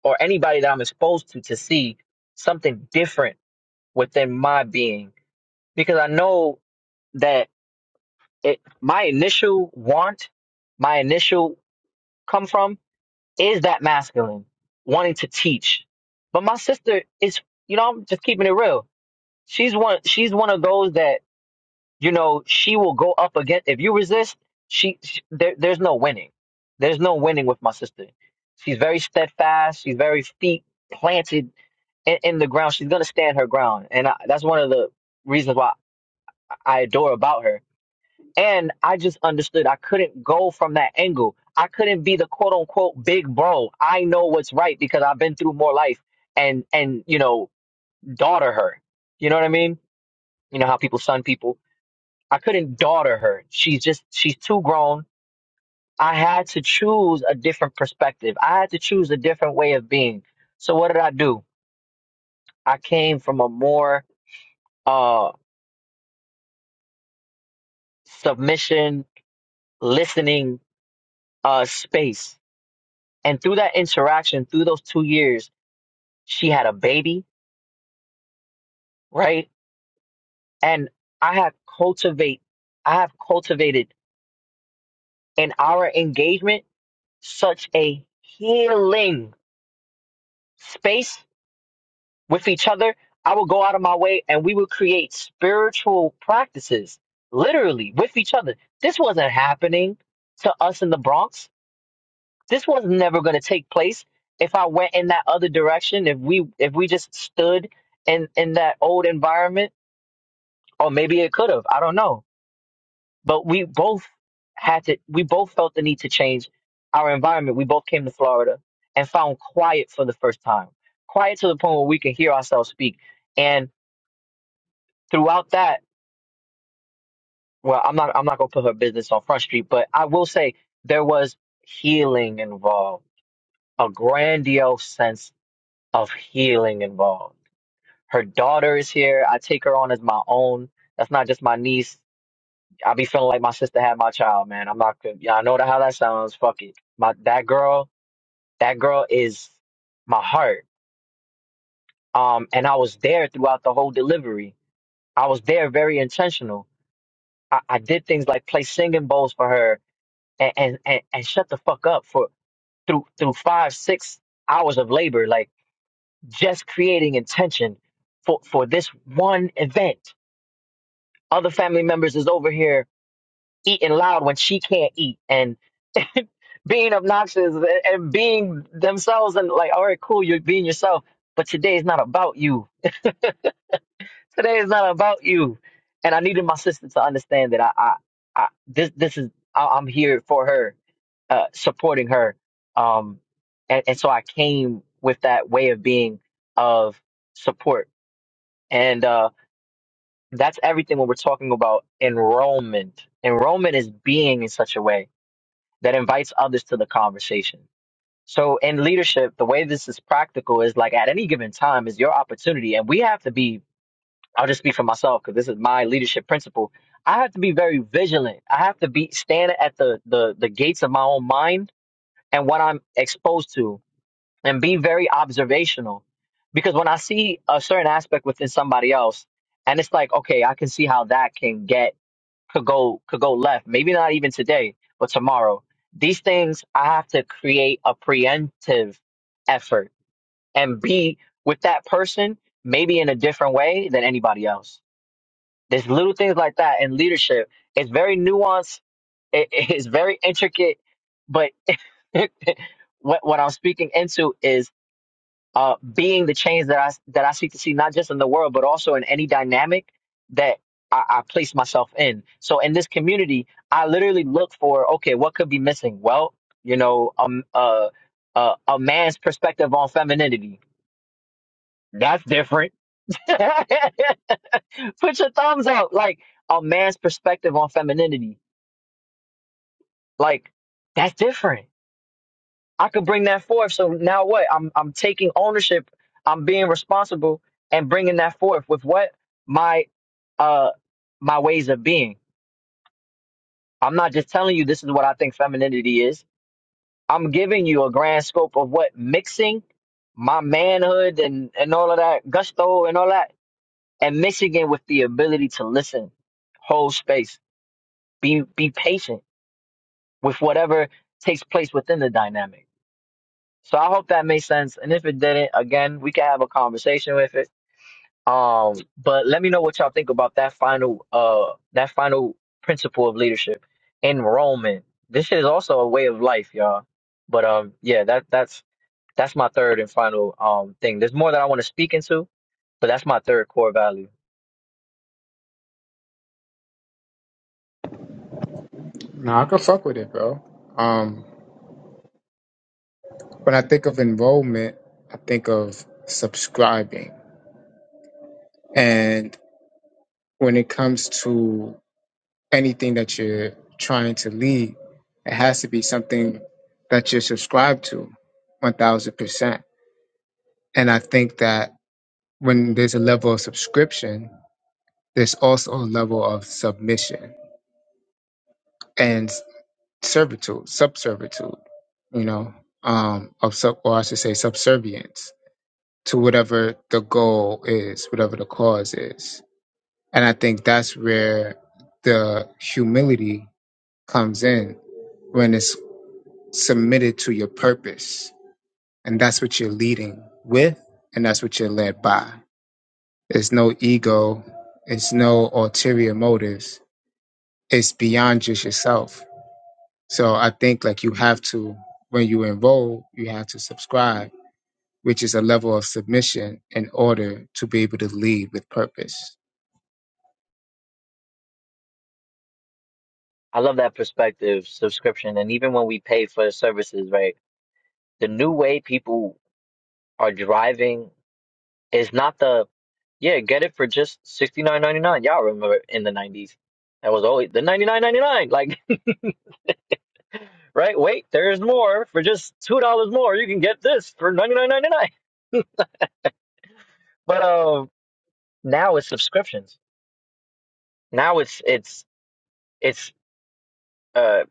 Speaker 2: or anybody that I'm exposed to to see something different within my being, because I know that it, my initial want, my initial come from is that masculine wanting to teach. But my sister is, you know, I'm just keeping it real. She's one. She's one of those that you know, she will go up against. If you resist, she, she there, there's no winning. There's no winning with my sister. She's very steadfast. She's very feet planted in, in the ground. She's gonna stand her ground, and I, that's one of the reasons why I adore about her. And I just understood I couldn't go from that angle. I couldn't be the quote unquote big bro. I know what's right because I've been through more life and and you know daughter her. You know what I mean? You know how people son people I couldn't daughter her. She's just she's too grown. I had to choose a different perspective. I had to choose a different way of being. So what did I do? I came from a more uh submission, listening uh space. And through that interaction, through those two years, she had a baby, right? And I had cultivate I have cultivated in our engagement such a healing space with each other, I would go out of my way and we would create spiritual practices literally with each other. This wasn't happening to us in the Bronx. This was never going to take place if I went in that other direction, if we if we just stood in in that old environment or maybe it could have. I don't know. But we both had to we both felt the need to change our environment. We both came to Florida and found quiet for the first time. Quiet to the point where we can hear ourselves speak. And throughout that, well, I'm not I'm not gonna put her business on front street, but I will say there was healing involved, a grandiose sense of healing involved. Her daughter is here. I take her on as my own. That's not just my niece. I be feeling like my sister had my child, man. I'm not gonna. Yeah, I know how that sounds. Fuck it. My that girl, that girl is my heart. Um, and I was there throughout the whole delivery. I was there very intentional. I, I did things like play singing bowls for her and and, and, and shut the fuck up for through through five six hours of labor like just creating intention for for this one event other family members is over here eating loud when she can't eat and being obnoxious and, and being themselves and like all right cool you're being yourself but today is not about you Today is not about you. And I needed my sister to understand that I, I, I this, this is, I, I'm here for her, uh, supporting her. Um, and, and so I came with that way of being of support. And, uh, that's everything when we're talking about enrollment. Enrollment is being in such a way that invites others to the conversation. So in leadership, the way this is practical is like at any given time is your opportunity, and we have to be I'll just speak for myself because this is my leadership principle. I have to be very vigilant. I have to be standing at the, the the gates of my own mind and what I'm exposed to, and be very observational. Because when I see a certain aspect within somebody else, and it's like, okay, I can see how that can get could go could go left. Maybe not even today, but tomorrow. These things I have to create a preemptive effort and be with that person maybe in a different way than anybody else there's little things like that in leadership. It's very nuanced. It, it's very intricate. But what what I'm speaking into is uh, being the change that I that I seek to see, not just in the world, but also in any dynamic that I, I place myself in. So in this community, I literally look for okay, what could be missing? Well, you know, um, uh, uh, a man's perspective on femininity. That's different. Put your thumbs up. Like a man's perspective on femininity. Like that's different. I could bring that forth. So now what? I'm I'm taking ownership. I'm being responsible and bringing that forth with what my uh my ways of being. I'm not just telling you this is what I think femininity is. I'm giving you a grand scope of what mixing my manhood and and all of that gusto and all that and mixing it with the ability to listen, hold space, be be patient with whatever takes place within the dynamic. So I hope that made sense. And if it didn't, again, we can have a conversation with it. Um, but let me know what y'all think about that final uh that final principle of leadership. Enrollment. This is also a way of life, y'all. But um yeah, that that's that's my third and final um thing. There's more that I want to speak into, but that's my third core value.
Speaker 9: No, I can fuck with it, bro. Um, When I think of enrollment, I think of subscribing. And when it comes to anything that you're trying to lead, it has to be something that you're subscribed to 1000%. And I think that when there's a level of subscription, there's also a level of submission and servitude, subservitude, you know, um, of sub, or I should say subservience to whatever the goal is, whatever the cause is And I think that's where the humility comes in when it's submitted to your purpose. And that's what you're leading with, and that's what you're led by. It's no ego, it's no ulterior motives, it's beyond just yourself. So I think like you have to, when you enroll, you have to subscribe, which is a level of submission in order to be able to lead with purpose.
Speaker 2: I love that perspective, subscription, and even when we pay for services, right? The new way people are driving It's not the yeah, get it for just sixty nine ninety nine. Y'all remember in the nineties. That was always the ninety nine ninety nine. Like, right, wait, there's more. For just two dollars more, you can get this for ninety nine ninety nine. But uh now it's subscriptions. Now it's it's it's uh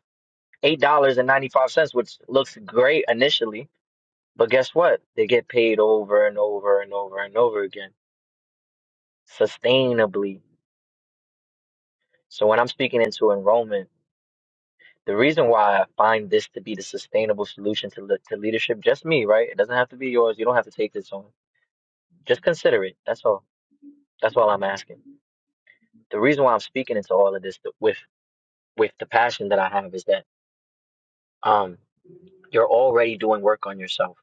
Speaker 2: eight dollars and ninety five cents, which looks great initially, but guess what? They get paid over and over and over and over again, sustainably. So when I'm speaking into enrollment The reason why I find this to be the sustainable solution to le- to leadership, just me, right? It doesn't have to be yours. You don't have to take this on. Just consider it. That's all. That's all I'm asking. The reason why I'm speaking into all of this th- with with the passion that I have is that um you're already doing work on yourself.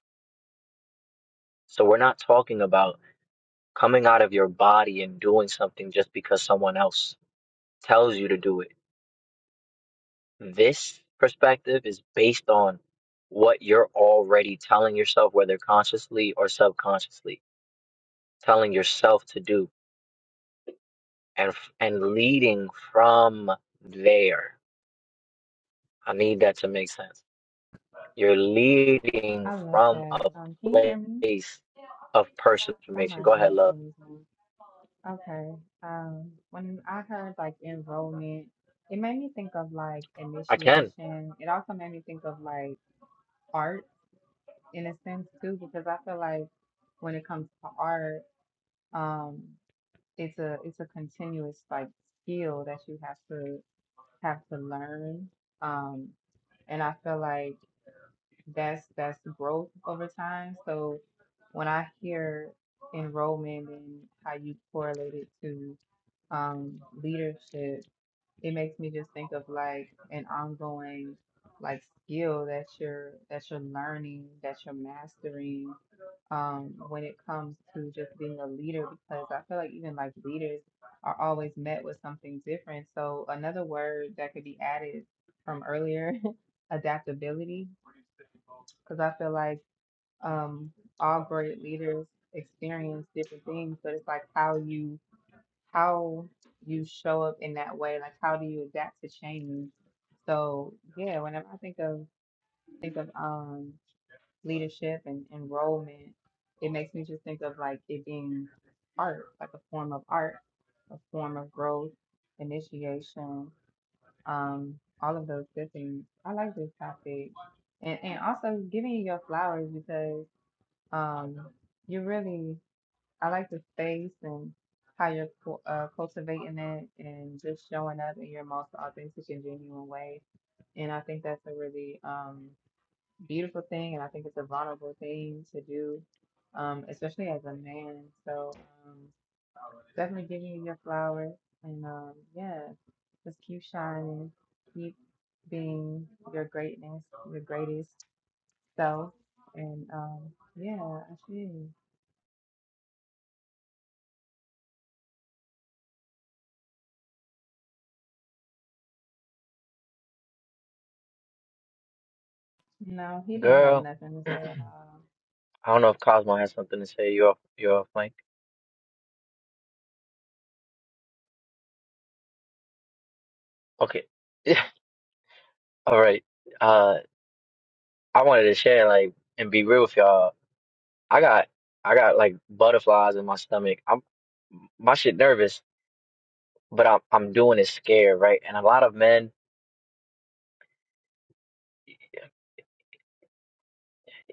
Speaker 2: So we're not talking about coming out of your body and doing something just because someone else tells you to do it. This perspective is based on what you're already telling yourself, whether consciously or subconsciously telling yourself to do and and leading from there. I need that to make sense. You're leading
Speaker 6: I love
Speaker 2: from
Speaker 6: that.
Speaker 2: a
Speaker 6: Um, can you hear me?
Speaker 2: place of personal
Speaker 6: I got
Speaker 2: information.
Speaker 6: my
Speaker 2: Go ahead, love.
Speaker 6: headphones on. Okay. Um, when I heard like enrollment, it made me think of like
Speaker 2: I can.
Speaker 6: initiation. It also made me think of like art in a sense too, because I feel like when it comes to art. um, it's a it's a continuous like skill that you have to have to learn um and I feel like that's that's growth over time so when I hear enrollment and how you correlate it to um leadership it makes me just think of like an ongoing like skill that you're that you're learning that you're mastering um, when it comes to just being a leader, because I feel like even like leaders are always met with something different. So another word that could be added from earlier, adaptability, because I feel like um, all great leaders experience different things, but it's like how you how you show up in that way, like how do you adapt to change? So yeah, whenever I think of think of um leadership and enrollment, it makes me just think of like it being art, like a form of art, a form of growth, initiation, um, all of those good things. I like this topic. And and also giving you your flowers because um you really I like the space and how you're cu- uh, cultivating it and just showing up in your most authentic and genuine way. And I think that's a really um beautiful thing, and I think it's a vulnerable thing to do, um, especially as a man. So um, definitely give you your flowers, and um, yeah, just keep shining, keep being your greatness, your greatest self, and um, yeah, I see. No, he didn't have
Speaker 2: Girl,
Speaker 6: nothing to
Speaker 2: I
Speaker 6: say at all.
Speaker 2: don't know if Cosmo has something to say. You're off, you're off mic. Okay. Yeah. All right. Uh, I wanted to share like and be real with y'all. I got I got like butterflies in my stomach. I'm my shit nervous, but I'm I'm doing it scared, right? And a lot of men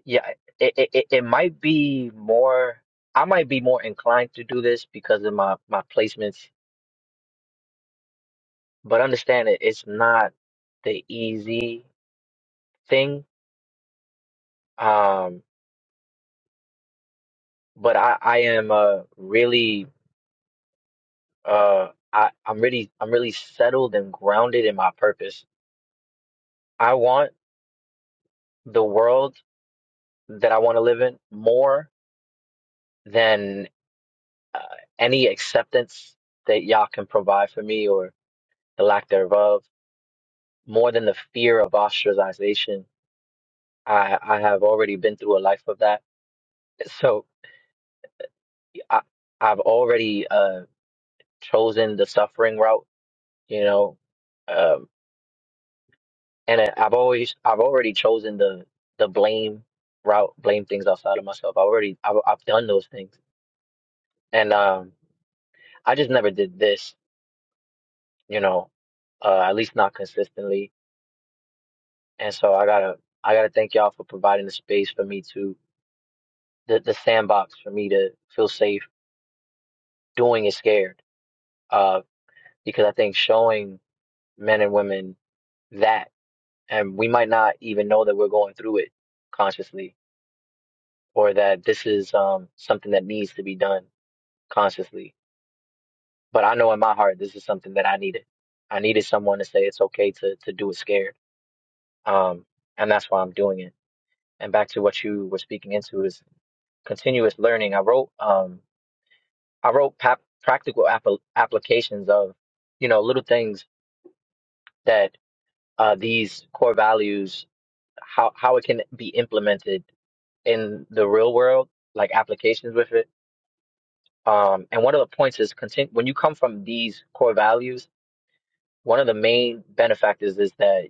Speaker 2: Yeah, it, it it it might be more. I might be more inclined to do this because of my my placements, but understand it. It's not the easy thing. Um, but I I am uh really uh I I'm really I'm really settled and grounded in my purpose. I want the world that I want to live in more than uh, any acceptance that y'all can provide for me or the lack thereof. more than the fear of ostracization. I, I have already been through a life of that. So I, I've already uh, chosen the suffering route, you know, um, and I- I've always, I've already chosen the, the blame route, blame things outside of myself. I already, I've, I've done those things. And um, I just never did this, you know, uh, at least not consistently. And so I gotta, I gotta thank y'all for providing the space for me to, the, the sandbox for me to feel safe doing is scared of because I think showing men and women that, and we might not even know that we're going through it consciously or that this is um, something that needs to be done consciously. But I know in my heart, this is something that I needed. I needed someone to say it's okay to, to do it scared. Um, and that's why I'm doing it. And back to what you were speaking into is continuous learning. I wrote, um, I wrote pa- practical app- applications of, you know, little things that. uh, these core values, how how it can be implemented in the real world, like applications with it. Um, and one of the points is continue when you come from these core values, one of the main benefactors is that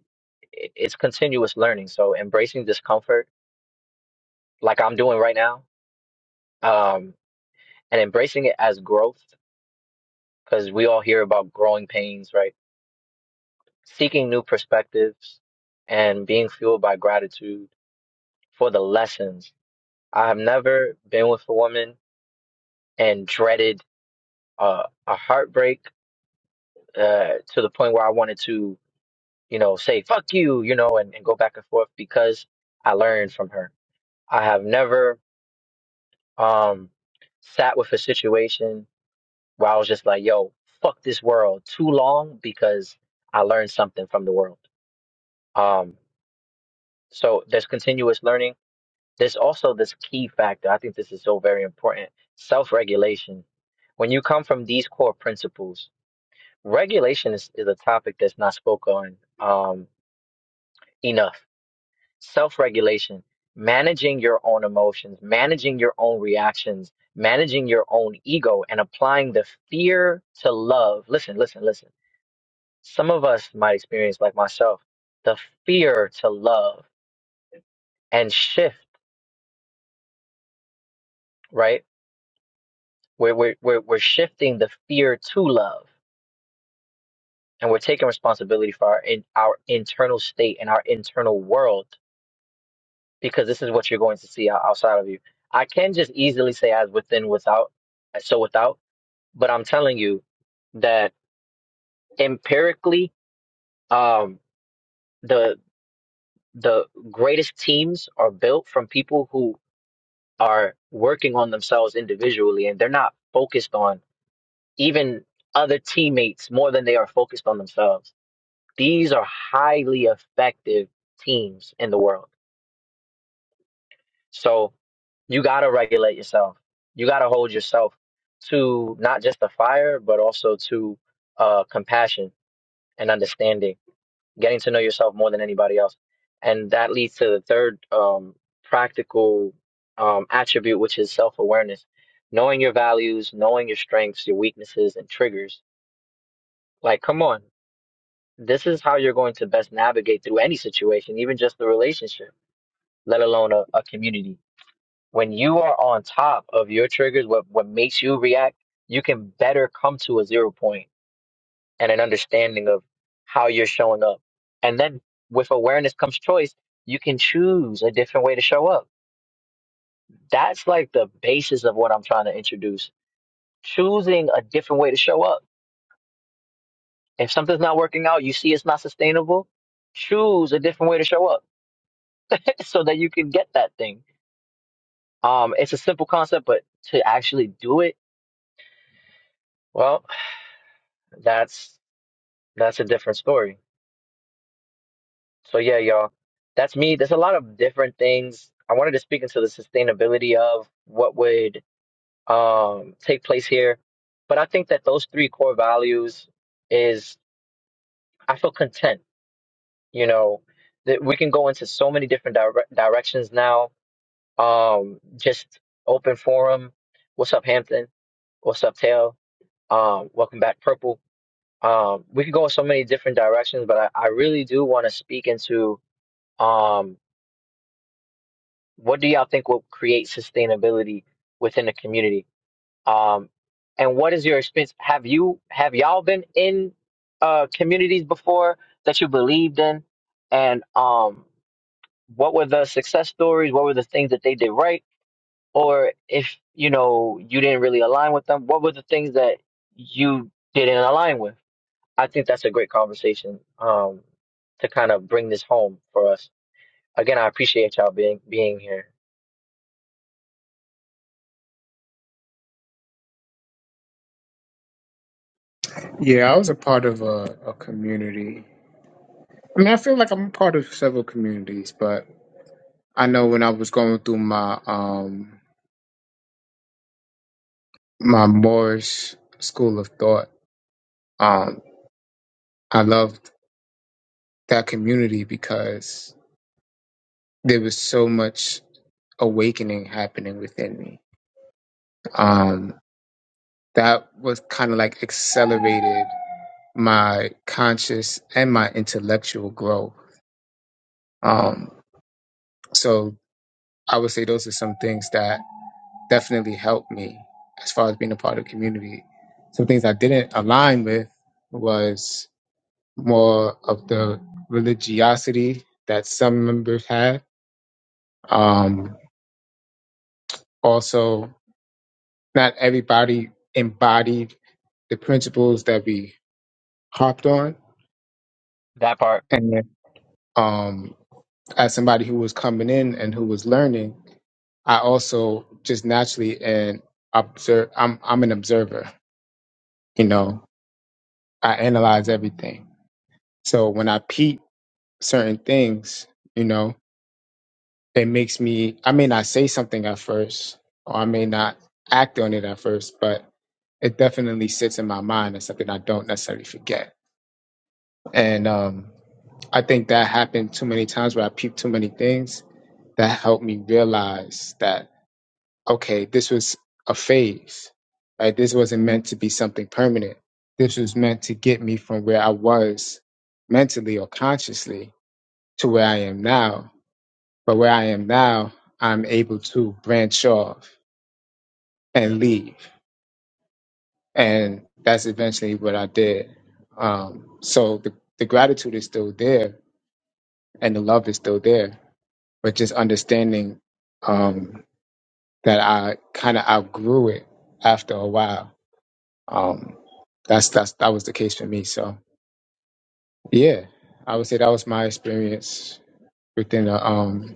Speaker 2: i- it's continuous learning. So embracing discomfort, like I'm doing right now, um, and embracing it as growth, because we all hear about growing pains, right? Seeking new perspectives and being fueled by gratitude for the lessons I've never been with a woman and dreaded uh, a heartbreak uh, to the point where I wanted to, you know, say "fuck you," you know, and, and go back and forth because I learned from her. I have never um, sat with a situation where I was just like, "Yo, fuck this world" too long because I learned something from the world. Um, so there's continuous learning There's also this key factor. I think this is so very important. Self-regulation. When you come from these core principles, regulation is, is a topic that's not spoken on um, enough. Self-regulation, managing your own emotions, managing your own reactions, managing your own ego, and applying the fear to love. Listen, listen, listen. Some of us might experience, like myself, the fear to love and shift, right? We're, we're, we're, we're shifting the fear to love and we're taking responsibility for our in our internal state and our internal world because this is what you're going to see out- outside of you. I can just easily say as within without as so without, but I'm telling you that empirically um the the greatest teams are built from people who are working on themselves individually and they're not focused on even other teammates more than they are focused on themselves. These are highly effective teams in the world So you got to regulate yourself. You got to hold yourself to not just the fire, but also to uh, compassion and understanding, getting to know yourself more than anybody else. And that leads to the third um, practical um, attribute, which is self awareness, knowing your values, knowing your strengths, your weaknesses, and triggers. Like, come on, this is how you're going to best navigate through any situation, even just the relationship, let alone a, a community When you are on top of your triggers, what, what makes you react, you can better come to a zero point and an understanding of how you're showing up. And then with awareness comes choice. You can choose a different way to show up. That's like the basis of what I'm trying to introduce. Choosing a different way to show up. If something's not working out, you see it's not sustainable, choose a different way to show up so that you can get that thing. Um, it's a simple concept, but to actually do it, well, that's That's a different story. So yeah, y'all, that's me. There's a lot of different things. I wanted to speak into the sustainability of what would um take place here. But I think that those three core values is I feel content, you know, that we can go into so many different dire- directions now. Um just open forum. What's up, Hampton? What's up, Tail? Um, welcome back, Purple. Um, we could go in so many different directions, but I, I really do want to speak into. um What do y'all think will create sustainability within the community? Um, and what is your experience? Have you have y'all been in uh, communities before that you believed in? And um, what were the success stories? What were the things that they did right? Or if you know you didn't really align with them, what were the things that you didn't align with? I think that's a great conversation um, to kind of bring this home for us. Again, I appreciate y'all being being here.
Speaker 9: Yeah, I was a part of a, a community I mean, I feel like I'm a part of several communities, but I know when I was going through my um my Moorish school of thought, um, I loved that community because there was so much awakening happening within me. Um, that was kind of like accelerated my conscious and my intellectual growth. Um, so I would say those are some things that definitely helped me as far as being a part of the community. Some things I didn't align with was more of the religiosity that some members had. Um, also, not everybody embodied the principles that we harped on.
Speaker 2: That part.
Speaker 9: And um, as somebody who was coming in and who was learning, I also just naturally and observe. I'm I'm an observer. You know, I analyze everything So when I peep certain things, you know, it makes me, I may not say something at first, or I may not act on it at first, but it definitely sits in my mind as something I don't necessarily forget. And um, I think that happened too many times where I peeped too many things that helped me realize that, okay, this was a phase, right? This wasn't meant to be something permanent. This was meant to get me from where I was mentally or consciously to where I am now. But where I am now, I'm able to branch off and leave. And that's eventually what I did. Um, so the, the gratitude is still there and the love is still there, but just understanding um, that I kind of outgrew it after a while. Um, that's, that's, that was the case for me. So yeah, I would say that was my experience within the, um,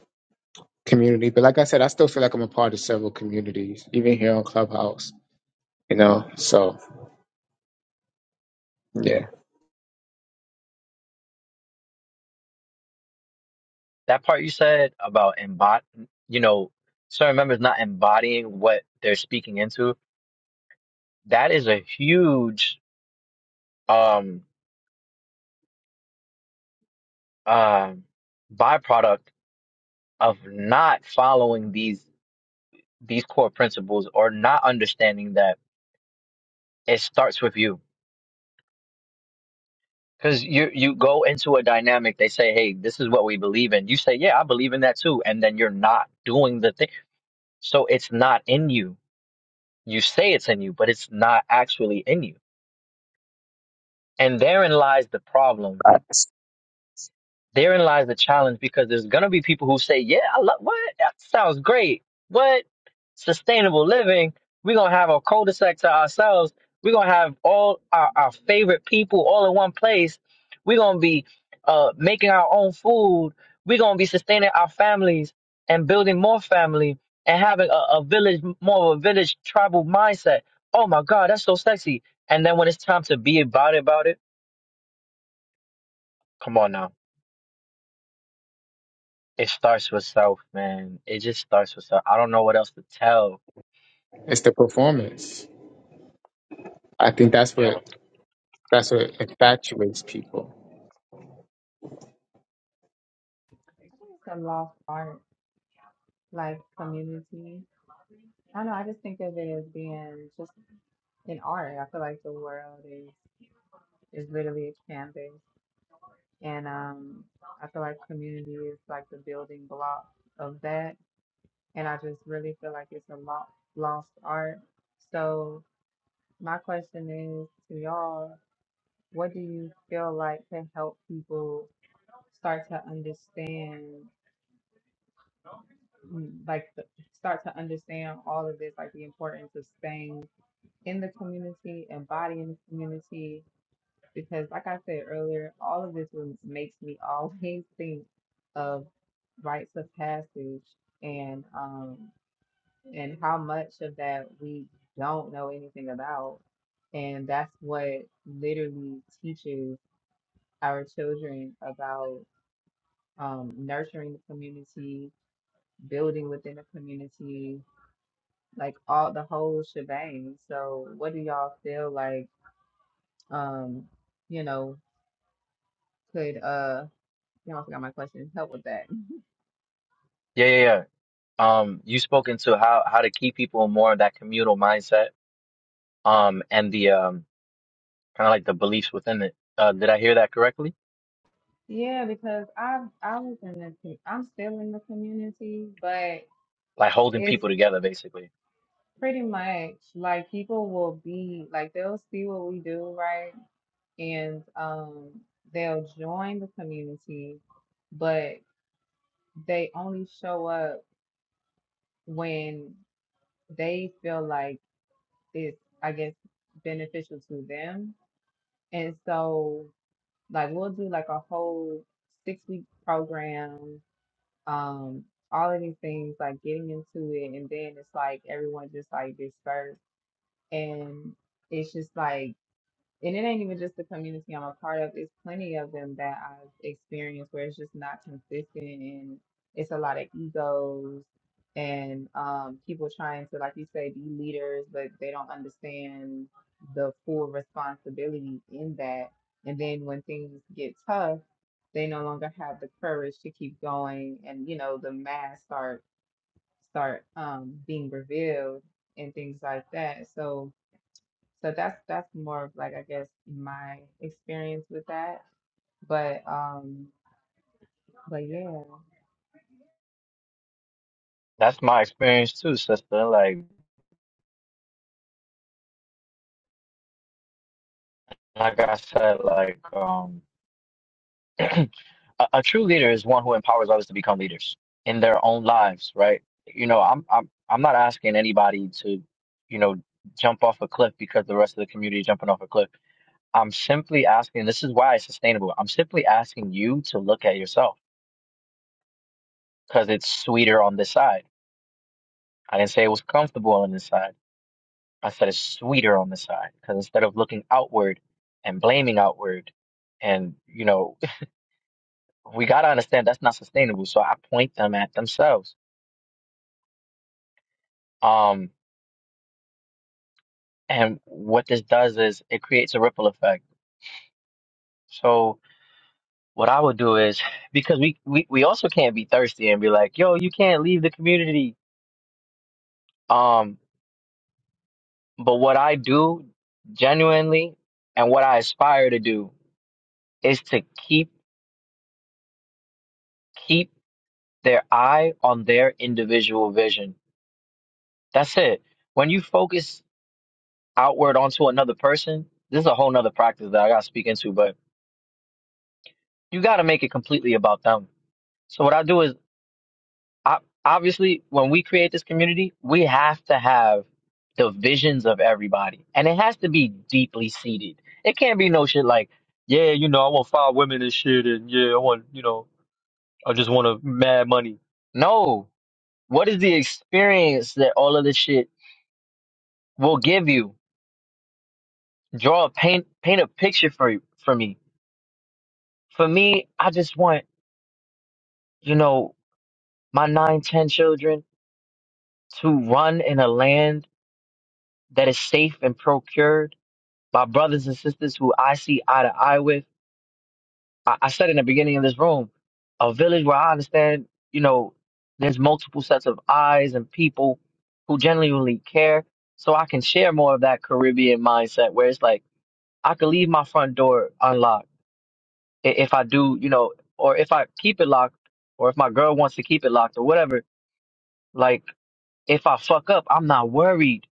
Speaker 9: community. But like I said, I still feel like I'm a part of several communities, even here on Clubhouse. You know, so yeah,
Speaker 2: that part you said about embod you know certain members not embodying what they're speaking into that is a huge um um byproduct of not following these these core principles or not understanding that it starts with you because you you go into a dynamic they say hey this is what we believe in you say yeah i believe in that too and then you're not doing the thing so it's not in you you say it's in you but it's not actually in you And therein lies the problem.
Speaker 9: it's,
Speaker 2: Therein lies the challenge because there's gonna be people who say, "Yeah, I love what that sounds great. What sustainable living? We're gonna have our cul-de-sac to ourselves. We're gonna have all our, our favorite people all in one place. We're gonna be uh, making our own food. We're gonna be sustaining our families and building more family and having a, a village more of a village tribal mindset. Oh my God, that's so sexy. And then when it's time to be about it, about it, come on now It starts with self, man. It just starts with self. I don't know what else to tell.
Speaker 9: it's the performance. I think that's
Speaker 2: Yeah.
Speaker 9: what that's what infatuates people.
Speaker 6: I think it's a lost art, like community. I don't know. I just think of it as being just an art. I feel like the world is. is literally expanding. And um, I feel like community is like the building block of that. And I just really feel like it's a lo- lost art. So, my question is to y'all what do you feel like can help people start to understand? mm, Like, the, start to understand all of this, like the importance of staying in the community, embodying the community, because like I said earlier, all of this was, makes me always think of rites of passage and um and how much of that we don't know anything about. And that's what literally teaches our children about um, nurturing the community, building within the community, like all the whole shebang. So what do y'all feel like um, you know, could uh You do forgot my question. Help with that.
Speaker 2: Yeah, yeah, yeah. Um, you spoke into how how to keep people more of that communal mindset, um, and the um kind of like the beliefs within it. Uh, did I hear that correctly?
Speaker 6: Yeah, because I I was in the co- I'm still in the community, but
Speaker 2: Like holding
Speaker 6: it's
Speaker 2: people together, basically.
Speaker 6: pretty much like people will be like they'll see what we do, right? And um they'll join the community, but they only show up when they feel like it's I guess beneficial to them. And so like we'll do like a whole six week program um all of these things like getting into it and then it's like everyone just like dispersed and it's just like and it ain't even just the community I'm a part of. It's plenty of them that I've experienced where it's just not consistent and it's a lot of egos and um, people trying to, like you say, be leaders, but they don't understand the full responsibility in that. And then when things get tough, they no longer have the courage to keep going and, you know, the masks start start um, being revealed and things like that. So so that's that's more of like I guess my experience with that. But um but yeah.
Speaker 2: That's my experience too, sister. Like, like I said, like um. a, a true leader is one who empowers others to become leaders in their own lives, right? You know, I'm I'm I'm not asking anybody to, you know, jump off a cliff because the rest of the community is jumping off a cliff. I'm simply asking, this is why it's sustainable. I'm simply asking you to look at yourself because it's sweeter on this side. I didn't say it was comfortable on this side. I said it's sweeter on this side because instead of looking outward and blaming outward and, you know, we got to understand that's not sustainable. So I point them at themselves. Um, And what this does is it creates a ripple effect. So what I would do is because we, we, we also can't be thirsty and be like, yo, you can't leave the community. Um, but what I do genuinely and what I aspire to do is to keep keep their eye on their individual vision. That's it. When you focus outward onto another person, this is a whole nother practice that I gotta speak into, but you gotta make it completely about them. So what I do is ob- obviously when we create this community we have to have the visions of everybody and it has to be deeply seated it can't be no shit like yeah you know i want five women and shit and yeah i want you know i just want to mad money no what is the experience that all of this shit will give you draw a paint paint a picture for you for me for me i just want you know my nine ten children to run in a land that is safe and procured my brothers and sisters who I see eye to eye with. I, I said in the beginning of this room, a village where I understand, you know, there's multiple sets of eyes and people who genuinely care. So I can share more of that Caribbean mindset where it's like I could leave my front door unlocked i- if I do, you know, or if I keep it locked, or if my girl wants to keep it locked or whatever. Like if I fuck up, I'm not worried.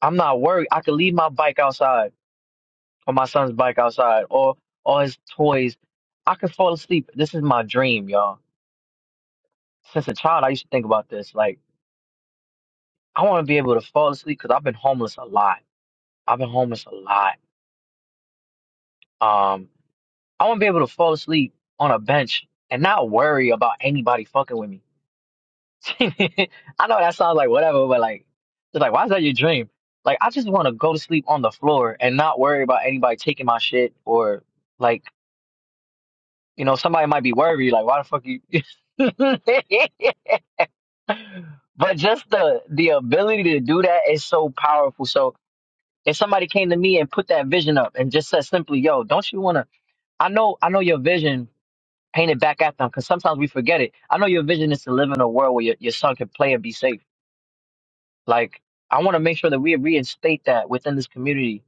Speaker 2: I'm not worried. I could leave my bike outside. or my son's bike outside or all his toys. I could fall asleep. This is my dream, y'all. Since a child, I used to think about this. Like, I want to be able to fall asleep because I've been homeless a lot. I've been homeless a lot. Um, I want to be able to fall asleep on a bench and not worry about anybody fucking with me. I know that sounds like whatever, but like, it's like, why is that your dream? Like, I just want to go to sleep on the floor and not worry about anybody taking my shit or like You know, somebody might be worried, like, why the fuck you? but just the the ability to do that is so powerful. So if somebody came to me and put that vision up and just said simply, "Yo, don't you want to?" I know, I know your vision. Paint it back at them because sometimes we forget it. I know your vision is to live in a world where your, your son can play and be safe. Like I want to make sure that we reinstate that within this community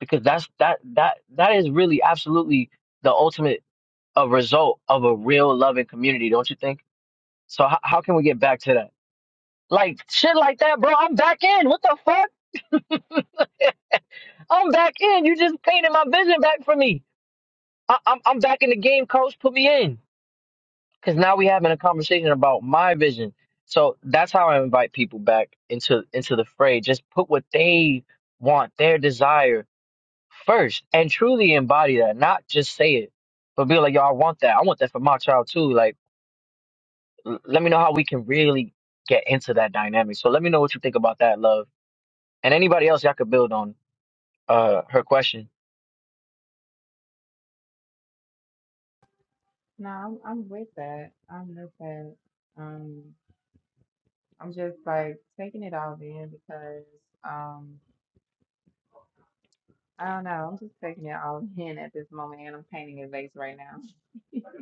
Speaker 2: because that's that that that is really absolutely the ultimate a result of a real loving community, don't you think? So how, how can we get back to that? Like shit like that, bro. I'm back in. What the fuck? I'm back in. You just painted my vision back for me. I, I'm I'm back in the game, coach. Put me in. Cause now we having a conversation about my vision. So that's how I invite people back into into the fray. Just put what they want, their desire first, and truly embody that. Not just say it, but be like, yo, I want that. I want that for my child too. Like, l- let me know how we can really get into that dynamic. So let me know what you think about that, love and anybody else y'all could build on uh her question
Speaker 6: No, I'm I'm with that. I'm with that. Um I'm just like taking it all in because um I don't know, I'm just taking it all in at this moment and I'm painting a vase right now.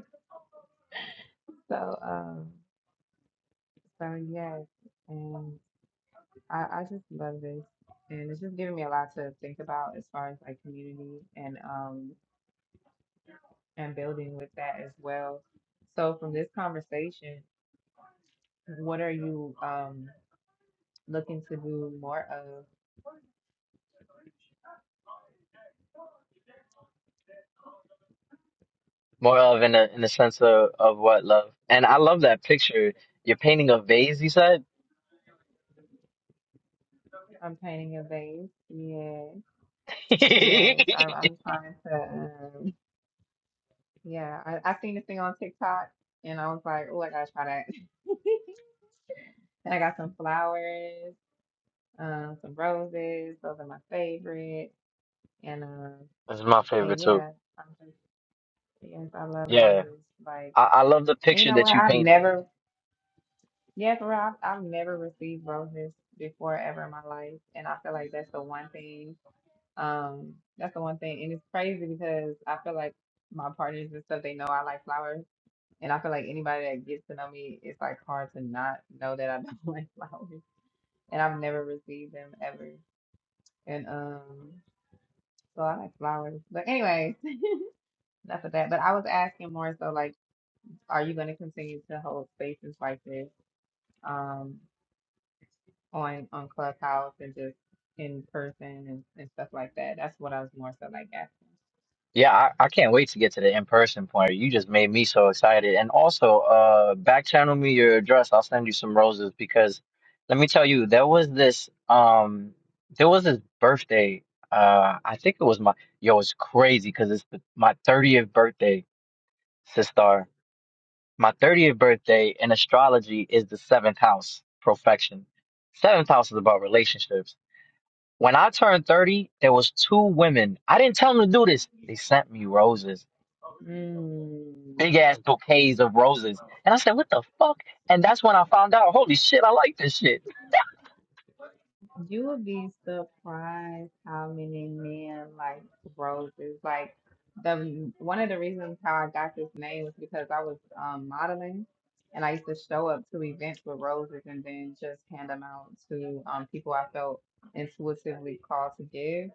Speaker 6: So um so yes, and I, I just love this and it's just giving me a lot to think about as far as like community and um and building with that as well. So from this conversation, what are you um looking to do more of?
Speaker 2: more of in the in the sense of, of what love and i love that picture you're painting a vase you said
Speaker 6: I'm painting a vase. Yeah. Yes. I,
Speaker 2: this
Speaker 6: I'm trying to um yeah, I, I seen this thing on TikTok and I was like, oh I gotta try that. And I got some flowers, um, some roses, those are my favorite. And um
Speaker 2: my
Speaker 6: and
Speaker 2: favorite too
Speaker 6: yeah, I'm just yes, I love
Speaker 2: yeah
Speaker 6: roses. Like
Speaker 2: I, I love the
Speaker 6: and you
Speaker 2: picture
Speaker 6: know what?
Speaker 2: that you
Speaker 6: I've
Speaker 2: painted
Speaker 6: never Yeah, for real, I've, I've never received roses before ever in my life, and I feel like that's the one thing. Um, that's the one thing, and it's crazy because I feel like my partners and stuff they know I like flowers, and I feel like anybody that gets to know me, it's like hard to not know that I don't like flowers, and I've never received them ever, and um, so I like flowers. But anyway, enough of that. But I was asking more so like, are you going to continue to hold spaces like this? Um. on on Clubhouse and just in person and, and stuff like that. That's what I was more so like asking.
Speaker 2: Yeah, I, I can't wait to get to the in-person point. You just made me so excited. And also, uh, back channel me your address. I'll send you some roses because let me tell you, there was this um there was this birthday. Uh I think it was my yo, it's crazy because it's the, my 30th birthday, sister. My 30th birthday in astrology is the seventh house, perfection. Seventh house is about relationships. When I turned 30, there was two women. I didn't tell them to do this. They sent me roses
Speaker 6: Mm,
Speaker 2: big ass bouquets of roses. And I said, what the fuck? And that's when I found out, holy shit, I like this shit.
Speaker 6: you would be surprised how many men like roses. Like the one of the reasons how I got this name was because I was um, modeling and I used to show up to events with roses and then just hand them out to um, people I felt intuitively called to give.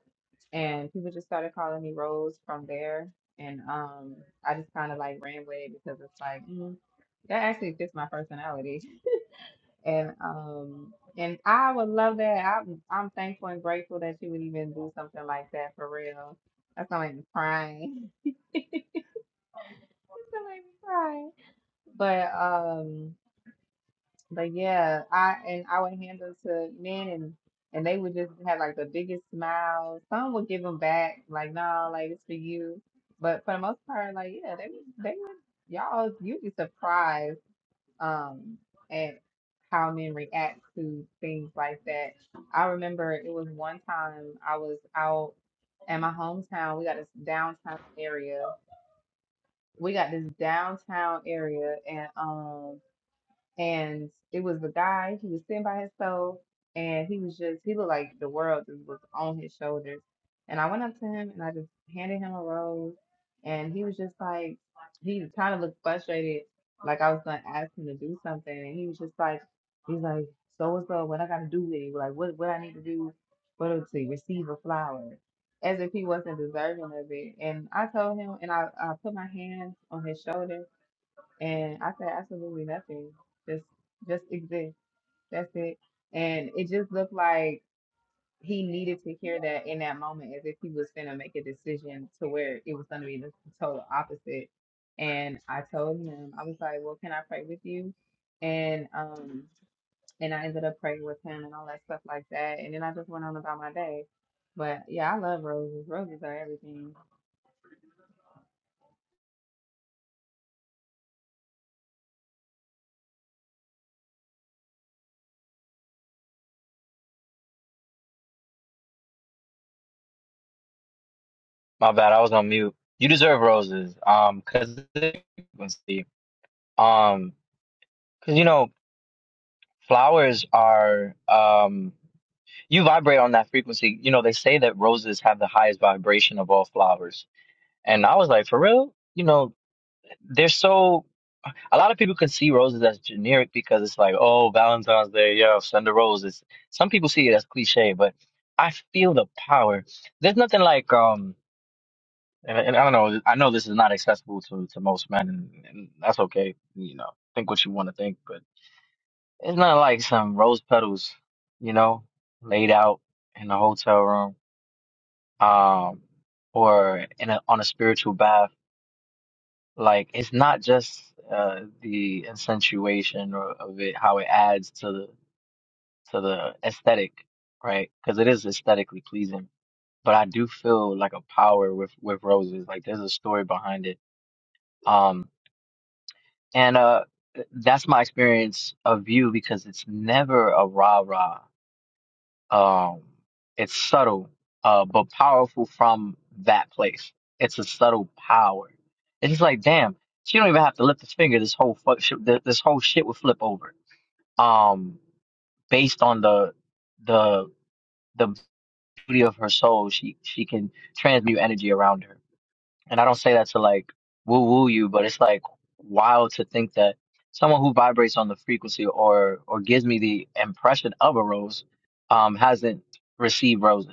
Speaker 6: and people just started calling me Rose from there. And um, I just kind of like ran with it because it's like mm, that actually fits my personality. And um, and I would love that. I'm I'm thankful and grateful that you would even do something like that for real. That's gonna make me cry. That's gonna make me cry. But um. But yeah, I and I would hand them to men and and they would just have like the biggest smiles. Some would give them back, like no, like it's for you. But for the most part, like yeah, they would they would y'all you'd be surprised um at how men react to things like that. I remember it was one time I was out in my hometown. We got this downtown area. We got this downtown area, and um, and it was the guy. He was sitting by himself, and he was just he looked like the world just was on his shoulders. And I went up to him and I just handed him a rose, and he was just like he kind of looked frustrated, like I was gonna ask him to do something, and he was just like he's like so what's up? What I gotta do with it? Like what what I need to do? What to receive a flower? As if he wasn't deserving of it. And I told him, and I, I put my hands on his shoulder and I said absolutely nothing. Just just exist. That's it. And it just looked like he needed to hear that in that moment as if he was gonna make a decision to where it was gonna be the total opposite. And I told him, I was like, Well, can I pray with you? And um and I ended up praying with him and all that stuff like that. And then I just went on about my day. But yeah, I love roses. Roses are everything.
Speaker 2: My bad, I was on mute. You deserve roses. Um, cause frequency. Um, cause you know, flowers are, um, you vibrate on that frequency. You know, they say that roses have the highest vibration of all flowers. And I was like, for real? You know, they're so a lot of people can see roses as generic because it's like, oh, Valentine's Day, yeah, send a rose. It's, some people see it as cliche, but I feel the power. There's nothing like, um, and, and I don't know, I know this is not accessible to, to most men, and, and that's okay. You know, think what you want to think, but it's not like some rose petals, you know, laid out in a hotel room, um, or in a, on a spiritual bath Like it's not just uh, the accentuation or, of it, how it adds to the to the aesthetic, right? Because it is aesthetically pleasing. But I do feel like a power with with roses. Like there's a story behind it. Um, and uh, that's my experience of you because it's never a rah rah. Um, it's subtle, uh, but powerful from that place. It's a subtle power. It's just like, damn, she don't even have to lift a finger. This whole fuck shit, th- this whole shit would flip over. Um, based on the the the beauty of her soul, she she can transmute energy around her. And I don't say that to like woo woo you, but it's like wild to think that someone who vibrates on the frequency or or gives me the impression of a rose, um, hasn't received roses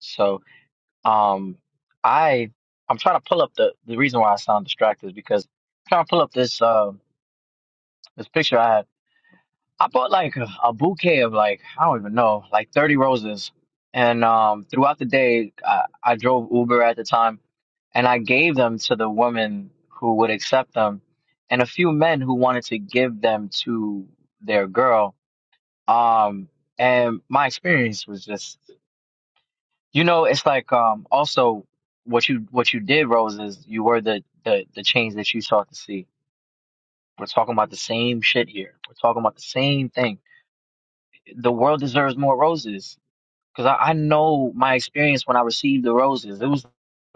Speaker 2: so um I I'm trying to pull up the the reason why I sound distracted is because I'm trying to pull up this um this picture I had. I bought like a, a bouquet of like I don't even know like 30 roses and um throughout the day I, I drove Uber at the time and I gave them to the woman who would accept them and a few men who wanted to give them to their girl um and my experience was just You know, it's like um also what you what you did, Rose, is you were the the the change that you sought to see. We're talking about the same shit here. We're talking about the same thing. The world deserves more roses because I, I know my experience when I received the roses. It was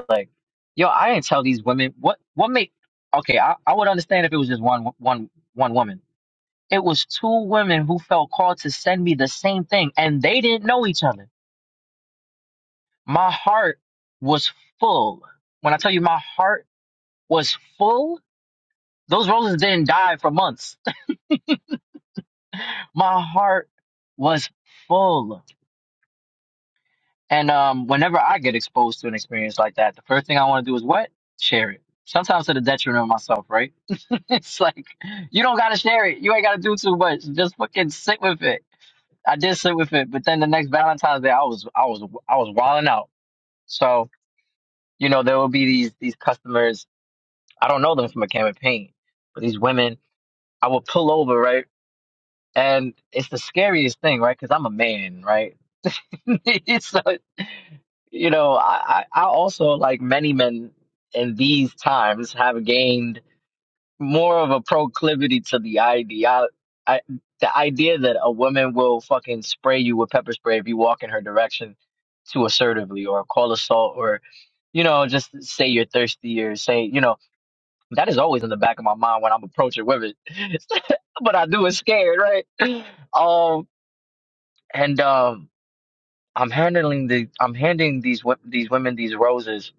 Speaker 2: like, yo, I didn't tell these women what what make. Okay, I, I would understand if it was just one one one woman. It was two women who felt called to send me the same thing, and they didn't know each other. My heart was full. When I tell you my heart was full. Those roses didn't die for months. My heart was full. And um, whenever I get exposed to an experience like that, the first thing I want to do is what? Share it. Sometimes to the detriment of myself, right? it's like you don't gotta share it. You ain't gotta do too much. Just fucking sit with it. I did sit with it, but then the next Valentine's Day, I was I was I was wilding out. So you know there will be these these customers. I don't know them from a can of paint, but these women, I would pull over right And it's the scariest thing, right? Because I'm a man, right? So, you know, I, I I also, like many men in these times, have gained more of a proclivity to the idea, I, the idea that a woman will fucking spray you with pepper spray if you walk in her direction too assertively, or call assault, or you know, just say you're thirsty, or say, you know, that is always in the back of my mind when I'm approaching women, but I do it scared, right? Um and um, I'm handling the I'm handing these wo- these women these roses,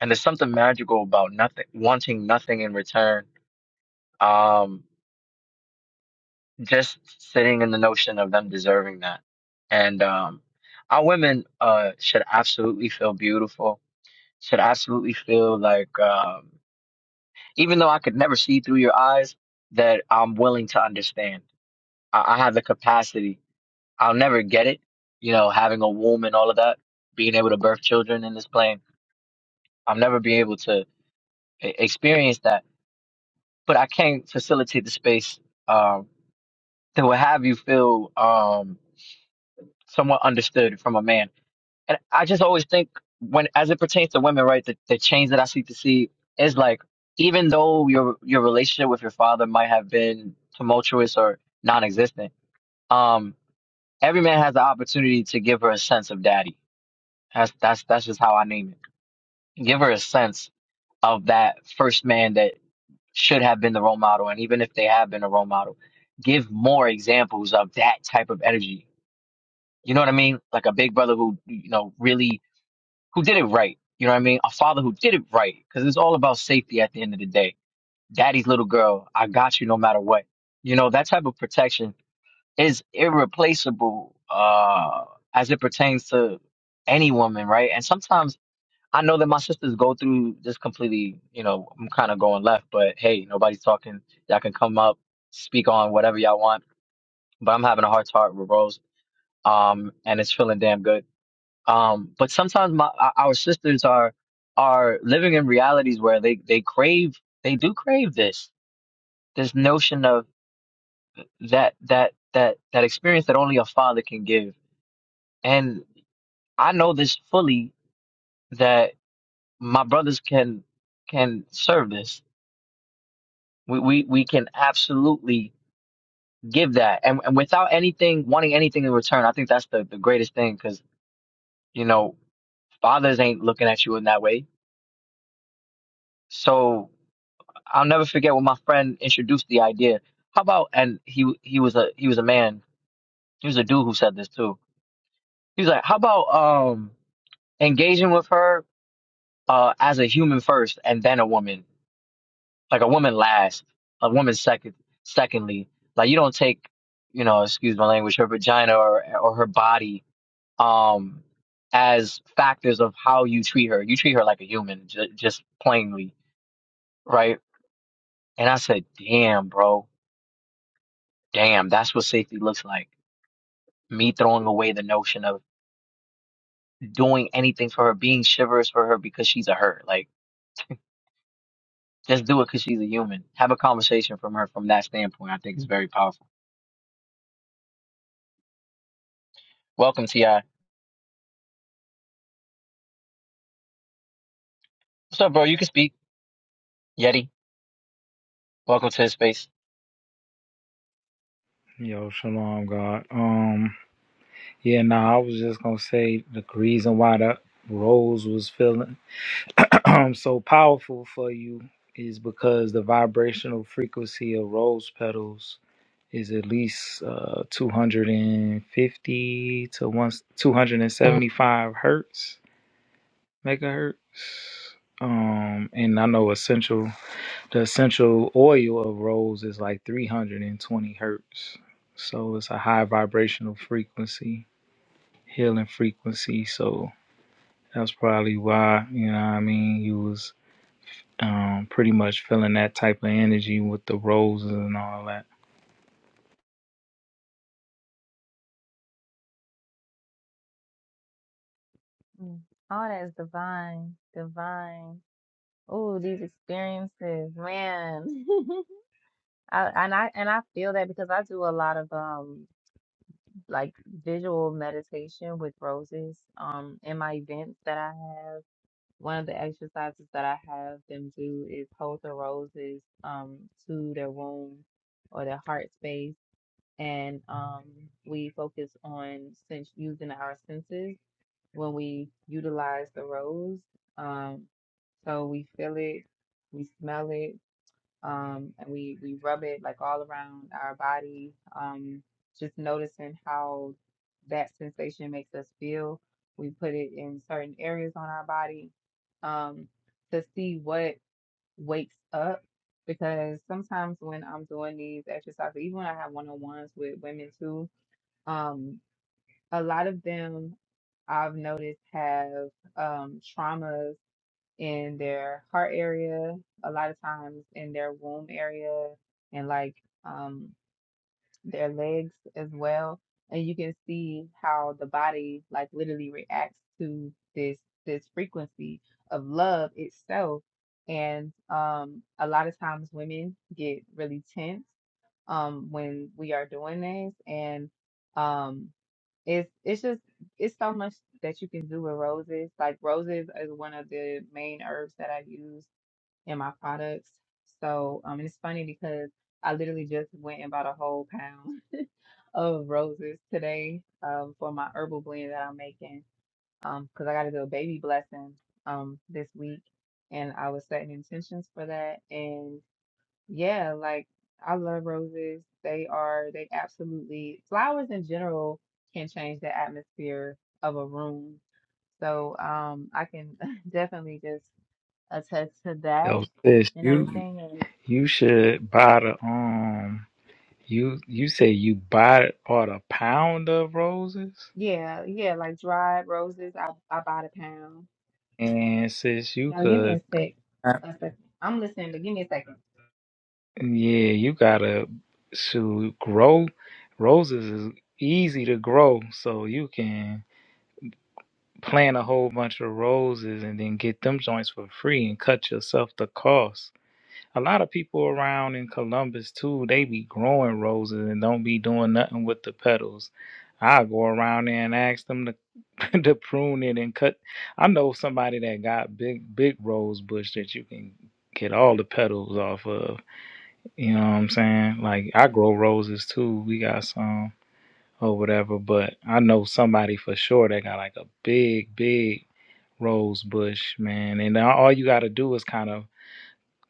Speaker 2: and there's something magical about nothing wanting nothing in return. Um, just sitting in the notion of them deserving that, and um, our women uh should absolutely feel beautiful. Should absolutely feel like um, even though I could never see through your eyes, that I'm willing to understand. I, I have the capacity. I'll never get it, you know, having a womb and all of that, being able to birth children in this plane I'll never be able to e- experience that. But I can facilitate the space um, that will have you feel um, somewhat understood from a man. And I just always think when, as it pertains to women, right, the, the change that I seek to see is like, even though your your relationship with your father might have been tumultuous or non-existent, um, every man has the opportunity to give her a sense of daddy. That's that's that's just how I name it. Give her a sense of that first man that. should have been the role model, and even if they have been a role model, give more examples of that type of energy. You know what I mean? Like a big brother who, you know, really who did it right. You know what I mean? A father who did it right, because it's all about safety at the end of the day. Daddy's little girl, I got you no matter what. You know that type of protection is irreplaceable uh, as it pertains to any woman, right? And sometimes I know that my sisters go through just completely, you know, I'm kind of going left, but hey, nobody's talking. Y'all can come up, speak on whatever y'all want, but I'm having a heart to heart with Rose, um, and it's feeling damn good. Um, but sometimes my our our sisters are are living in realities where they they crave, they do crave this this notion of that that that that experience that only a father can give, and I know this fully that my brothers can can serve this We we we can absolutely give that, and, and without anything wanting anything in return. I think that's the the greatest thing because you know fathers ain't looking at you in that way. So I'll never forget when my friend introduced the idea. How about and he he was a he was a man. He was a dude who said this too. He was like, how about um engaging with her uh as a human first and then a woman. like a woman last, a woman second. Secondly, like you don't take, you know, excuse my language, her vagina or or her body um as factors of how you treat her. You treat her like a human, j- just plainly, right? And I said, damn, bro, damn, that's what safety looks like. Me throwing away the notion of doing anything for her, being chivalrous for her because she's a her. Like, just do it because she's a human. Have a conversation from her from that standpoint. I think is very powerful. Welcome, Ti. What's up, bro? You can speak, Yeti. Welcome to the space.
Speaker 12: Yo, shalom, God. Um, yeah, nah, I was just gonna say the reason why the rose was feeling so powerful for you is because the vibrational frequency of rose petals is at least uh 250 to one 275 hertz megahertz. Um, and I know essential the essential oil of rose is like 320 hertz. So it's a high vibrational frequency, healing frequency. So that's probably why, you know what I mean, you was um, pretty much feeling that type of energy with the roses and all that.
Speaker 6: Mm. Oh, that's divine, divine. Oh, these experiences, man. I, and I and I feel that because I do a lot of um like visual meditation with roses um in my events that I have. One of the exercises that I have them do is hold the roses um to their womb or their heart space, and um we focus on sense using our senses when we utilize the rose. Um, so we feel it, we smell it. um, and we we rub it like all around our body. Um, just noticing how that sensation makes us feel. We put it in certain areas on our body um, to see what wakes up. Because sometimes when I'm doing these exercises, even when I have one-on-ones with women too, um, a lot of them I've noticed have um, traumas in their heart area, a lot of times in their womb area, and like um, their legs as well. And you can see how the body like literally reacts to this this frequency of love itself. And um, a lot of times women get really tense um when we are doing this and um it's it's just it's so much that you can do with roses. Like roses is one of the main herbs that I use in my products. So um and it's funny because I literally just went and bought a whole pound of roses today um for my herbal blend that I'm making. Um because I gotta do a baby blessing um this week and I was setting intentions for that yeah, like I love roses. They are, they absolutely, flowers in general can change the atmosphere of a room. So um I can definitely just attest to that
Speaker 12: Yo, sis,
Speaker 6: and
Speaker 12: you
Speaker 6: everything. And
Speaker 12: you should buy the um you you say you bought bought a pound of roses?
Speaker 6: yeah, yeah, like dried roses, I I bought a pound.
Speaker 12: And sis you
Speaker 6: Now give me
Speaker 12: could
Speaker 6: a sec. A second. I'm listening to give me
Speaker 12: Yeah, you gotta to grow. Roses is easy to grow, so you can plant a whole bunch of roses and then get them joints for free and cut yourself the cost. A lot of people around in Columbus too, they be growing roses and don't be doing nothing with the petals. I go around there and ask them to to prune it and cut. I know somebody that got big big rose bush that you can get all the petals off of. You know what I'm saying? Like I grow roses too. We got some or whatever, but I know somebody for sure that got like a big, big rose bush, man. And now all you gotta do is kind of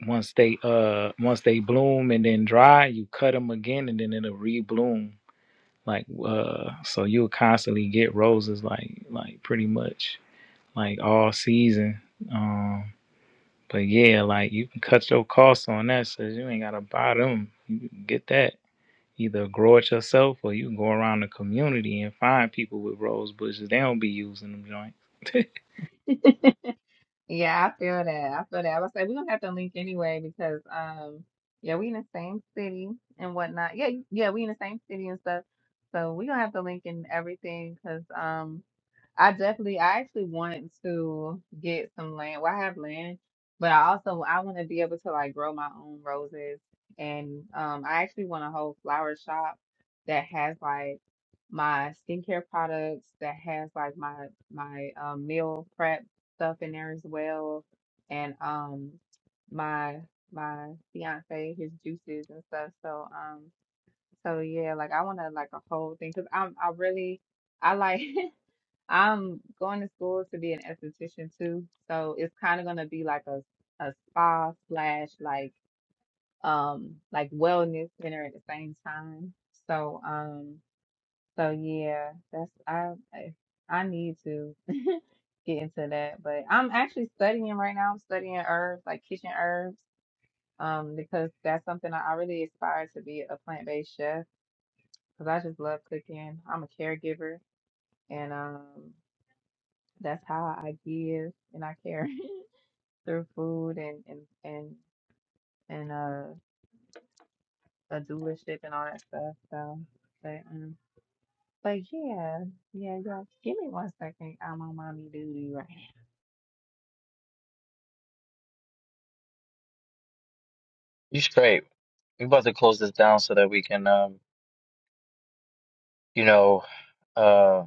Speaker 12: once they uh once they bloom and then dry, you cut them again and then it'll rebloom. Like uh so you'll constantly get roses like like pretty much like all season. Um but yeah, like you can cut your costs on that, so you ain't gotta buy them. You can get that. Either grow it yourself or you can go around the community and find people with rose bushes. They don't be using them joints.
Speaker 6: a second. Yeah, I feel that. I feel that. I was like, we're gonna have to link anyway because um yeah, we in the same city and whatnot. Yeah, yeah, we in the same city and stuff. So we're gonna have to link in everything because I definitely, I actually want to get some land. Well, I have land, but I also I want to be able to like grow my own roses, and um, I actually want a whole flower shop that has like my skincare products, that has like my my um, meal prep stuff in there as well, and um, my my fiance his juices and stuff. So um, so yeah, like I want to like a whole thing because I'm I really I like. I'm going to school to be an esthetician too, so it's kind of gonna be like a a spa slash like um like wellness center at the same time. So um so yeah, that's I I, I need to get into that, but I'm actually studying right now. I'm studying herbs like kitchen herbs um because that's something I, I really aspire to be a plant-based chef because I just love cooking. I'm a caregiver and um that's how I give and I care. through food and and and and uh a doership and all that stuff. So, but um, but yeah, yeah, y'all. Give me one second. I'm on mommy duty right
Speaker 2: You straight. We about to close this down so that we can, um, you know, uh,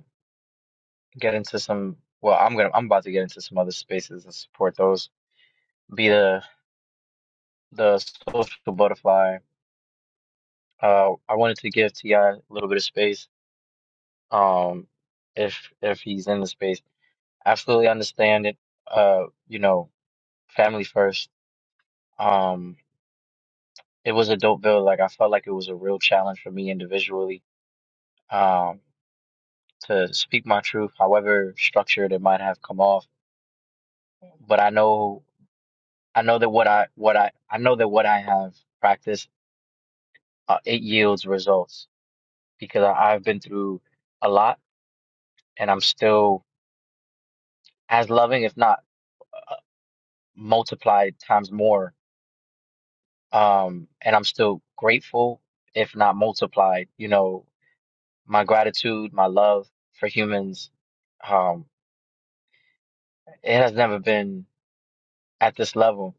Speaker 2: get into some. Well, I'm gonna. I'm about to get into some other spaces and support those. Be the the social butterfly. Uh, I wanted to give Ti a little bit of space. Um, if if he's in the space, absolutely understand it. Uh, you know, family first. Um, it was a dope build. Like I felt like it was a real challenge for me individually. Um, to speak my truth, however structured it might have come off. But I know, I know that what I, what I, I know that what I have practiced, uh, it yields results because I, I've been through a lot and I'm still as loving, if not uh, multiplied times more. Um, and I'm still grateful, if not multiplied. You know, my gratitude, my love for humans, um, it has never been at this level,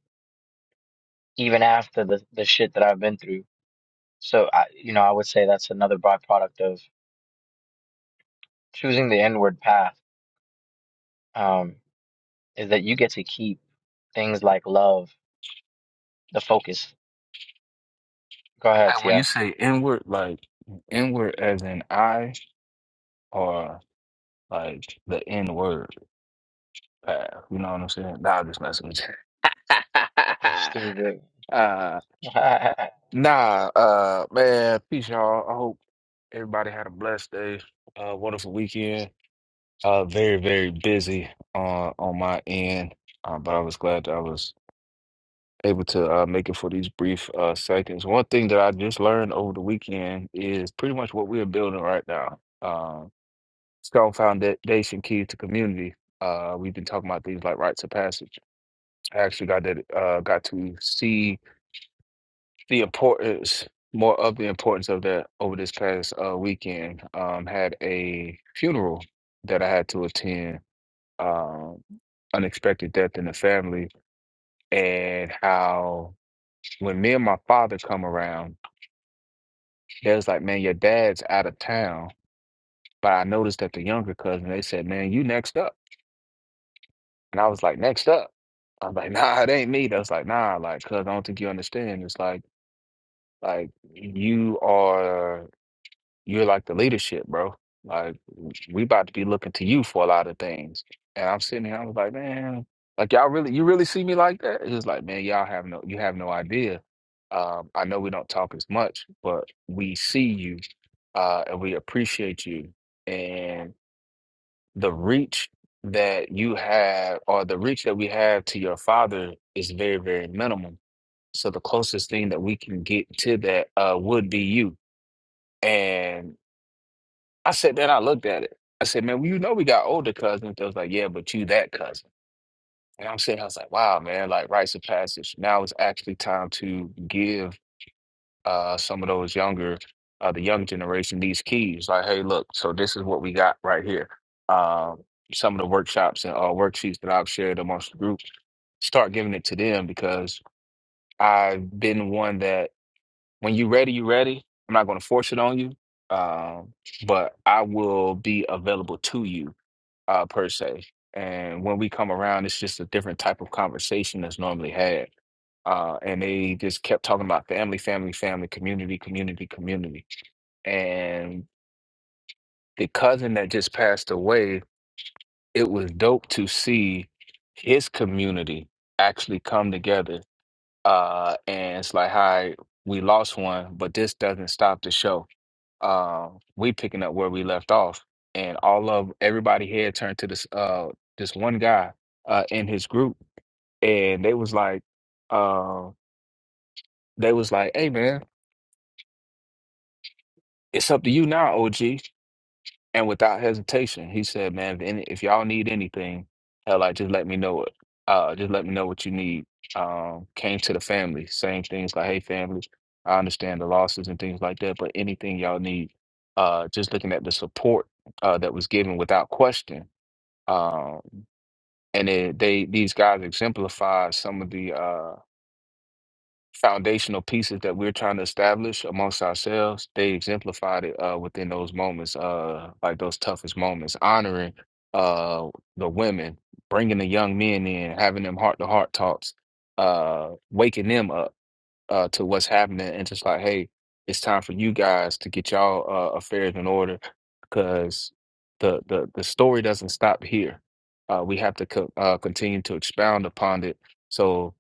Speaker 2: even after the, the shit that I've been through So I, you know, I would say that's another byproduct of choosing the inward path, um, is that you get to keep things like love the focus. Go ahead,
Speaker 13: And
Speaker 2: Ti.
Speaker 13: when you
Speaker 2: You
Speaker 13: say inward, like inward as in I or like the inward path, you know what I'm saying? Nah, I'm just messing with you.
Speaker 2: Stupid.
Speaker 13: uh,
Speaker 2: I
Speaker 13: nah, uh, man, peace, y'all. I hope everybody had a blessed day, uh, wonderful weekend. Uh, very, very busy on on my end, uh, but I was glad that I was able to uh, make it for these brief uh, seconds. One thing that I just learned over the weekend is pretty much what we're building right now. Um, strong foundation key to community. Uh, we've been talking about things like rites of passage. I actually got that uh, got to see the importance more of the importance of that over this past uh, weekend. Um, had a funeral that I had to attend. Um, unexpected death in the family, and how when me and my father come around, they was like, "Man, your dad's out of town." But I noticed that the younger cousin, they said, "Man, you next up." And I was like, next up. I'm like, nah, it ain't me. That's like, nah, like, cuz I don't think you understand. It's like, like you are, you're like the leadership, bro. Like, we about to be looking to you for a lot of things. And I'm sitting here, I was like, man, like y'all really, you really see me like that? He was like, man, y'all have no, you have no idea. Um, I know we don't talk as much, but we see you, uh, and we appreciate you the reach that you have or the reach that we have to your father is very very minimal so the closest thing that we can get to that uh would be you and i said that i looked at it i said man well, you know we got older cousins they was like yeah but you that cousin and i'm saying i was like wow man like rites of passage now it's actually time to give uh, some of those younger, uh, the young generation, these keys. Like, hey, look, so this is what we got right here. Um, some of the workshops and uh, worksheets that I've shared amongst the group, start giving it to them because I've been one that when you ready, you ready. I'm not going to force it on you, um, but I will be available to you uh, per se. And when we come around, it's just a different type of conversation that's normally had uh, and they just kept talking about family, family, family, community, community, community and the cousin that just passed away, it was dope to see his community actually come together. Uh, and it's like, hi, we lost one, but this doesn't stop the show. Uh, we picking up where we left off, and all of everybody here turned to this uh this one guy uh in his group, and they was like, uh, they was like, hey man, it's up to you now, OG. And without hesitation, he said, "Man, if, any, if y'all need anything, hell, like just let me know it. Uh, just let me know what you need." Um, came to the family, saying things like, "Hey, family, I understand the losses and things like that, but anything y'all need." Uh, just looking at the support uh, that was given without question, um, and then they these guys exemplified some of the uh, foundational pieces that we're trying to establish amongst ourselves, they exemplified it uh, within those moments, uh, like those toughest moments, honoring uh, the women, bringing the young men in, having them heart to heart talks, uh, waking them up uh, to what's happening, and just like, hey, it's time for you guys to get y'all uh, affairs in order because the, the the story doesn't stop here. Uh, we have to co- uh, continue to expound upon it. So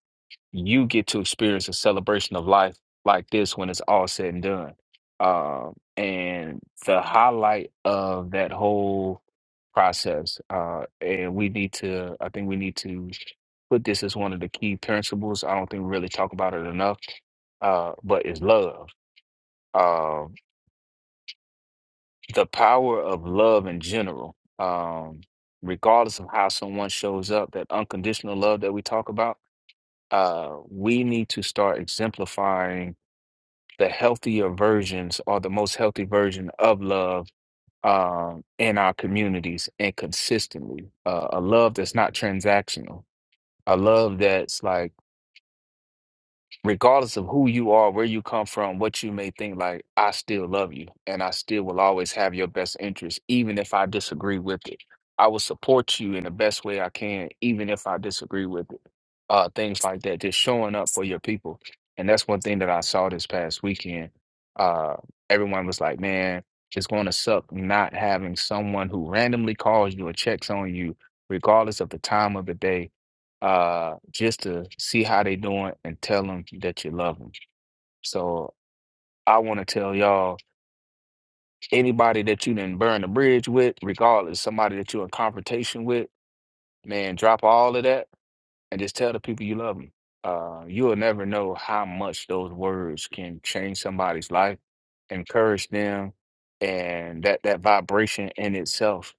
Speaker 13: you get to experience a celebration of life like this when it's all said and done. Um, and the highlight of that whole process, uh, and we need to, I think we need to put this as one of the key principles. I don't think we really talk about it enough, uh, but is love. Um, the power of love in general, um, regardless of how someone shows up, that unconditional love that we talk about, uh, we need to start exemplifying the healthier versions or the most healthy version of love um, in our communities and consistently. Uh, a love that's not transactional, a love that's like regardless of who you are, where you come from, what you may think, like, I still love you and I still will always have your best interest, even if I disagree with it. I will support you in the best way I can, even if I disagree with it. Uh, things like that, just showing up for your people. And that's one thing that I saw this past weekend. Uh, everyone was like, man, it's going to suck not having someone who randomly calls you or checks on you, regardless of the time of the day uh, just to see how they doing and tell them that you love them. So I want to tell y'all, anybody that you didn't burn the bridge with, regardless, somebody that you're in confrontation with, man, drop all of that and just tell the people you love them. Uh, you'll never know how much those words can change somebody's life, encourage them, and that that vibration in itself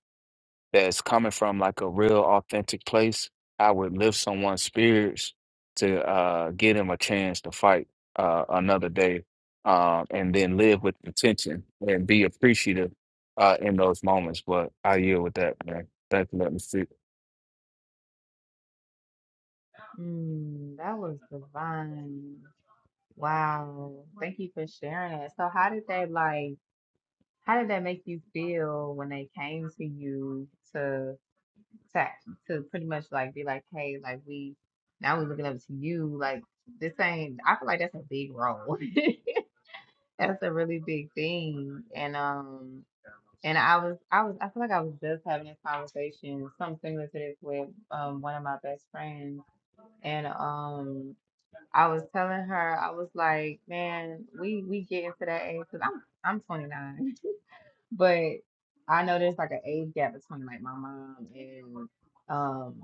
Speaker 13: that's coming from like a real authentic place, I would lift someone's spirits to uh, get him a chance to fight uh, another day uh, and then live with intention and be appreciative uh, in those moments. But I yield with that, man. Thanks for letting me speak.
Speaker 6: now. Mm, that was divine. Wow. Thank you for sharing that. So, how did they like? How did that make you feel when they came to you to to to pretty much like be like, hey, like we now we're looking up to you, like this ain't I feel like that's a big role. That's a really big thing. And um and I was I was I feel like I was just having this conversation, something similar to this with um one of my best friends. And um I was telling her, I was like, man, we we get into that age because I'm I'm 29. But I know there's like an age gap between like my mom and um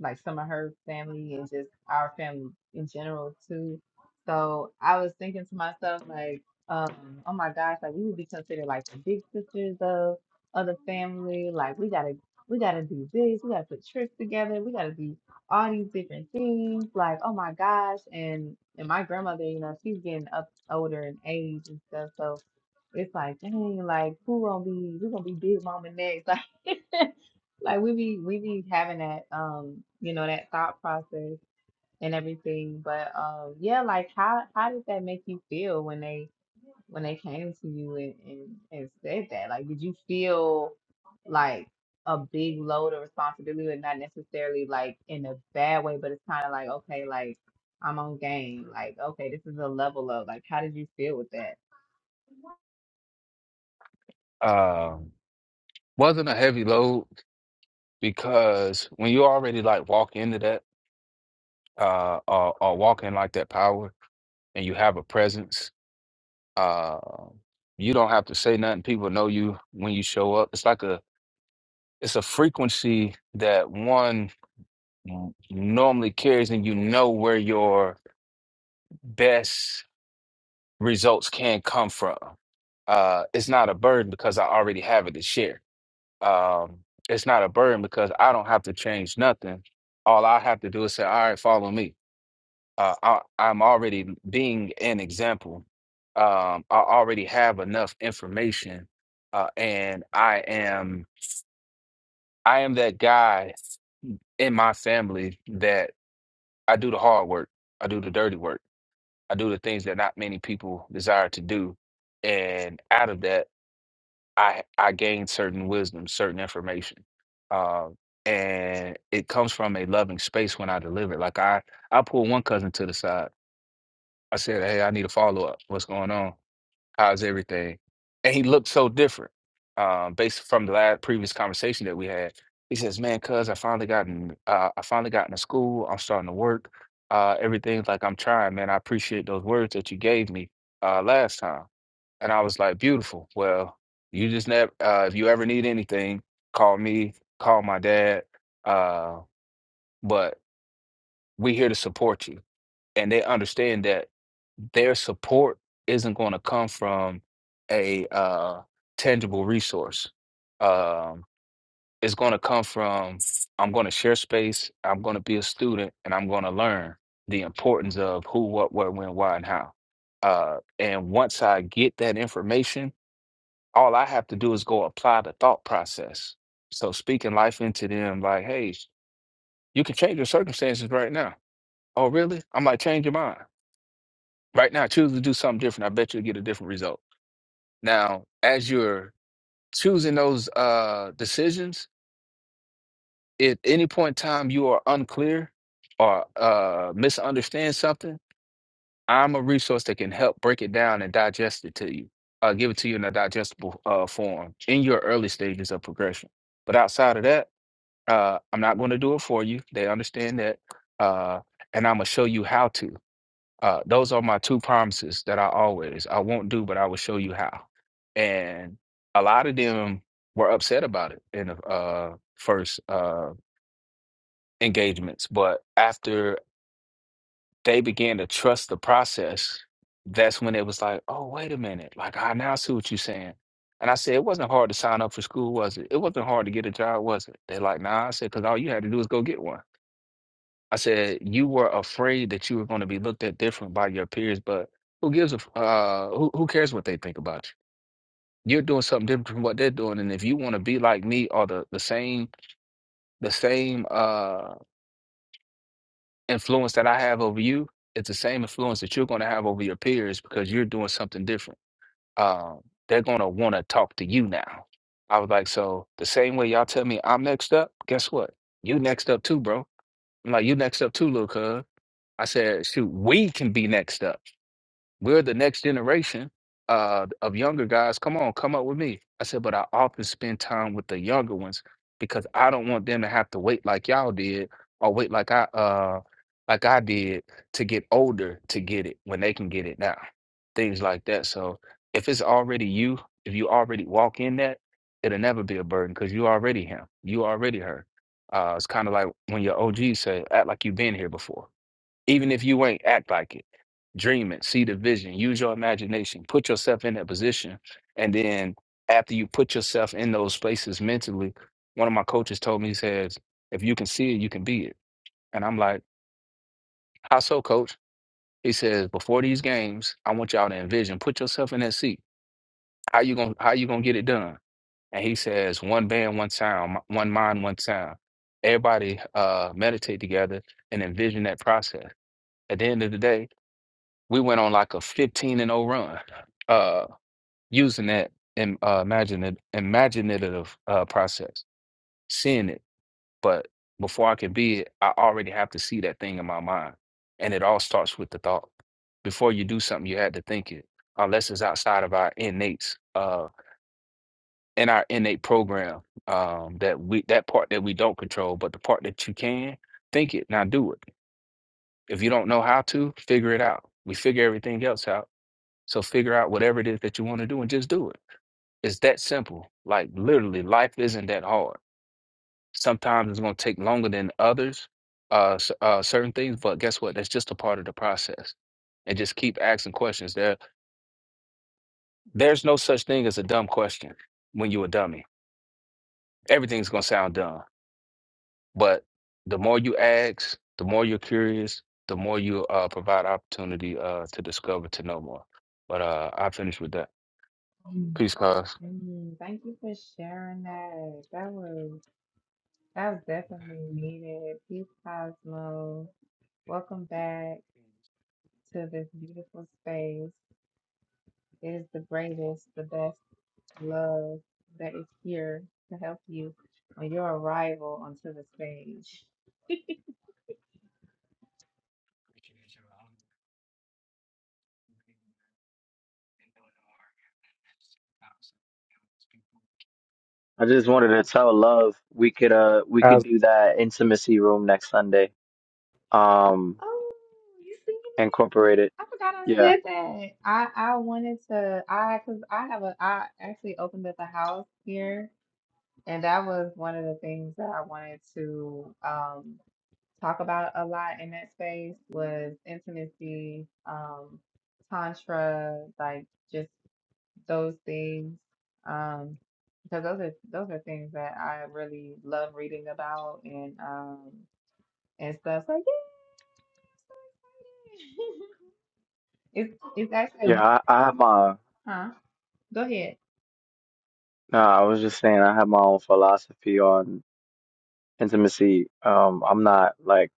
Speaker 6: like some of her family and just our family in general too. So I was thinking to myself like, um, oh my gosh, like we would be considered like the big sisters of other family. Like we gotta we gotta do this, we gotta put trips together, we gotta do all these different things. Like, oh my gosh. And and my grandmother, you know, she's getting up older in age and stuff. So it's like, dang, like who gonna be who gonna be big mama next? Like like we be we be having that um, you know, that thought process and everything. But um yeah, like how how did that make you feel when they when they came to you and, and, and said that? Like did you feel like a big load of responsibility and not necessarily like in a bad way, but it's kinda like, okay, like I'm on game. Like, okay, this is a level of like how did you feel with that?
Speaker 13: Um, wasn't a heavy load because when you already like walk into that uh, or, or walk in like that power and you have a presence Uh, you don't have to say nothing. People know you when you show up. It's like a it's a frequency that one n- normally carries, and you know where your best results can come from. Uh, it's not a burden because I already have it to share. Um, it's not a burden because I don't have to change nothing. All I have to do is say, "All right, follow me." uh, I, I'm already being an example. Um, I already have enough information, uh, and I am I am that guy in my family that I do the hard work, I do the dirty work, I do the things that not many people desire to do, and out of that, I I gain certain wisdom, certain information, um, and it comes from a loving space when I deliver. it. Like I I pull one cousin to the side. I said, "Hey, I need a follow up. What's going on?" How's everything? And he looked so different. Um, based from the last previous conversation that we had, he says, "Man, cuz I finally gotten, uh, I finally got into school. I'm starting to work. Uh, everything's like I'm trying, man. I appreciate those words that you gave me uh, last time." And I was like, "Beautiful. Well, you just never. Uh, if you ever need anything, call me. Call my dad. Uh, but we here to support you." and they understand that their support isn't going to come from a uh, tangible resource. Um, it's going to come from I'm going to share space, I'm going to be a student, and I'm going to learn the importance of who, what, where, when, why, and how. Uh, and once I get that information, all I have to do is go apply the thought process. So speaking life into them, like, hey, you can change your circumstances right now. Oh, really? I'm like, change your mind. Right now, choose to do something different. I bet you'll get a different result. Now, as you're choosing those uh, decisions, if any point in time you are unclear or uh, misunderstand something, I'm a resource that can help break it down and digest it to you, uh, give it to you in a digestible uh, form in your early stages of progression. But outside of that, uh, I'm not going to do it for you. They understand that. Uh, and I'm going to show you how to. Uh, those are my two promises that I always, I won't do, but I will show you how. And a lot of them were upset about it in the uh, first uh, engagements. But after they began to trust the process, that's when it was like, oh, wait a minute. Like, I now see what you're saying. And I said, it wasn't hard to sign up for school, was it? It wasn't hard to get a job, was it? They're like, nah. I said, because all you had to do is go get one. I said you were afraid that you were going to be looked at different by your peers, but who gives a f- uh who who cares what they think about you? You're doing something different from what they're doing, and if you want to be like me or the the same the same uh influence that I have over you, it's the same influence that you're going to have over your peers because you're doing something different. Um, they're going to want to talk to you now. I was like, so the same way y'all tell me I'm next up, guess what? You next up too, bro. I'm like, you next up too, little cuz. I said, shoot, we can be next up. We're the next generation uh, of younger guys. Come on, come up with me. I said, but I often spend time with the younger ones because I don't want them to have to wait like y'all did or wait like I uh like I did to get older to get it when they can get it now. Things like that. So if it's already you, if you already walk in that, it'll never be a burden because you already him. You already her. Uh, it's kind of like when your OG say, act like you've been here before even if you ain't, act like it. Dream it, see the vision, use your imagination, put yourself in that position. And then after you put yourself in those spaces mentally, one of my coaches told me, he says, if you can see it, you can be it. And I'm like, how so, coach? He says, before these games, I want y'all to envision, put yourself in that seat. How you gonna how you gonna get it done? And he says, one band, one sound, m- one mind, one sound. Everybody uh meditate together and envision that process. At the end of the day, we went on like a 15 and 0 run uh using that and uh imaginative imaginative uh process seeing it but before i can be it i already have to see that thing in my mind and it all starts with the thought before you do something you had to think it unless it's outside of our innate uh in our innate program um that we that part that we don't control but the part that you can think it now do it if you don't know how to figure it out we figure everything else out So figure out whatever it is that you want to do and just do it. It's that simple. Like literally, life isn't that hard. Sometimes it's going to take longer than others, uh, s- uh, certain things. But guess what? That's just a part of the process. And just keep asking questions. There, there's no such thing as a dumb question when you're a dummy. Everything's going to sound dumb. But the more you ask, the more you're curious, the more you uh, provide opportunity uh, to discover to know more. But uh, I finished with that.
Speaker 6: Mm,
Speaker 13: Peace, cause.
Speaker 6: mm, thank you for sharing that. That was that was definitely needed. Peace, Cosmo. Welcome back to this beautiful space. It is the greatest, the best love that is here to help you on your arrival onto the stage.
Speaker 2: just wanted to tell love we could uh we could
Speaker 12: Cos-
Speaker 2: do that intimacy room next Sunday. Um,
Speaker 6: Oh, you singing it?
Speaker 2: incorporate it.
Speaker 6: I forgot I
Speaker 2: Yeah,
Speaker 6: said that. I I wanted to I because I have a I actually opened up a house here And that was one of the things that I wanted to um, talk about a lot in that space was intimacy, um, tantra, like just those things, um, because those are those are things that I really love reading about and um, and stuff. So yeah, it's it's actually
Speaker 2: yeah. I, I have my.
Speaker 6: huh. Go ahead.
Speaker 2: No, I was just saying I have my own philosophy on intimacy. Um, I'm not like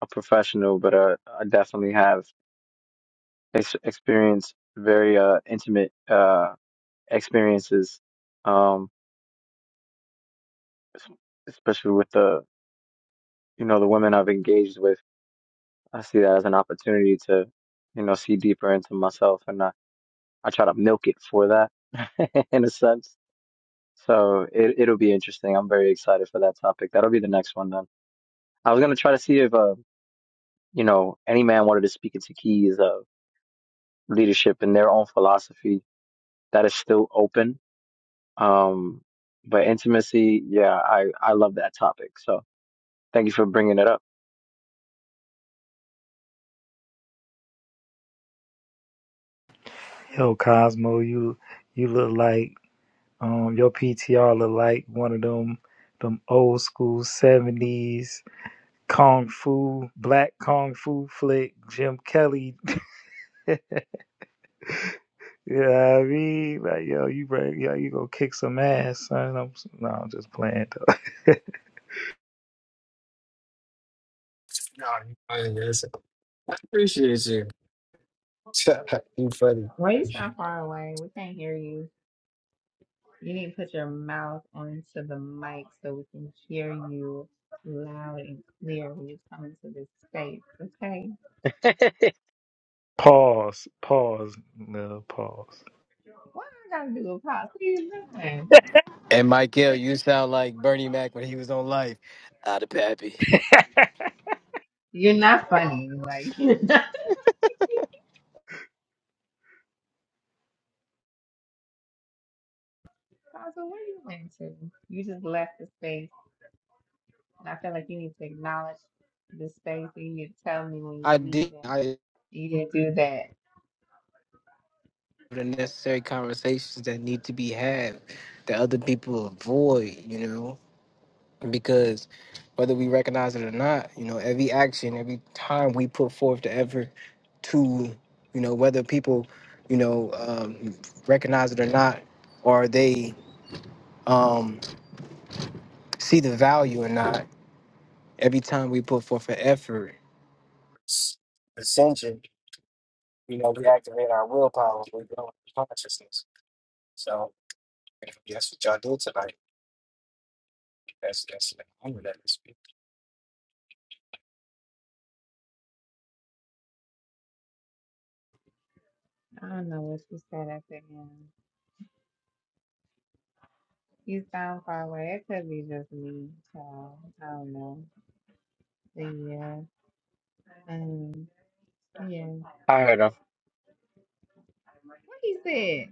Speaker 2: a professional, but uh, I definitely have. ex- experience very uh, intimate uh, experiences, um, es- especially with the you know the women I've engaged with. I see that as an opportunity to you know see deeper into myself, and I, I try to milk it for that in a sense. So it it'll be interesting. I'm very excited for that topic. That'll be the next one then. I was gonna try to see if uh you know any man wanted to speak into keys of leadership and their own philosophy. That is still open Um, but intimacy, yeah, I, I love that topic. So thank you for bringing it up.
Speaker 12: Yo, Cosmo, you you look like um your PTR look like one of them them old school seventies kung fu black kung fu flick Jim Kelly. You know what I mean? Like yo, you ready? Yo, you go kick some ass, son. I'm, s- no, I'm just playing. Though.
Speaker 6: Why you sound far away? We can't hear you. You need to put your mouth onto the mic so we can hear you loud and clear when you come into this space, okay?
Speaker 12: pause, pause, little pause.
Speaker 6: Why I gotta do a pause? What are you doing?
Speaker 11: And Michael, you sound like Bernie Mac when he was on life. Out of Pappy.
Speaker 6: You're not funny. Like, you Apostle, what are you going to? You just left the space, and I feel like you need to acknowledge the space, and you need to tell me when
Speaker 11: I
Speaker 6: you're
Speaker 11: did
Speaker 6: leaving.
Speaker 11: I have
Speaker 6: You didn't do that.
Speaker 11: the necessary conversations that need to be had that other people avoid, you know? Because whether we recognize it or not, you know, every action, every time we put forth the effort to, you know, whether people, you know, um, recognize it or not, or they um, see the value or not, every time we put forth an effort
Speaker 6: I don't know what you said after him. You sound far away. It could be just me, so I don't know. But yeah. um, Yeah.
Speaker 2: I heard him.
Speaker 6: What he said?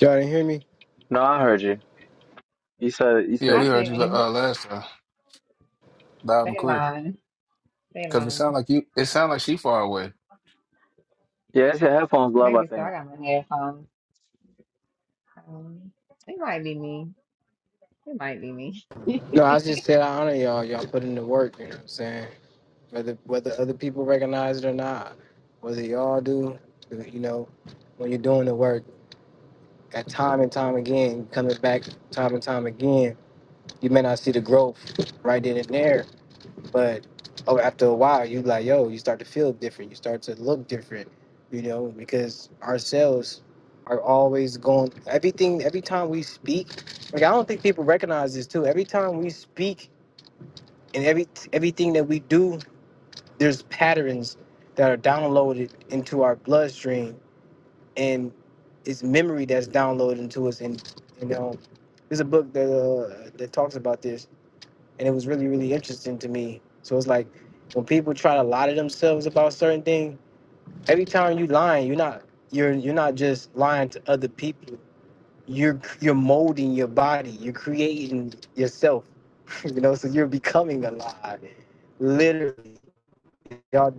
Speaker 11: Y'all didn't hear me?
Speaker 2: No, I heard you. You said, you
Speaker 13: Yeah,
Speaker 2: said,
Speaker 13: we
Speaker 6: I
Speaker 13: heard you
Speaker 6: didn't.
Speaker 13: uh, last time. Loud and
Speaker 6: They
Speaker 13: clear.
Speaker 6: lying. They
Speaker 13: Because it
Speaker 6: lying.
Speaker 13: sound like you. It sound like she far away.
Speaker 2: yeah, it's your headphones, love, I
Speaker 6: Maybe so. I
Speaker 2: think.
Speaker 6: got my headphones. Um, it might be me. It might be me.
Speaker 11: No, I just said I honor y'all. Y'all put in the work, you know what I'm saying? Whether whether other people recognize it or not, whether y'all do, you know, when you're doing the work, at time and time again, coming back time and time again, you may not see the growth right then and there, but oh, after a while, you like, yo, you start to feel different. You start to look different, you know, because ourselves are always going. Everything, every time we speak, like I don't think people recognize this too. Every time we speak and every everything that we do, there's patterns that are downloaded into our bloodstream, and it's memory that's downloaded into us. And you know, there's a book that uh, that talks about this, and it was really really interesting to me. So it's like when people try to lie to themselves about certain things, every time you lying, you're not you're you're not just lying to other people. You're you're molding your body. You're creating yourself. You know, so you're becoming alive, literally y'all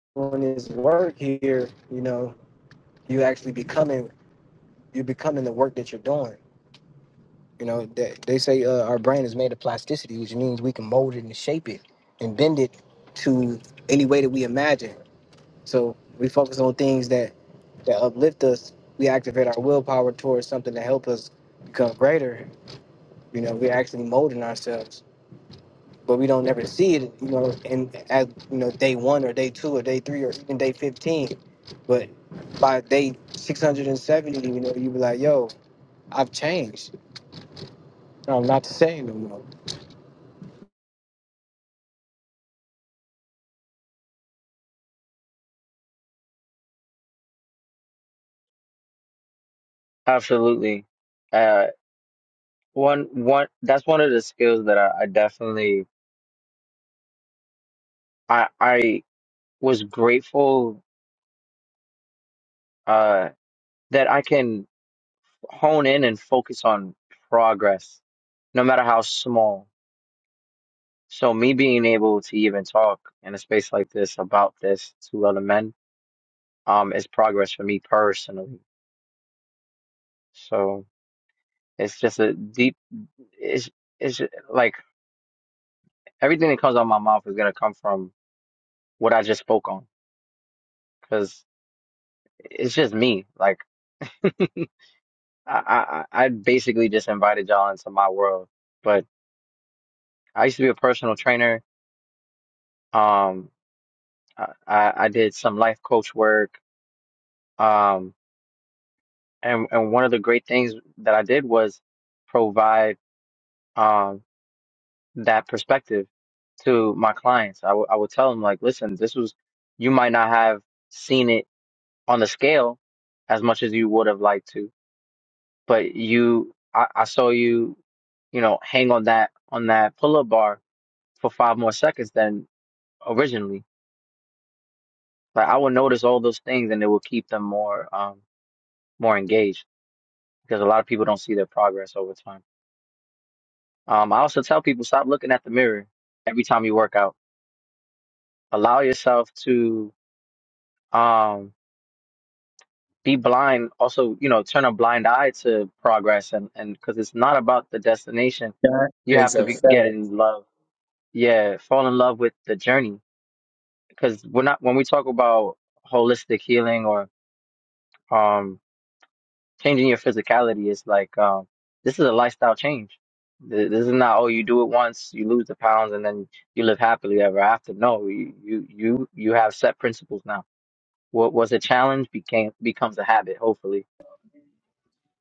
Speaker 11: doing this work here, you know, you actually becoming you becoming the work that you're doing. You know, they, they say uh, our brain is made of plasticity, which means we can mold it and shape it and bend it to any way that we imagine. So we focus on things that that uplift us. We activate our willpower towards something to help us become greater. You know, we're actually molding ourselves. but we don't ever see it, you know, in at you know day one or day two or day three or even day fifteen. But by day six hundred and seventy, you know, you be like, yo, I've changed. No, I'm not the same no more.
Speaker 2: Absolutely. Uh, one, one, that's one of the skills that I, I definitely, I, I was grateful, uh, that I can hone in and focus on progress, no matter how small. So me being able to even talk in a space like this about this to other men um is progress for me personally. So it's just a deep it's it's like everything that comes out of my mouth is gonna come from what I just spoke on because it's just me. Like I, I I basically just invited y'all into my world. But I used to be a personal trainer. Um, I I I did some life coach work. Um, and and one of the great things that I did was provide um. that perspective to my clients. I would I would tell them like, listen, this was you might not have seen it on the scale as much as you would have liked to, but you I, I saw you, you know, hang on that on that pull up bar for five more seconds than originally. Like I would notice all those things and it will keep them more um more engaged because a lot of people don't see their progress over time. Um I also tell people stop looking at the mirror every time you work out. Allow yourself to um be blind also you know turn a blind eye to progress and and because it's not about the destination
Speaker 9: That
Speaker 2: you
Speaker 9: is
Speaker 2: have to
Speaker 9: a
Speaker 2: be get
Speaker 9: fact.
Speaker 2: in love yeah fall in love with the journey because we're not when we talk about holistic healing or um changing your physicality it's like um this is a lifestyle change Th- this is not oh you do it once you lose the pounds and then you live happily ever after no you you you you have set principles now what was a challenge became becomes a habit hopefully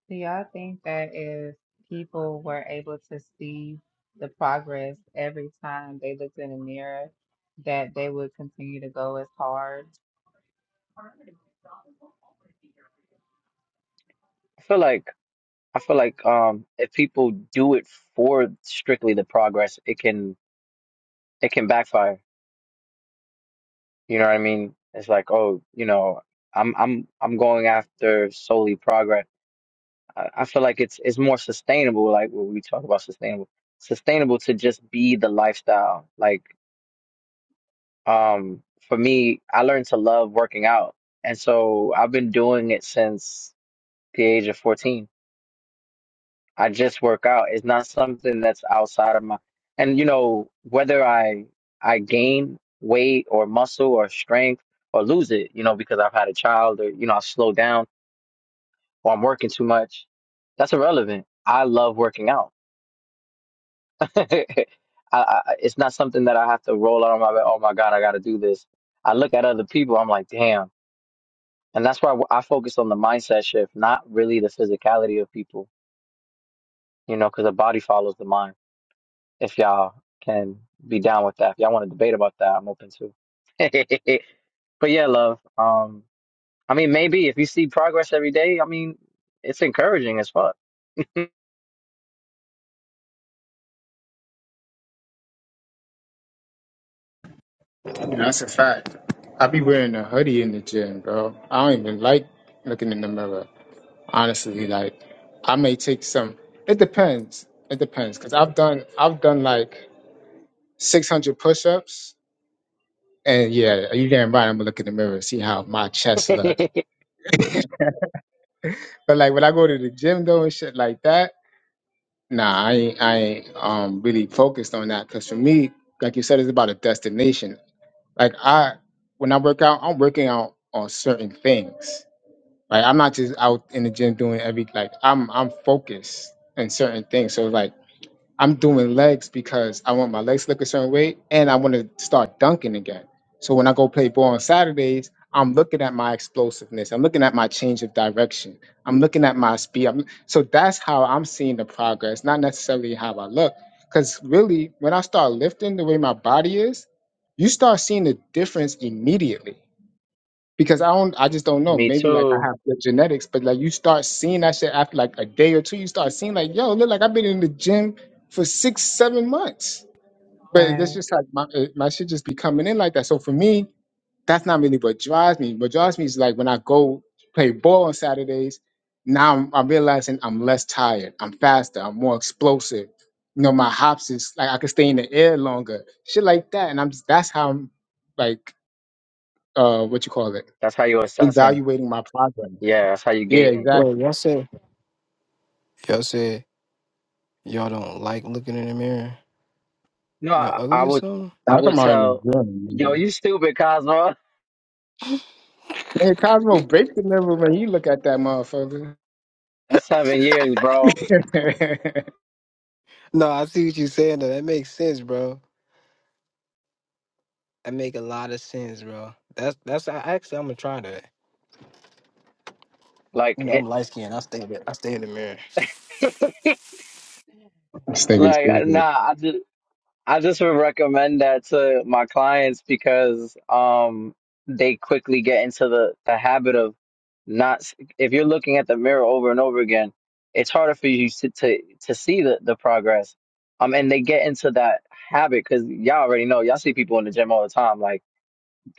Speaker 6: Do y'all think that if people were able to see the progress every time they looked in the mirror, that they would continue to go as hard?
Speaker 2: I feel like I feel like um, if people do it for strictly the progress, it can it can backfire. You know what I mean? It's like, oh, you know, I'm I'm I'm going after solely progress. I, I feel like it's it's more sustainable. Like when we talk about sustainable, sustainable to just be the lifestyle. Like um, for me, I learned to love working out, and so I've been doing it since the age of 14 I just work out. It's not something that's outside of my and you know, whether I I gain weight or muscle or strength or lose it, you know, because I've had a child or, you know, I slow down or I'm working too much, that's irrelevant. I love working out. I, I, it's not something that I have to roll out on my, oh my God, I got to do this. I look at other people, I'm like, damn. And that's why I focus on the mindset shift, not really the physicality of people, you know, because the body follows the mind. if y'all can be down with that. If y'all want to debate about that, I'm open too. but yeah, love. Um, I mean, maybe if you see progress every day, I mean, it's encouraging as fuck.
Speaker 9: That's a fact. I be wearing a hoodie in the gym, bro. I don't even like looking in the mirror. honestly like i may take some it depends it depends because i've done i've done like 600 push-ups and yeah you damn right i'm gonna look in the mirror and see how my chest look but like when i go to the gym though and shit like that nah i ain't i ain't um really focused on that because for me like you said it's about a destination like i when i work out i'm working out on certain things like i'm not just out in the gym doing every like i'm i'm focused in certain things so like I'm doing legs because I want my legs to look a certain way and I want to start dunking again. So when I go play ball on Saturdays, I'm looking at my explosiveness. I'm looking at my change of direction. I'm looking at my speed. I'm, so that's how I'm seeing the progress, not necessarily how I look. Because really, when I start lifting the way my body is, you start seeing the difference immediately because I don't, I just don't know.
Speaker 2: Me
Speaker 9: Maybe like I
Speaker 2: too.
Speaker 9: have good genetics, but like you start seeing that shit after like a day or two, you start seeing like, yo, look, like I've been in the gym for six, seven months. But that's
Speaker 6: And
Speaker 9: just like my uh, my shit just be coming in like that. So for me, that's not really what drives me. What drives me is like when I go play ball on Saturdays. Now I'm, I'm realizing I'm less tired. I'm faster. I'm more explosive. You know, my hops is like I can stay in the air longer. Shit like that, and I'm just that's how I'm like uh what you call it
Speaker 2: That's how you're assessing.
Speaker 9: evaluating my progress.
Speaker 2: Yeah, that's how you're
Speaker 9: Yeah,
Speaker 2: gauging.
Speaker 9: exactly.
Speaker 11: Y'all said y'all don't like looking in the mirror.
Speaker 2: No,
Speaker 11: Y'all
Speaker 2: I, I
Speaker 11: ugly or
Speaker 2: would,
Speaker 11: something?
Speaker 9: I'm
Speaker 2: I
Speaker 9: talking
Speaker 2: would
Speaker 9: about in
Speaker 2: tell,
Speaker 9: the gym.
Speaker 2: yo,
Speaker 9: nigga.
Speaker 2: you stupid, Cosmo.
Speaker 9: Man, Cosmo break the number when you look at that motherfucker.
Speaker 2: That's seven years,
Speaker 9: this
Speaker 2: bro.
Speaker 11: No, I see what you saying though. That makes sense, bro. That make a lot of sense, bro. That's that's I- actually I'm gonna try that.
Speaker 2: Like,
Speaker 11: You know, I'm
Speaker 2: it,
Speaker 11: light skinned. I stay in the- I stay in the
Speaker 9: nigga's
Speaker 2: like,
Speaker 9: stupid.
Speaker 2: nah. I just, I just would recommend that to my clients because um they quickly get into the the habit of not s- if you're looking at the mirror over and over again, it's harder for you to to, to see the the progress. Um, and they get into that habit because y'all already know y'all see people in the gym all the time. Like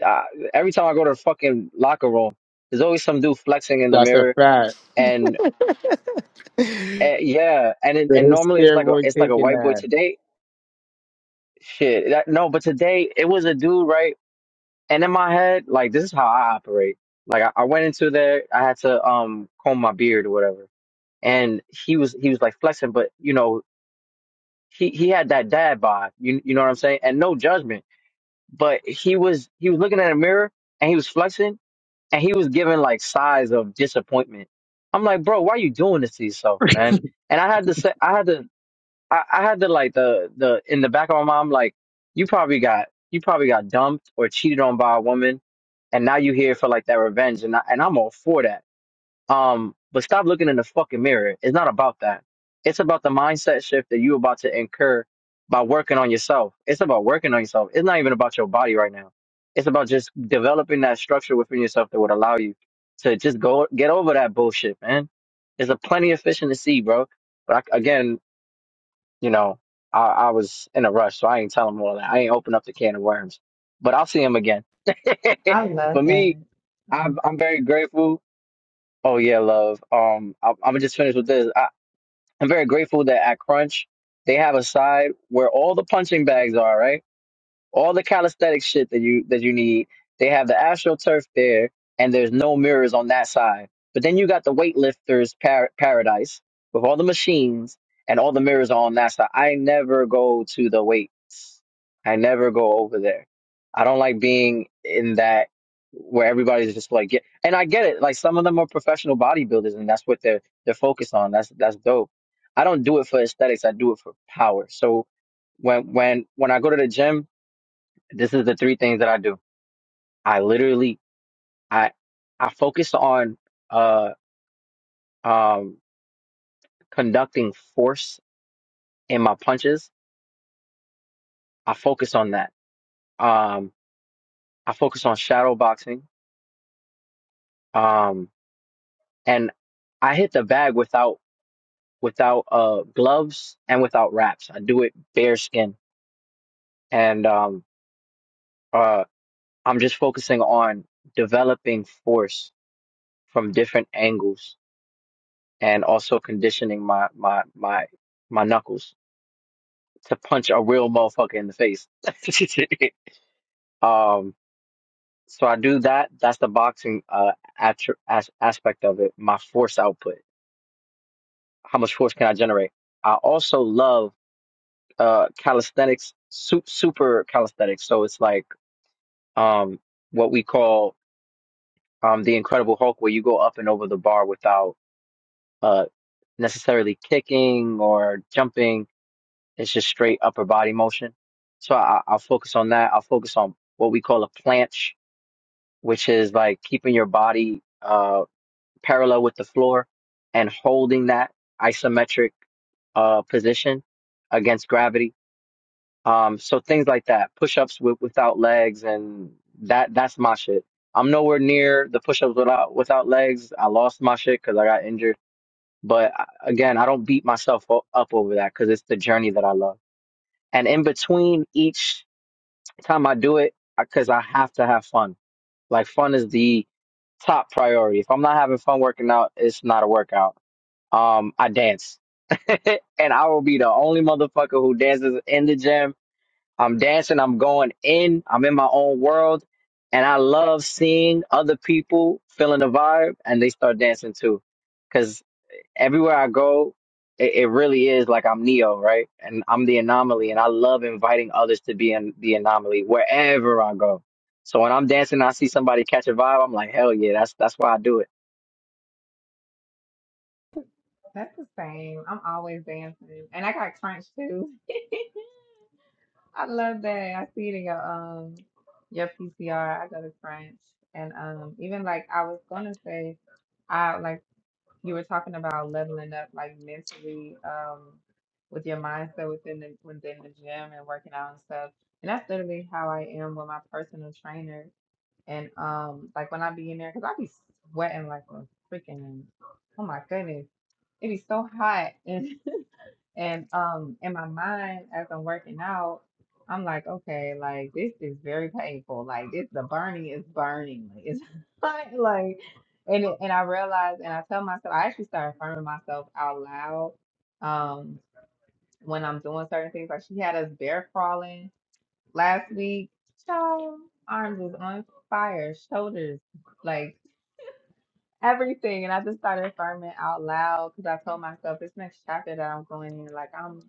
Speaker 2: uh, every time I go to the fucking locker room, there's always some dude flexing in the
Speaker 9: That's a
Speaker 2: mirror,
Speaker 9: fact.
Speaker 2: and
Speaker 11: mirror.
Speaker 2: uh, yeah, and it,
Speaker 9: But
Speaker 2: and
Speaker 9: his
Speaker 2: normally it's like a
Speaker 9: steroid
Speaker 2: it's like a
Speaker 9: taking
Speaker 2: white boy
Speaker 9: that.
Speaker 2: today. Shit, that, no, but today it was a dude, right? And in my head, like this is how I operate. Like I, I went into there, I had to um comb my beard or whatever, and he was he was like flexing, but you know he he had that dad vibe. you you know what I'm saying, and no judgment, but he was he was looking at a mirror and he was flexing and he was giving like sighs of disappointment. I'm like, bro, why are you doing this to yourself, man? And I had to say, I had to I, I had the like the the in the back of my mind, like you probably got you probably got dumped or cheated on by a woman, and now you here for like that revenge, and I, and I'm all for that. Um, but stop looking in the fucking mirror. It's not about that. It's about the mindset shift that you about to incur by working on yourself. It's about working on yourself. It's not even about your body right now. It's about just developing that structure within yourself that would allow you to just go get over that bullshit, man. There's a plenty of fish in the sea, bro. But I, again, you know, I, I was in a rush, so I ain't telling him all that. I ain't open up the can of worms, but I'll see him again.
Speaker 6: I love
Speaker 2: For me,
Speaker 6: that.
Speaker 2: I'm,
Speaker 6: Um,
Speaker 2: I'm very grateful. Oh yeah, love. Um, I, I'm gonna just finish with this. I, I'm very grateful that at Crunch they have a side where all the punching bags are, right? all the calisthenics shit that you that you need. They have the AstroTurf there, and there's no mirrors on that side. But then you got the weightlifters par- paradise with all the machines and all the mirrors are on that side. I never go to the weights. I never go over there. I don't like being in that where everybody's just like get. And I get it. Like some of them are professional bodybuilders, and that's what they're they're focused on. That's that's dope. I don't do it for aesthetics. I do it for power. So when when when I go to the gym, this is the three things that I do. I literally I I focus on uh um conducting force in my punches. I focus on that. Um I focus on shadow boxing. Um and I hit the bag without without uh gloves and without wraps. I do it bare skin and um uh I'm just focusing on developing force from different angles and also conditioning my my my my knuckles to punch a real motherfucker in the face. um, so I do that. That's the boxing uh attr as- aspect of it. My force output. How much force can I generate? I also love uh calisthenics, su- super calisthenics. So it's like um what we call um the Incredible Hulk, where you go up and over the bar without uh necessarily kicking or jumping. It's just straight upper body motion. So I, I'll focus on that. I'll focus on what we call a planche which is like keeping your body uh, parallel with the floor and holding that isometric uh, position against gravity. Um, so things like that, push-ups with without legs, and that—that's my shit. I'm nowhere near the push-ups without without legs. I lost my shit because I got injured. But I- again, I don't beat myself o- up over that because it's the journey that I love. And in between each time I do it, because I have to have fun. Like fun is the top priority. If I'm not having fun working out, it's not a workout. Um, I dance, and I will be the only motherfucker who dances in the gym. I'm dancing. I'm going in. I'm in my own world, and I love seeing other people feeling the vibe, and they start dancing too. 'Cause everywhere I go, it, it really is like I'm Neo, right? And I'm the anomaly, and I love inviting others to be in the anomaly wherever I go. So when I'm dancing, and I see somebody catch a vibe, I'm like, hell yeah, that's that's why I do it.
Speaker 6: that's the same. I'm always dancing, and I got crunch too. I love that. I see it in your um your PCR. I go to French, and um even like I was gonna say, I like you were talking about leveling up like mentally, um, with your mindset within the within the gym and working out and stuff. And that's literally how I am with my personal trainer. And um like when I be in there, cause I be sweating like a freaking oh my goodness, it be so hot And um, in my mind, as I'm working out, I'm like, okay, like this is very painful. Like this, the burning is burning. Like, it's not like, and it- and I realize, and I tell myself, I actually start affirming myself out loud. Um, when I'm doing certain things, like she had us bear crawling last week. Child, arms was on fire, shoulders like everything. And I just started affirming out loud because I told myself this next chapter that I'm going in, like I'm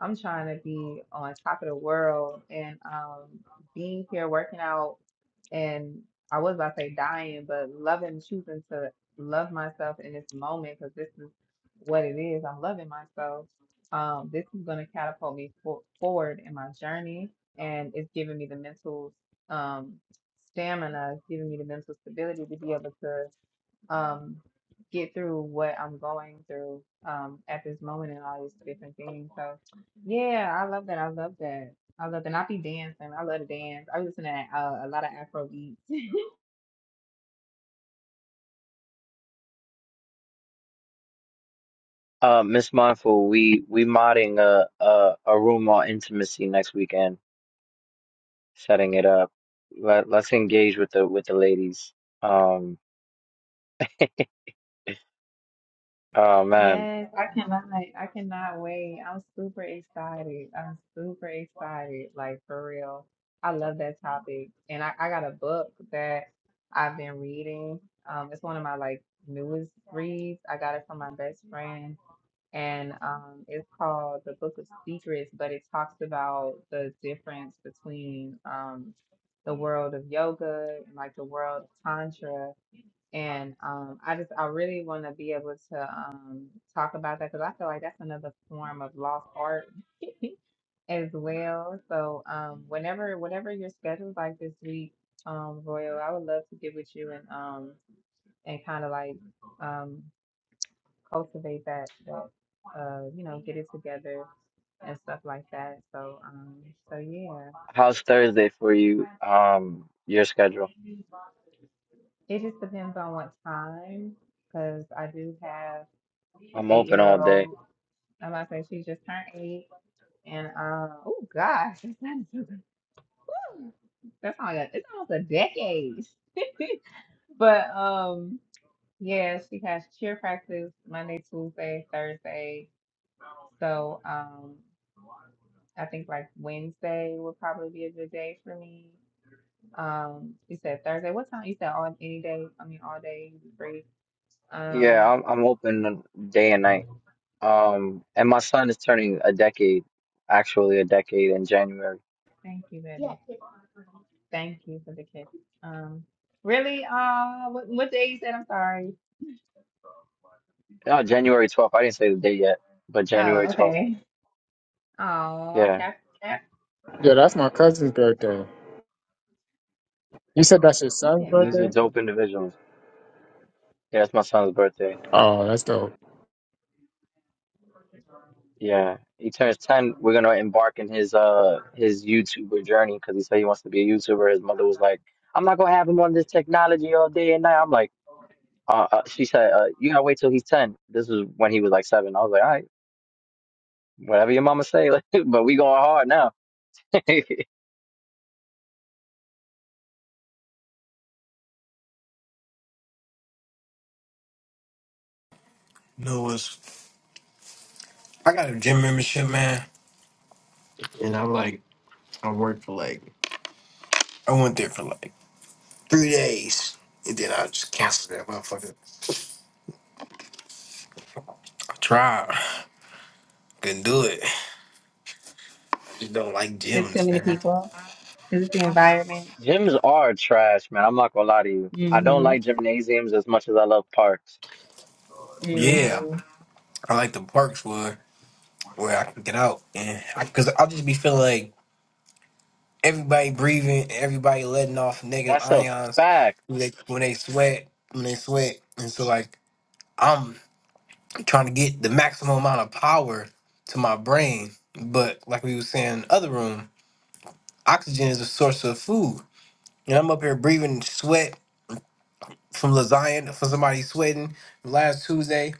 Speaker 6: I'm trying to be on top of the world and um being here working out and I was about to say dying, but loving choosing to love myself in this moment because this is what it is. I'm loving myself. Um, this is gonna catapult me for- forward in my journey and it's giving me the mental um stamina, it's giving me the mental stability to be able to um get through what I'm going through um at this moment and all these different things. So yeah, I love that. I love that. I love that. And I be dancing. I love to dance. I listen to uh, a lot of Afro beats.
Speaker 2: Uh, Miss Mindful, we we modding a, a a room on intimacy next weekend, setting it up. Let let's engage with the with the ladies. Um, oh man,
Speaker 6: Yes, I cannot. like, I cannot wait. I'm super excited. I'm super excited. Like for real. I love that topic. And I, I got a book that I've been reading. Um, it's one of my like newest reads. I got it from my best friend. And um, it's called The Book of Secrets, but it talks about the difference between um, the world of yoga and like the world of tantra and um, I just, I really want to be able to um, talk about that because I feel like that's another form of lost art as well. So um, whenever, whenever your schedule's like this week, um, Royal, I would love to get with you and um, and kind of like um, cultivate that, that uh, you know, get it together and stuff like that. So um, so yeah.
Speaker 2: how's Thursday for you? Um, your schedule?
Speaker 6: It just depends on what time, because I do have an
Speaker 2: I'm open all day.
Speaker 6: eight-year-old. I'm about to say she just turned eight, and um, oh gosh, it's not woo, that's not a, it's almost a decade. But um, yeah, she has cheer practice Monday, Tuesday, Thursday. So um, I think like Wednesday would probably be a good day for me. Um, you said Thursday. What time? You said all any day. I mean all day. you free.
Speaker 2: Yeah,
Speaker 6: Um,
Speaker 2: I'm I'm open day and night. Um, and my son is turning a decade, actually a decade in January.
Speaker 6: Thank you, baby. Yeah. Thank you for the kiss. Um, really? Uh, what, what day you said? I'm sorry.
Speaker 2: No, January 12th. I didn't say the day yet, but
Speaker 6: Oh,
Speaker 2: January 12th.
Speaker 6: okay. Oh,
Speaker 2: Yeah,
Speaker 6: cap, cap.
Speaker 9: Yo, that's my cousin's birthday. You said that's your
Speaker 6: We
Speaker 9: son's
Speaker 6: did not.
Speaker 2: he's a
Speaker 9: birthday?
Speaker 6: ask.
Speaker 2: dope individual. Yeah, it's my son's birthday.
Speaker 9: Oh, that's dope.
Speaker 2: Yeah, he turns 10. We're gonna embark in his uh his YouTuber journey because he said he wants to be a YouTuber. His mother was like, "I'm not gonna have him on this technology all day and night." I'm like, uh, uh she said, uh, "You gotta wait till he's 10." This was when he was like seven. I was like, "All right." Whatever your mama say, like, but we going hard now.
Speaker 11: You know what's I got a gym membership, man. and I'm like, I worked for like I went there for like three days. And then I just canceled that motherfucker. I tried. Couldn't do it. I just don't like
Speaker 6: Is it too
Speaker 11: gyms,
Speaker 6: many
Speaker 11: man.
Speaker 6: people? Is it the environment?
Speaker 2: Gyms are trash, man. I'm not gonna lie to you. I
Speaker 6: mm
Speaker 2: don't
Speaker 6: hmm
Speaker 2: like gymnasiums as much as I love parks.
Speaker 6: mm
Speaker 11: Yeah. I like the parks where where I can get out. And I, cause I'll just be feeling like everybody breathing, everybody letting off negative
Speaker 2: That's a
Speaker 11: ions
Speaker 2: fact.
Speaker 11: when they when they sweat. When they sweat. And so like I'm trying to get the maximum amount of power to my brain. But like we were saying in the other room, oxygen is a source of food. And I'm up here breathing sweat from lasagna from somebody sweating last Tuesday.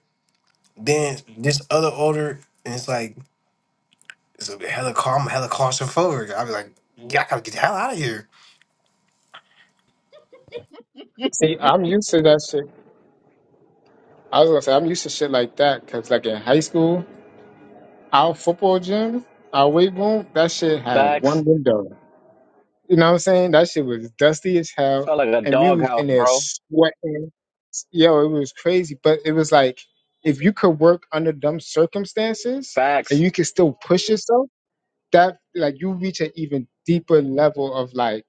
Speaker 11: Then this other order, and it's like it's a hella calm, hella claustrophobic. I was like, yeah, I gotta get the hell out of here.
Speaker 6: hmm
Speaker 9: See, I'm used to that shit. I was gonna say I'm used to shit like that because, like in high school, our football gym, our weight room, that shit had one
Speaker 2: Facts.
Speaker 9: window. You know what I'm saying? That shit was dusty as
Speaker 2: It
Speaker 9: hell,
Speaker 2: felt like a
Speaker 9: and we was
Speaker 2: doghouse,
Speaker 9: in there
Speaker 2: bro.
Speaker 9: sweating. Yo, it was crazy, but it was like if you could work under them circumstances and
Speaker 2: Facts.
Speaker 9: you could still push yourself, that like you reach an even deeper level of like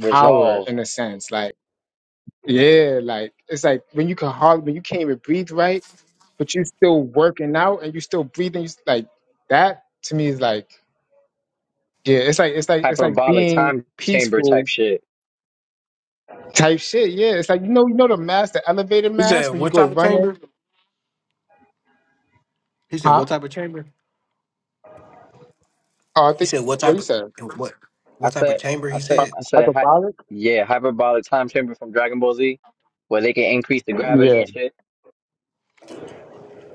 Speaker 9: power in a sense. Like yeah, like it's like when you can hardly when you can't even breathe right, but you still working out and you still breathing. You s- like that to me is like yeah, it's like it's like it's like
Speaker 2: Hyperbolic
Speaker 9: being
Speaker 2: time chamber
Speaker 9: peaceful
Speaker 2: type shit.
Speaker 9: type shit. Yeah, it's like you know, you know the mask, the elevator
Speaker 11: He
Speaker 9: mask,
Speaker 11: said,
Speaker 9: when you
Speaker 11: "What
Speaker 9: go
Speaker 11: type of
Speaker 9: running,
Speaker 11: chamber?" He said,
Speaker 9: huh?
Speaker 11: "What type of chamber?"
Speaker 9: Oh, I
Speaker 11: He
Speaker 9: think
Speaker 11: said, "What
Speaker 9: what
Speaker 11: type
Speaker 9: he
Speaker 11: of
Speaker 9: said,
Speaker 11: what?
Speaker 2: I
Speaker 11: What type of
Speaker 2: said,
Speaker 11: chamber?"
Speaker 2: I
Speaker 11: He
Speaker 2: said,
Speaker 11: said,
Speaker 2: I said, hi-
Speaker 9: hyperbolic.
Speaker 2: yeah, hyperbolic time chamber from Dragon Ball Z, where they can increase the gravity
Speaker 9: Yeah,
Speaker 2: and shit.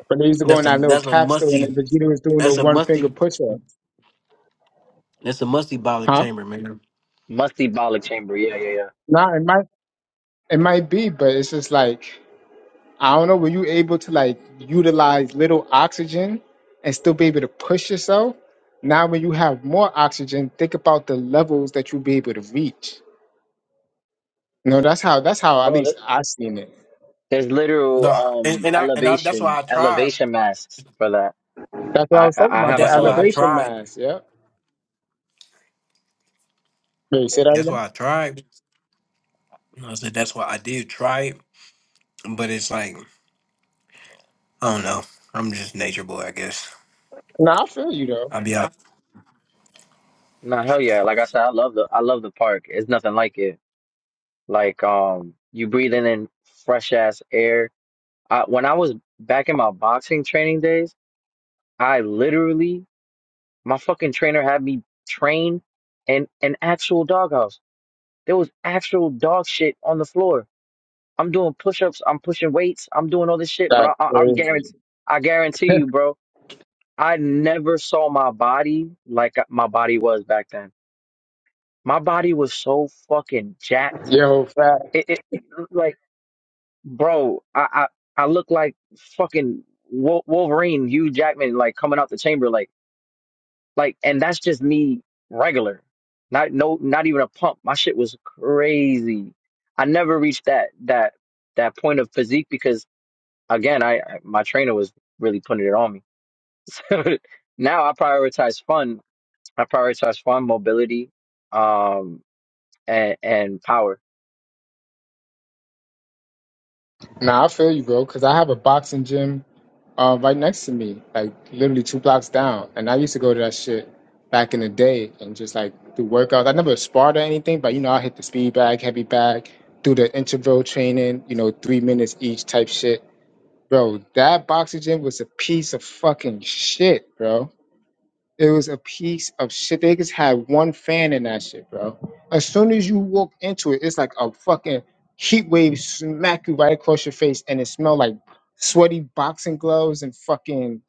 Speaker 9: but they used to go in that little capsule, and Vegeta was doing the one finger push up, huh?
Speaker 11: Man.
Speaker 2: Musty bolic chamber. Yeah, yeah, yeah.
Speaker 9: Nah, it might it might be, but it's just like I don't know. Were you able to like utilize little oxygen and still be able to push yourself? Now, when you have more oxygen, think about the levels that you'll be able to reach. No, that's how that's how at
Speaker 2: Bro, th-
Speaker 9: least I seen it.
Speaker 2: There's literal
Speaker 11: "No." And,
Speaker 2: um
Speaker 11: and I and I, that's why
Speaker 2: elevation
Speaker 11: I tried,
Speaker 2: elevation masks for that.
Speaker 9: That's what I
Speaker 2: I
Speaker 9: was talking
Speaker 2: I I
Speaker 9: about,
Speaker 11: and
Speaker 2: have
Speaker 9: the
Speaker 2: an
Speaker 11: that's why I
Speaker 2: elevation
Speaker 9: elevation
Speaker 2: mask.
Speaker 11: tried.
Speaker 9: mass. Yeah. Wait, say that
Speaker 11: That's
Speaker 9: again?
Speaker 11: why I tried. And I said, "That's why I did try it," but it's like I don't know. I'm just nature boy, I guess.
Speaker 9: Nah, I feel you though.
Speaker 11: I'll be out.
Speaker 2: No, hell yeah. Like I said, I love the I love the park. It's nothing like it. Like um you breathing in fresh ass air. I, when I was back in my boxing training days, I literally my fucking trainer had me train in an actual doghouse. There was actual dog shit on the floor. I'm doing push ups, I'm pushing weights, I'm doing all this shit, but
Speaker 9: That
Speaker 2: I I, I
Speaker 9: crazy.
Speaker 2: guarantee I guarantee you, bro I never saw my body like my body was back then. My body was so fucking jacked.
Speaker 9: Yo, fat.
Speaker 2: It, it, it like, bro, I, I, I look like fucking Wol- Wolverine, Hugh Jackman, like coming out the chamber, like, like, and that's just me regular, not no, not even a pump. My shit was crazy. I never reached that that that point of physique because again, I I- my trainer was really putting it on me. So now I prioritize fun I prioritize farm mobility, um, and and power.
Speaker 9: Nah, I feel you, bro. Cause I have a boxing gym uh, right next to me, like literally two blocks down, and I used to go to that shit back in the day and just like do workouts. I never sparred or anything, but you know, I hit the speed bag, heavy bag, do the interval training, you know, three minutes each type shit. Bro, that boxing gym was a piece of fucking shit, bro. It was a piece of shit. They just had one fan in that shit, bro. As soon as you walk into it, it's like a fucking heat wave smack you right across your face, and it smelled like sweaty boxing gloves and fucking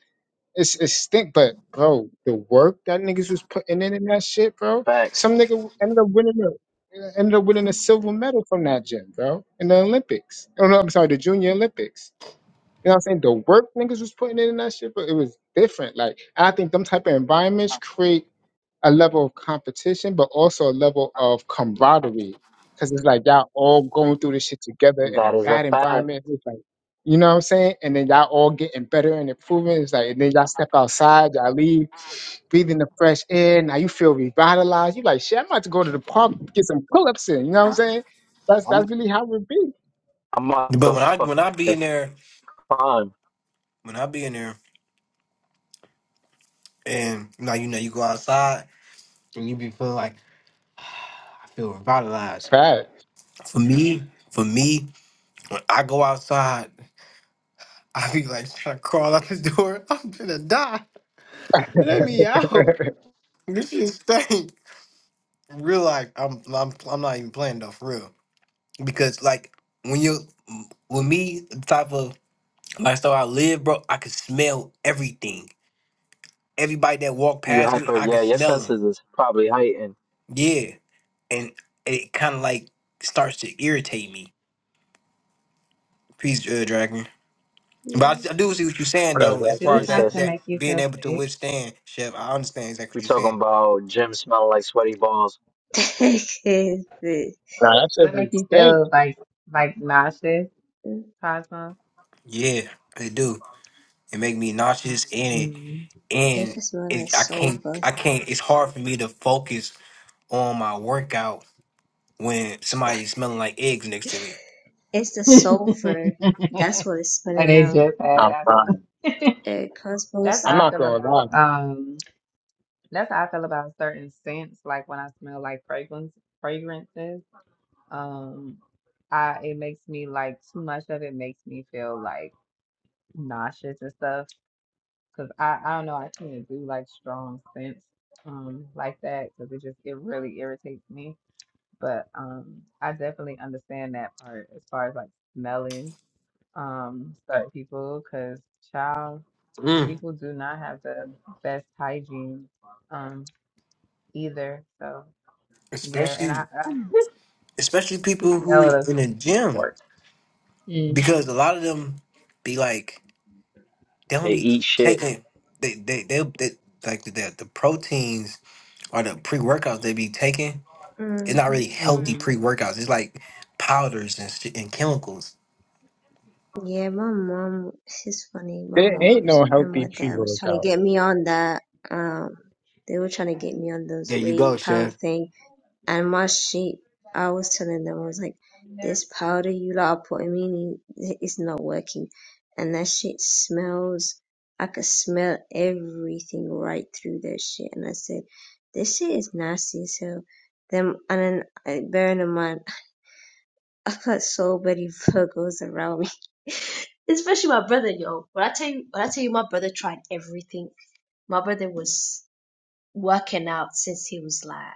Speaker 9: it's it stink. But bro, the work that niggas was putting in in that shit, bro.
Speaker 2: Facts.
Speaker 9: Some nigga ended up winning a ended up winning a silver medal from that gym, bro, in the Olympics. Oh no, I'm sorry, the Junior Olympics. You know what I'm saying? The work niggas was putting in that shit, but it was different. Like I think them type of environments create a level of competition, but also a level of camaraderie. Cause it's like y'all all going through this shit together in a
Speaker 2: That is a
Speaker 9: bad
Speaker 2: fact.
Speaker 9: environment. It's like, you know what I'm saying? And then y'all all getting better and improving. It's like, and then y'all step outside, y'all leave, breathing the fresh air. Now you feel revitalized. You like, shit, I'm about to go to the park, get some pull-ups in. You know what I'm saying? That's that's
Speaker 2: I'm
Speaker 9: really how it be.
Speaker 2: I'm off
Speaker 11: But
Speaker 2: the
Speaker 11: when I when I be
Speaker 2: fucking
Speaker 11: in there,
Speaker 2: farm.
Speaker 11: when I be in there, and now you know you go outside and you be feeling like I feel revitalized.
Speaker 9: Right.
Speaker 11: For me, for me, when I go outside, I be like trying to crawl out the door. I'm gonna die. Let me out. This shit stink. Real life. I'm I'm I'm not even playing though for real because like when you with me the type of lifestyle I live, bro, I can smell everything. Everybody that walk
Speaker 2: You
Speaker 11: past me,
Speaker 2: hyper?
Speaker 11: I can
Speaker 2: Yeah, your
Speaker 11: smell them.
Speaker 2: senses is probably heightened.
Speaker 11: Yeah. and it kind of like starts to irritate me. Peace, uh, Dragon. But
Speaker 14: Mm.
Speaker 11: I, I do see what you're saying though,
Speaker 9: Whatever.
Speaker 11: as
Speaker 6: Do
Speaker 11: far
Speaker 6: it
Speaker 11: as
Speaker 6: start
Speaker 11: that
Speaker 6: to
Speaker 2: Jesus,
Speaker 11: that
Speaker 6: make you
Speaker 11: being
Speaker 6: feel
Speaker 11: able to
Speaker 6: sick?
Speaker 11: withstand, Chef. I understand exactly
Speaker 2: we
Speaker 11: what you're
Speaker 2: talking
Speaker 11: saying.
Speaker 2: about gym smelling like sweaty balls.
Speaker 14: It
Speaker 9: Nah, that
Speaker 6: Does
Speaker 9: shit
Speaker 6: it
Speaker 9: was
Speaker 6: make you
Speaker 9: stink.
Speaker 6: feel like like nauseous, Cosmo?
Speaker 11: Yeah, it do. It make me nauseous, and it
Speaker 6: Mm.
Speaker 11: and
Speaker 14: can smell like
Speaker 11: it, I can't
Speaker 14: sulfur.
Speaker 11: I can't. It's hard for me to focus on my workout when somebody's smelling like eggs next to me.
Speaker 14: It's the
Speaker 6: like
Speaker 14: sulfur. That's what it's spilling
Speaker 6: they
Speaker 14: out.
Speaker 6: just had
Speaker 9: I'm
Speaker 6: got some.
Speaker 9: fine.
Speaker 14: It
Speaker 6: That's
Speaker 14: causes.
Speaker 9: I'm
Speaker 6: how I
Speaker 9: not
Speaker 6: feel
Speaker 9: gonna lie.
Speaker 6: about um. That's how I feel about certain scents. Like when I smell like fragrance fragrances, um, I it makes me like too much of it makes me feel like nauseous and stuff. Cause I I don't know I can't do like strong scents um like that because it just it really irritates me. But um, I definitely understand that part as far as like smelling um certain people because child
Speaker 11: Mm.
Speaker 6: people do not have the best hygiene um either. So. Yeah, and
Speaker 11: Especially
Speaker 6: I, I
Speaker 11: especially
Speaker 6: just
Speaker 11: people who
Speaker 6: smell the,
Speaker 11: in the
Speaker 6: the
Speaker 11: gym
Speaker 6: pork. Mm-hmm.
Speaker 11: because a lot of them be like. they
Speaker 2: They
Speaker 11: only
Speaker 2: eat shit.
Speaker 11: taking they they they, they like the the proteins or the pre workouts they be taking. It's not really
Speaker 14: Mm-hmm.
Speaker 11: healthy
Speaker 6: Mm-hmm.
Speaker 11: pre workouts. It's like powders and shit and chemicals.
Speaker 14: Yeah, my mom. She's funny. My
Speaker 9: There
Speaker 14: mom
Speaker 9: ain't
Speaker 14: was
Speaker 9: no
Speaker 14: and
Speaker 9: healthy
Speaker 14: my
Speaker 9: pre
Speaker 14: dad was trying to
Speaker 9: workout.
Speaker 14: get me on that. Um, they were trying to get me on those
Speaker 11: There you
Speaker 14: whey
Speaker 11: go,
Speaker 14: powder
Speaker 11: chef.
Speaker 14: thing. And my sheep, I was telling them, I was like, this powder you lot are putting me in is not working. And that shit smells. I could smell everything right through that shit. And I said, this shit is nasty as hell. Then, and then, uh, bearing in mind, I've got so many Virgos around me. Especially my brother, yo. When I tell you, when I tell you, my brother tried everything. My brother was working out since he was like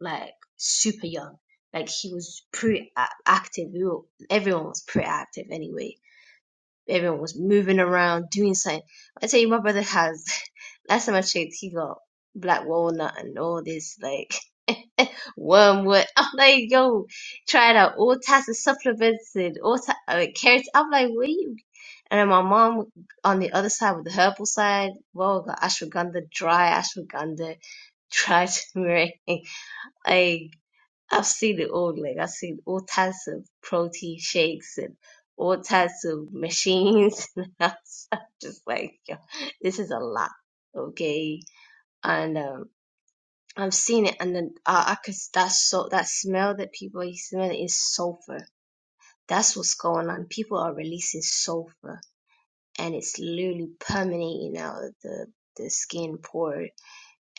Speaker 14: like super young. Like he was pretty active. We were, everyone was pretty active anyway. Everyone was moving around, doing something. I tell you, my brother has. Last time I checked, he got black walnut and all this like wormwood. I'm like, yo, tried out all types of supplements and all types of carrots. I'm like, what are you? And then my mom on the other side with the herbal side, well, got ashwagandha, dry ashwagandha, dry turmeric. Like I've seen it all. Like I've seen all types of protein shakes and all types of machines. And I was just like, yo, this is a lot, okay? And um, I've seen it, and then I, I could that so that smell that people are smelling is sulfur. That's what's going on. People are releasing sulfur, and it's literally permeating out of the the skin pore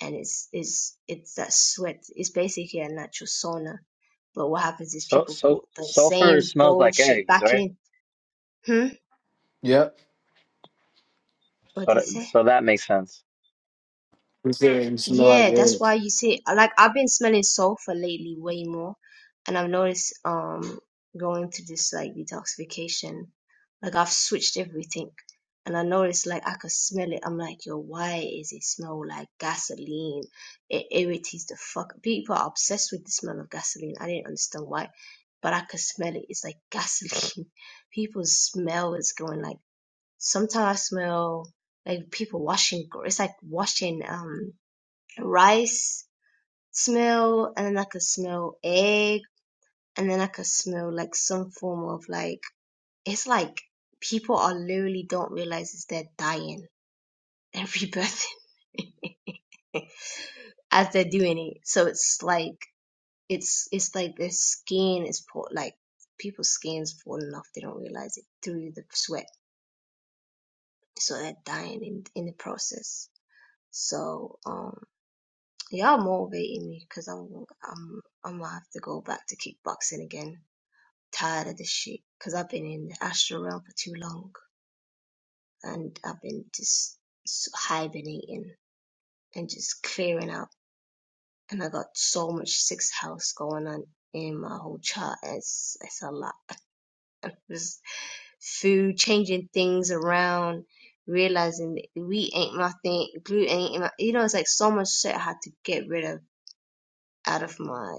Speaker 14: and it's it's it's that sweat. It's basically a natural sauna. But what happens is
Speaker 2: So
Speaker 14: people put
Speaker 2: so
Speaker 14: the
Speaker 2: sulfur
Speaker 14: same
Speaker 2: smells like
Speaker 14: bullshit
Speaker 2: eggs,
Speaker 14: back
Speaker 2: right?
Speaker 14: in. Hmm? What
Speaker 2: So
Speaker 14: did they
Speaker 2: that,
Speaker 14: say?
Speaker 2: so that makes sense.
Speaker 14: Yeah, that's why you see, like I've been smelling sulfur lately way more, and I've noticed um going to this like detoxification, like I've switched everything, and I noticed like I could smell it. I'm like, yo, why is it smell like gasoline? It irritates the fuck. People are obsessed with the smell of gasoline. I didn't understand why, but I could smell it. It's like gasoline. People smell is going like. Sometimes I smell like people washing. gr- It's like washing um rice smell and then I could smell egg and then I could smell like some form of like it's like people are literally don't realize is they're dying and rebirthing as they're doing it. So it's like it's it's like their skin is po- like people's skin's falling off. They don't realize it through the sweat. So they're dying in in the process. So um Y'all motivating me because I'm I'm I'm gonna have to go back to kickboxing again. Tired of this shit because I've been in the astral realm for too long and I've been just s- hibernating and just clearing out. And I got so much sixth house going on in my whole chart. It's it's a lot. Just food, changing things around, realizing that we ain't my thing, glue ain't my. You know, it's like so much shit I had to get rid of out of my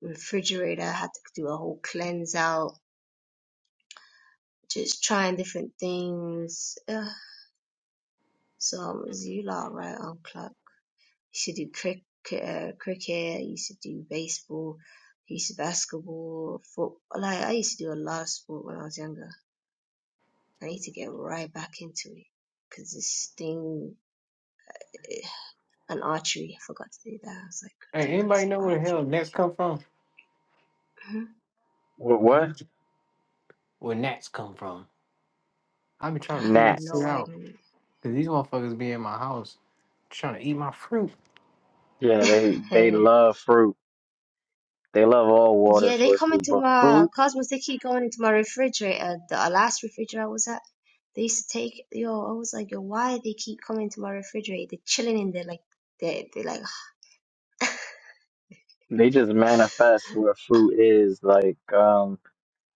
Speaker 14: refrigerator. I had to do a whole cleanse out, just trying different things. Ugh. So I was you lot right on clock. Used to do cricket, uh, cricket. I used to do baseball. I used to basketball, football. Like I used to do a lot of sport when I was younger. I need to get right back into it because this thing and archery. I forgot to do that. I was like
Speaker 11: Hey,
Speaker 14: doing
Speaker 11: anybody know where the hell
Speaker 14: archery.
Speaker 11: Nets come from?
Speaker 2: Wh-
Speaker 11: 'Cause
Speaker 2: What?
Speaker 11: you- Where Nets come from? I be
Speaker 14: I
Speaker 11: trying to
Speaker 14: have
Speaker 11: figure this shit
Speaker 14: no
Speaker 2: Gnats.
Speaker 11: out.
Speaker 14: idea.
Speaker 11: Cause these motherfuckers be in my house trying to eat my fruit.
Speaker 2: Yeah, they they love fruit. They love all water
Speaker 14: Yeah, they come
Speaker 2: sources,
Speaker 14: into
Speaker 2: but fruit
Speaker 14: my cosmos. They keep going into my refrigerator. The uh, last refrigerator I was at, they used to take yo. I was like, yo, why they keep coming to my refrigerator? They're chilling in there, like they they like,
Speaker 2: They just manifest where
Speaker 14: are,
Speaker 2: fruit is. Like um,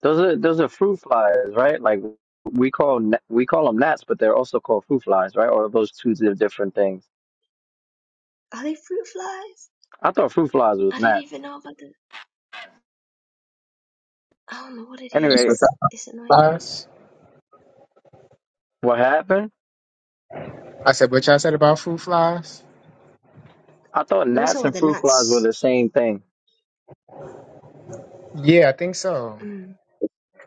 Speaker 2: those are those are fruit flies, right? Like we call gnat- we call them gnats, but they're also called fruit flies, right? Or are those two di- different things.
Speaker 14: are they fruit flies?
Speaker 2: I thought fruit flies was
Speaker 14: I didn't
Speaker 2: gnats.
Speaker 14: even know about the. I don't know what it
Speaker 9: This
Speaker 2: Anyway,
Speaker 9: was
Speaker 14: is. It's annoying.
Speaker 9: flies.
Speaker 2: what happened?
Speaker 9: I said what y'all said about fruit flies.
Speaker 2: I thought
Speaker 14: No, it's all
Speaker 2: gnats
Speaker 14: about
Speaker 2: and
Speaker 14: the
Speaker 2: fruit flies were
Speaker 14: nuts.
Speaker 2: the same thing.
Speaker 9: Yeah, I think so.
Speaker 14: Mm.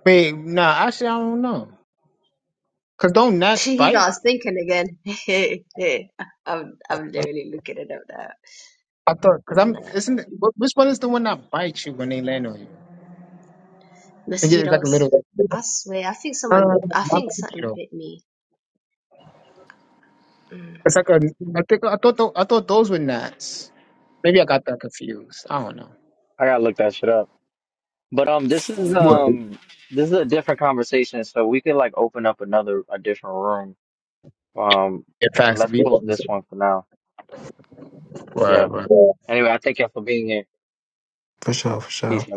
Speaker 9: Wait, nah. Actually, I don't know. Cause don't gnats
Speaker 14: he
Speaker 9: bite?
Speaker 14: got us thinking again. I'm I'm literally looking it up now.
Speaker 9: I thought. Cause I'm.
Speaker 14: Nah.
Speaker 9: Isn't it, wh- which one is the one that bites you when they land on you? And yeah, it's like a
Speaker 14: Mosquitoes.
Speaker 9: little.
Speaker 14: I swear, I think
Speaker 9: Uh,
Speaker 14: someone, I
Speaker 9: not
Speaker 14: think
Speaker 9: bite you
Speaker 14: something
Speaker 9: know.
Speaker 14: bit me. mm
Speaker 9: It's like a. I think I thought. tho- I thought those were gnats. Maybe I got that confused. I don't know.
Speaker 2: I gotta look that shit up. But um, this is
Speaker 11: What?
Speaker 2: um, this is a different conversation, so we could like open up another a different room. Um,
Speaker 9: It
Speaker 2: but
Speaker 9: facts to
Speaker 2: let's
Speaker 9: be.
Speaker 2: close this one for now.
Speaker 9: Word,
Speaker 2: Yeah.
Speaker 9: word.
Speaker 2: Anyway, I thank y'all for being here.
Speaker 11: For sure.
Speaker 2: Peace, y'all.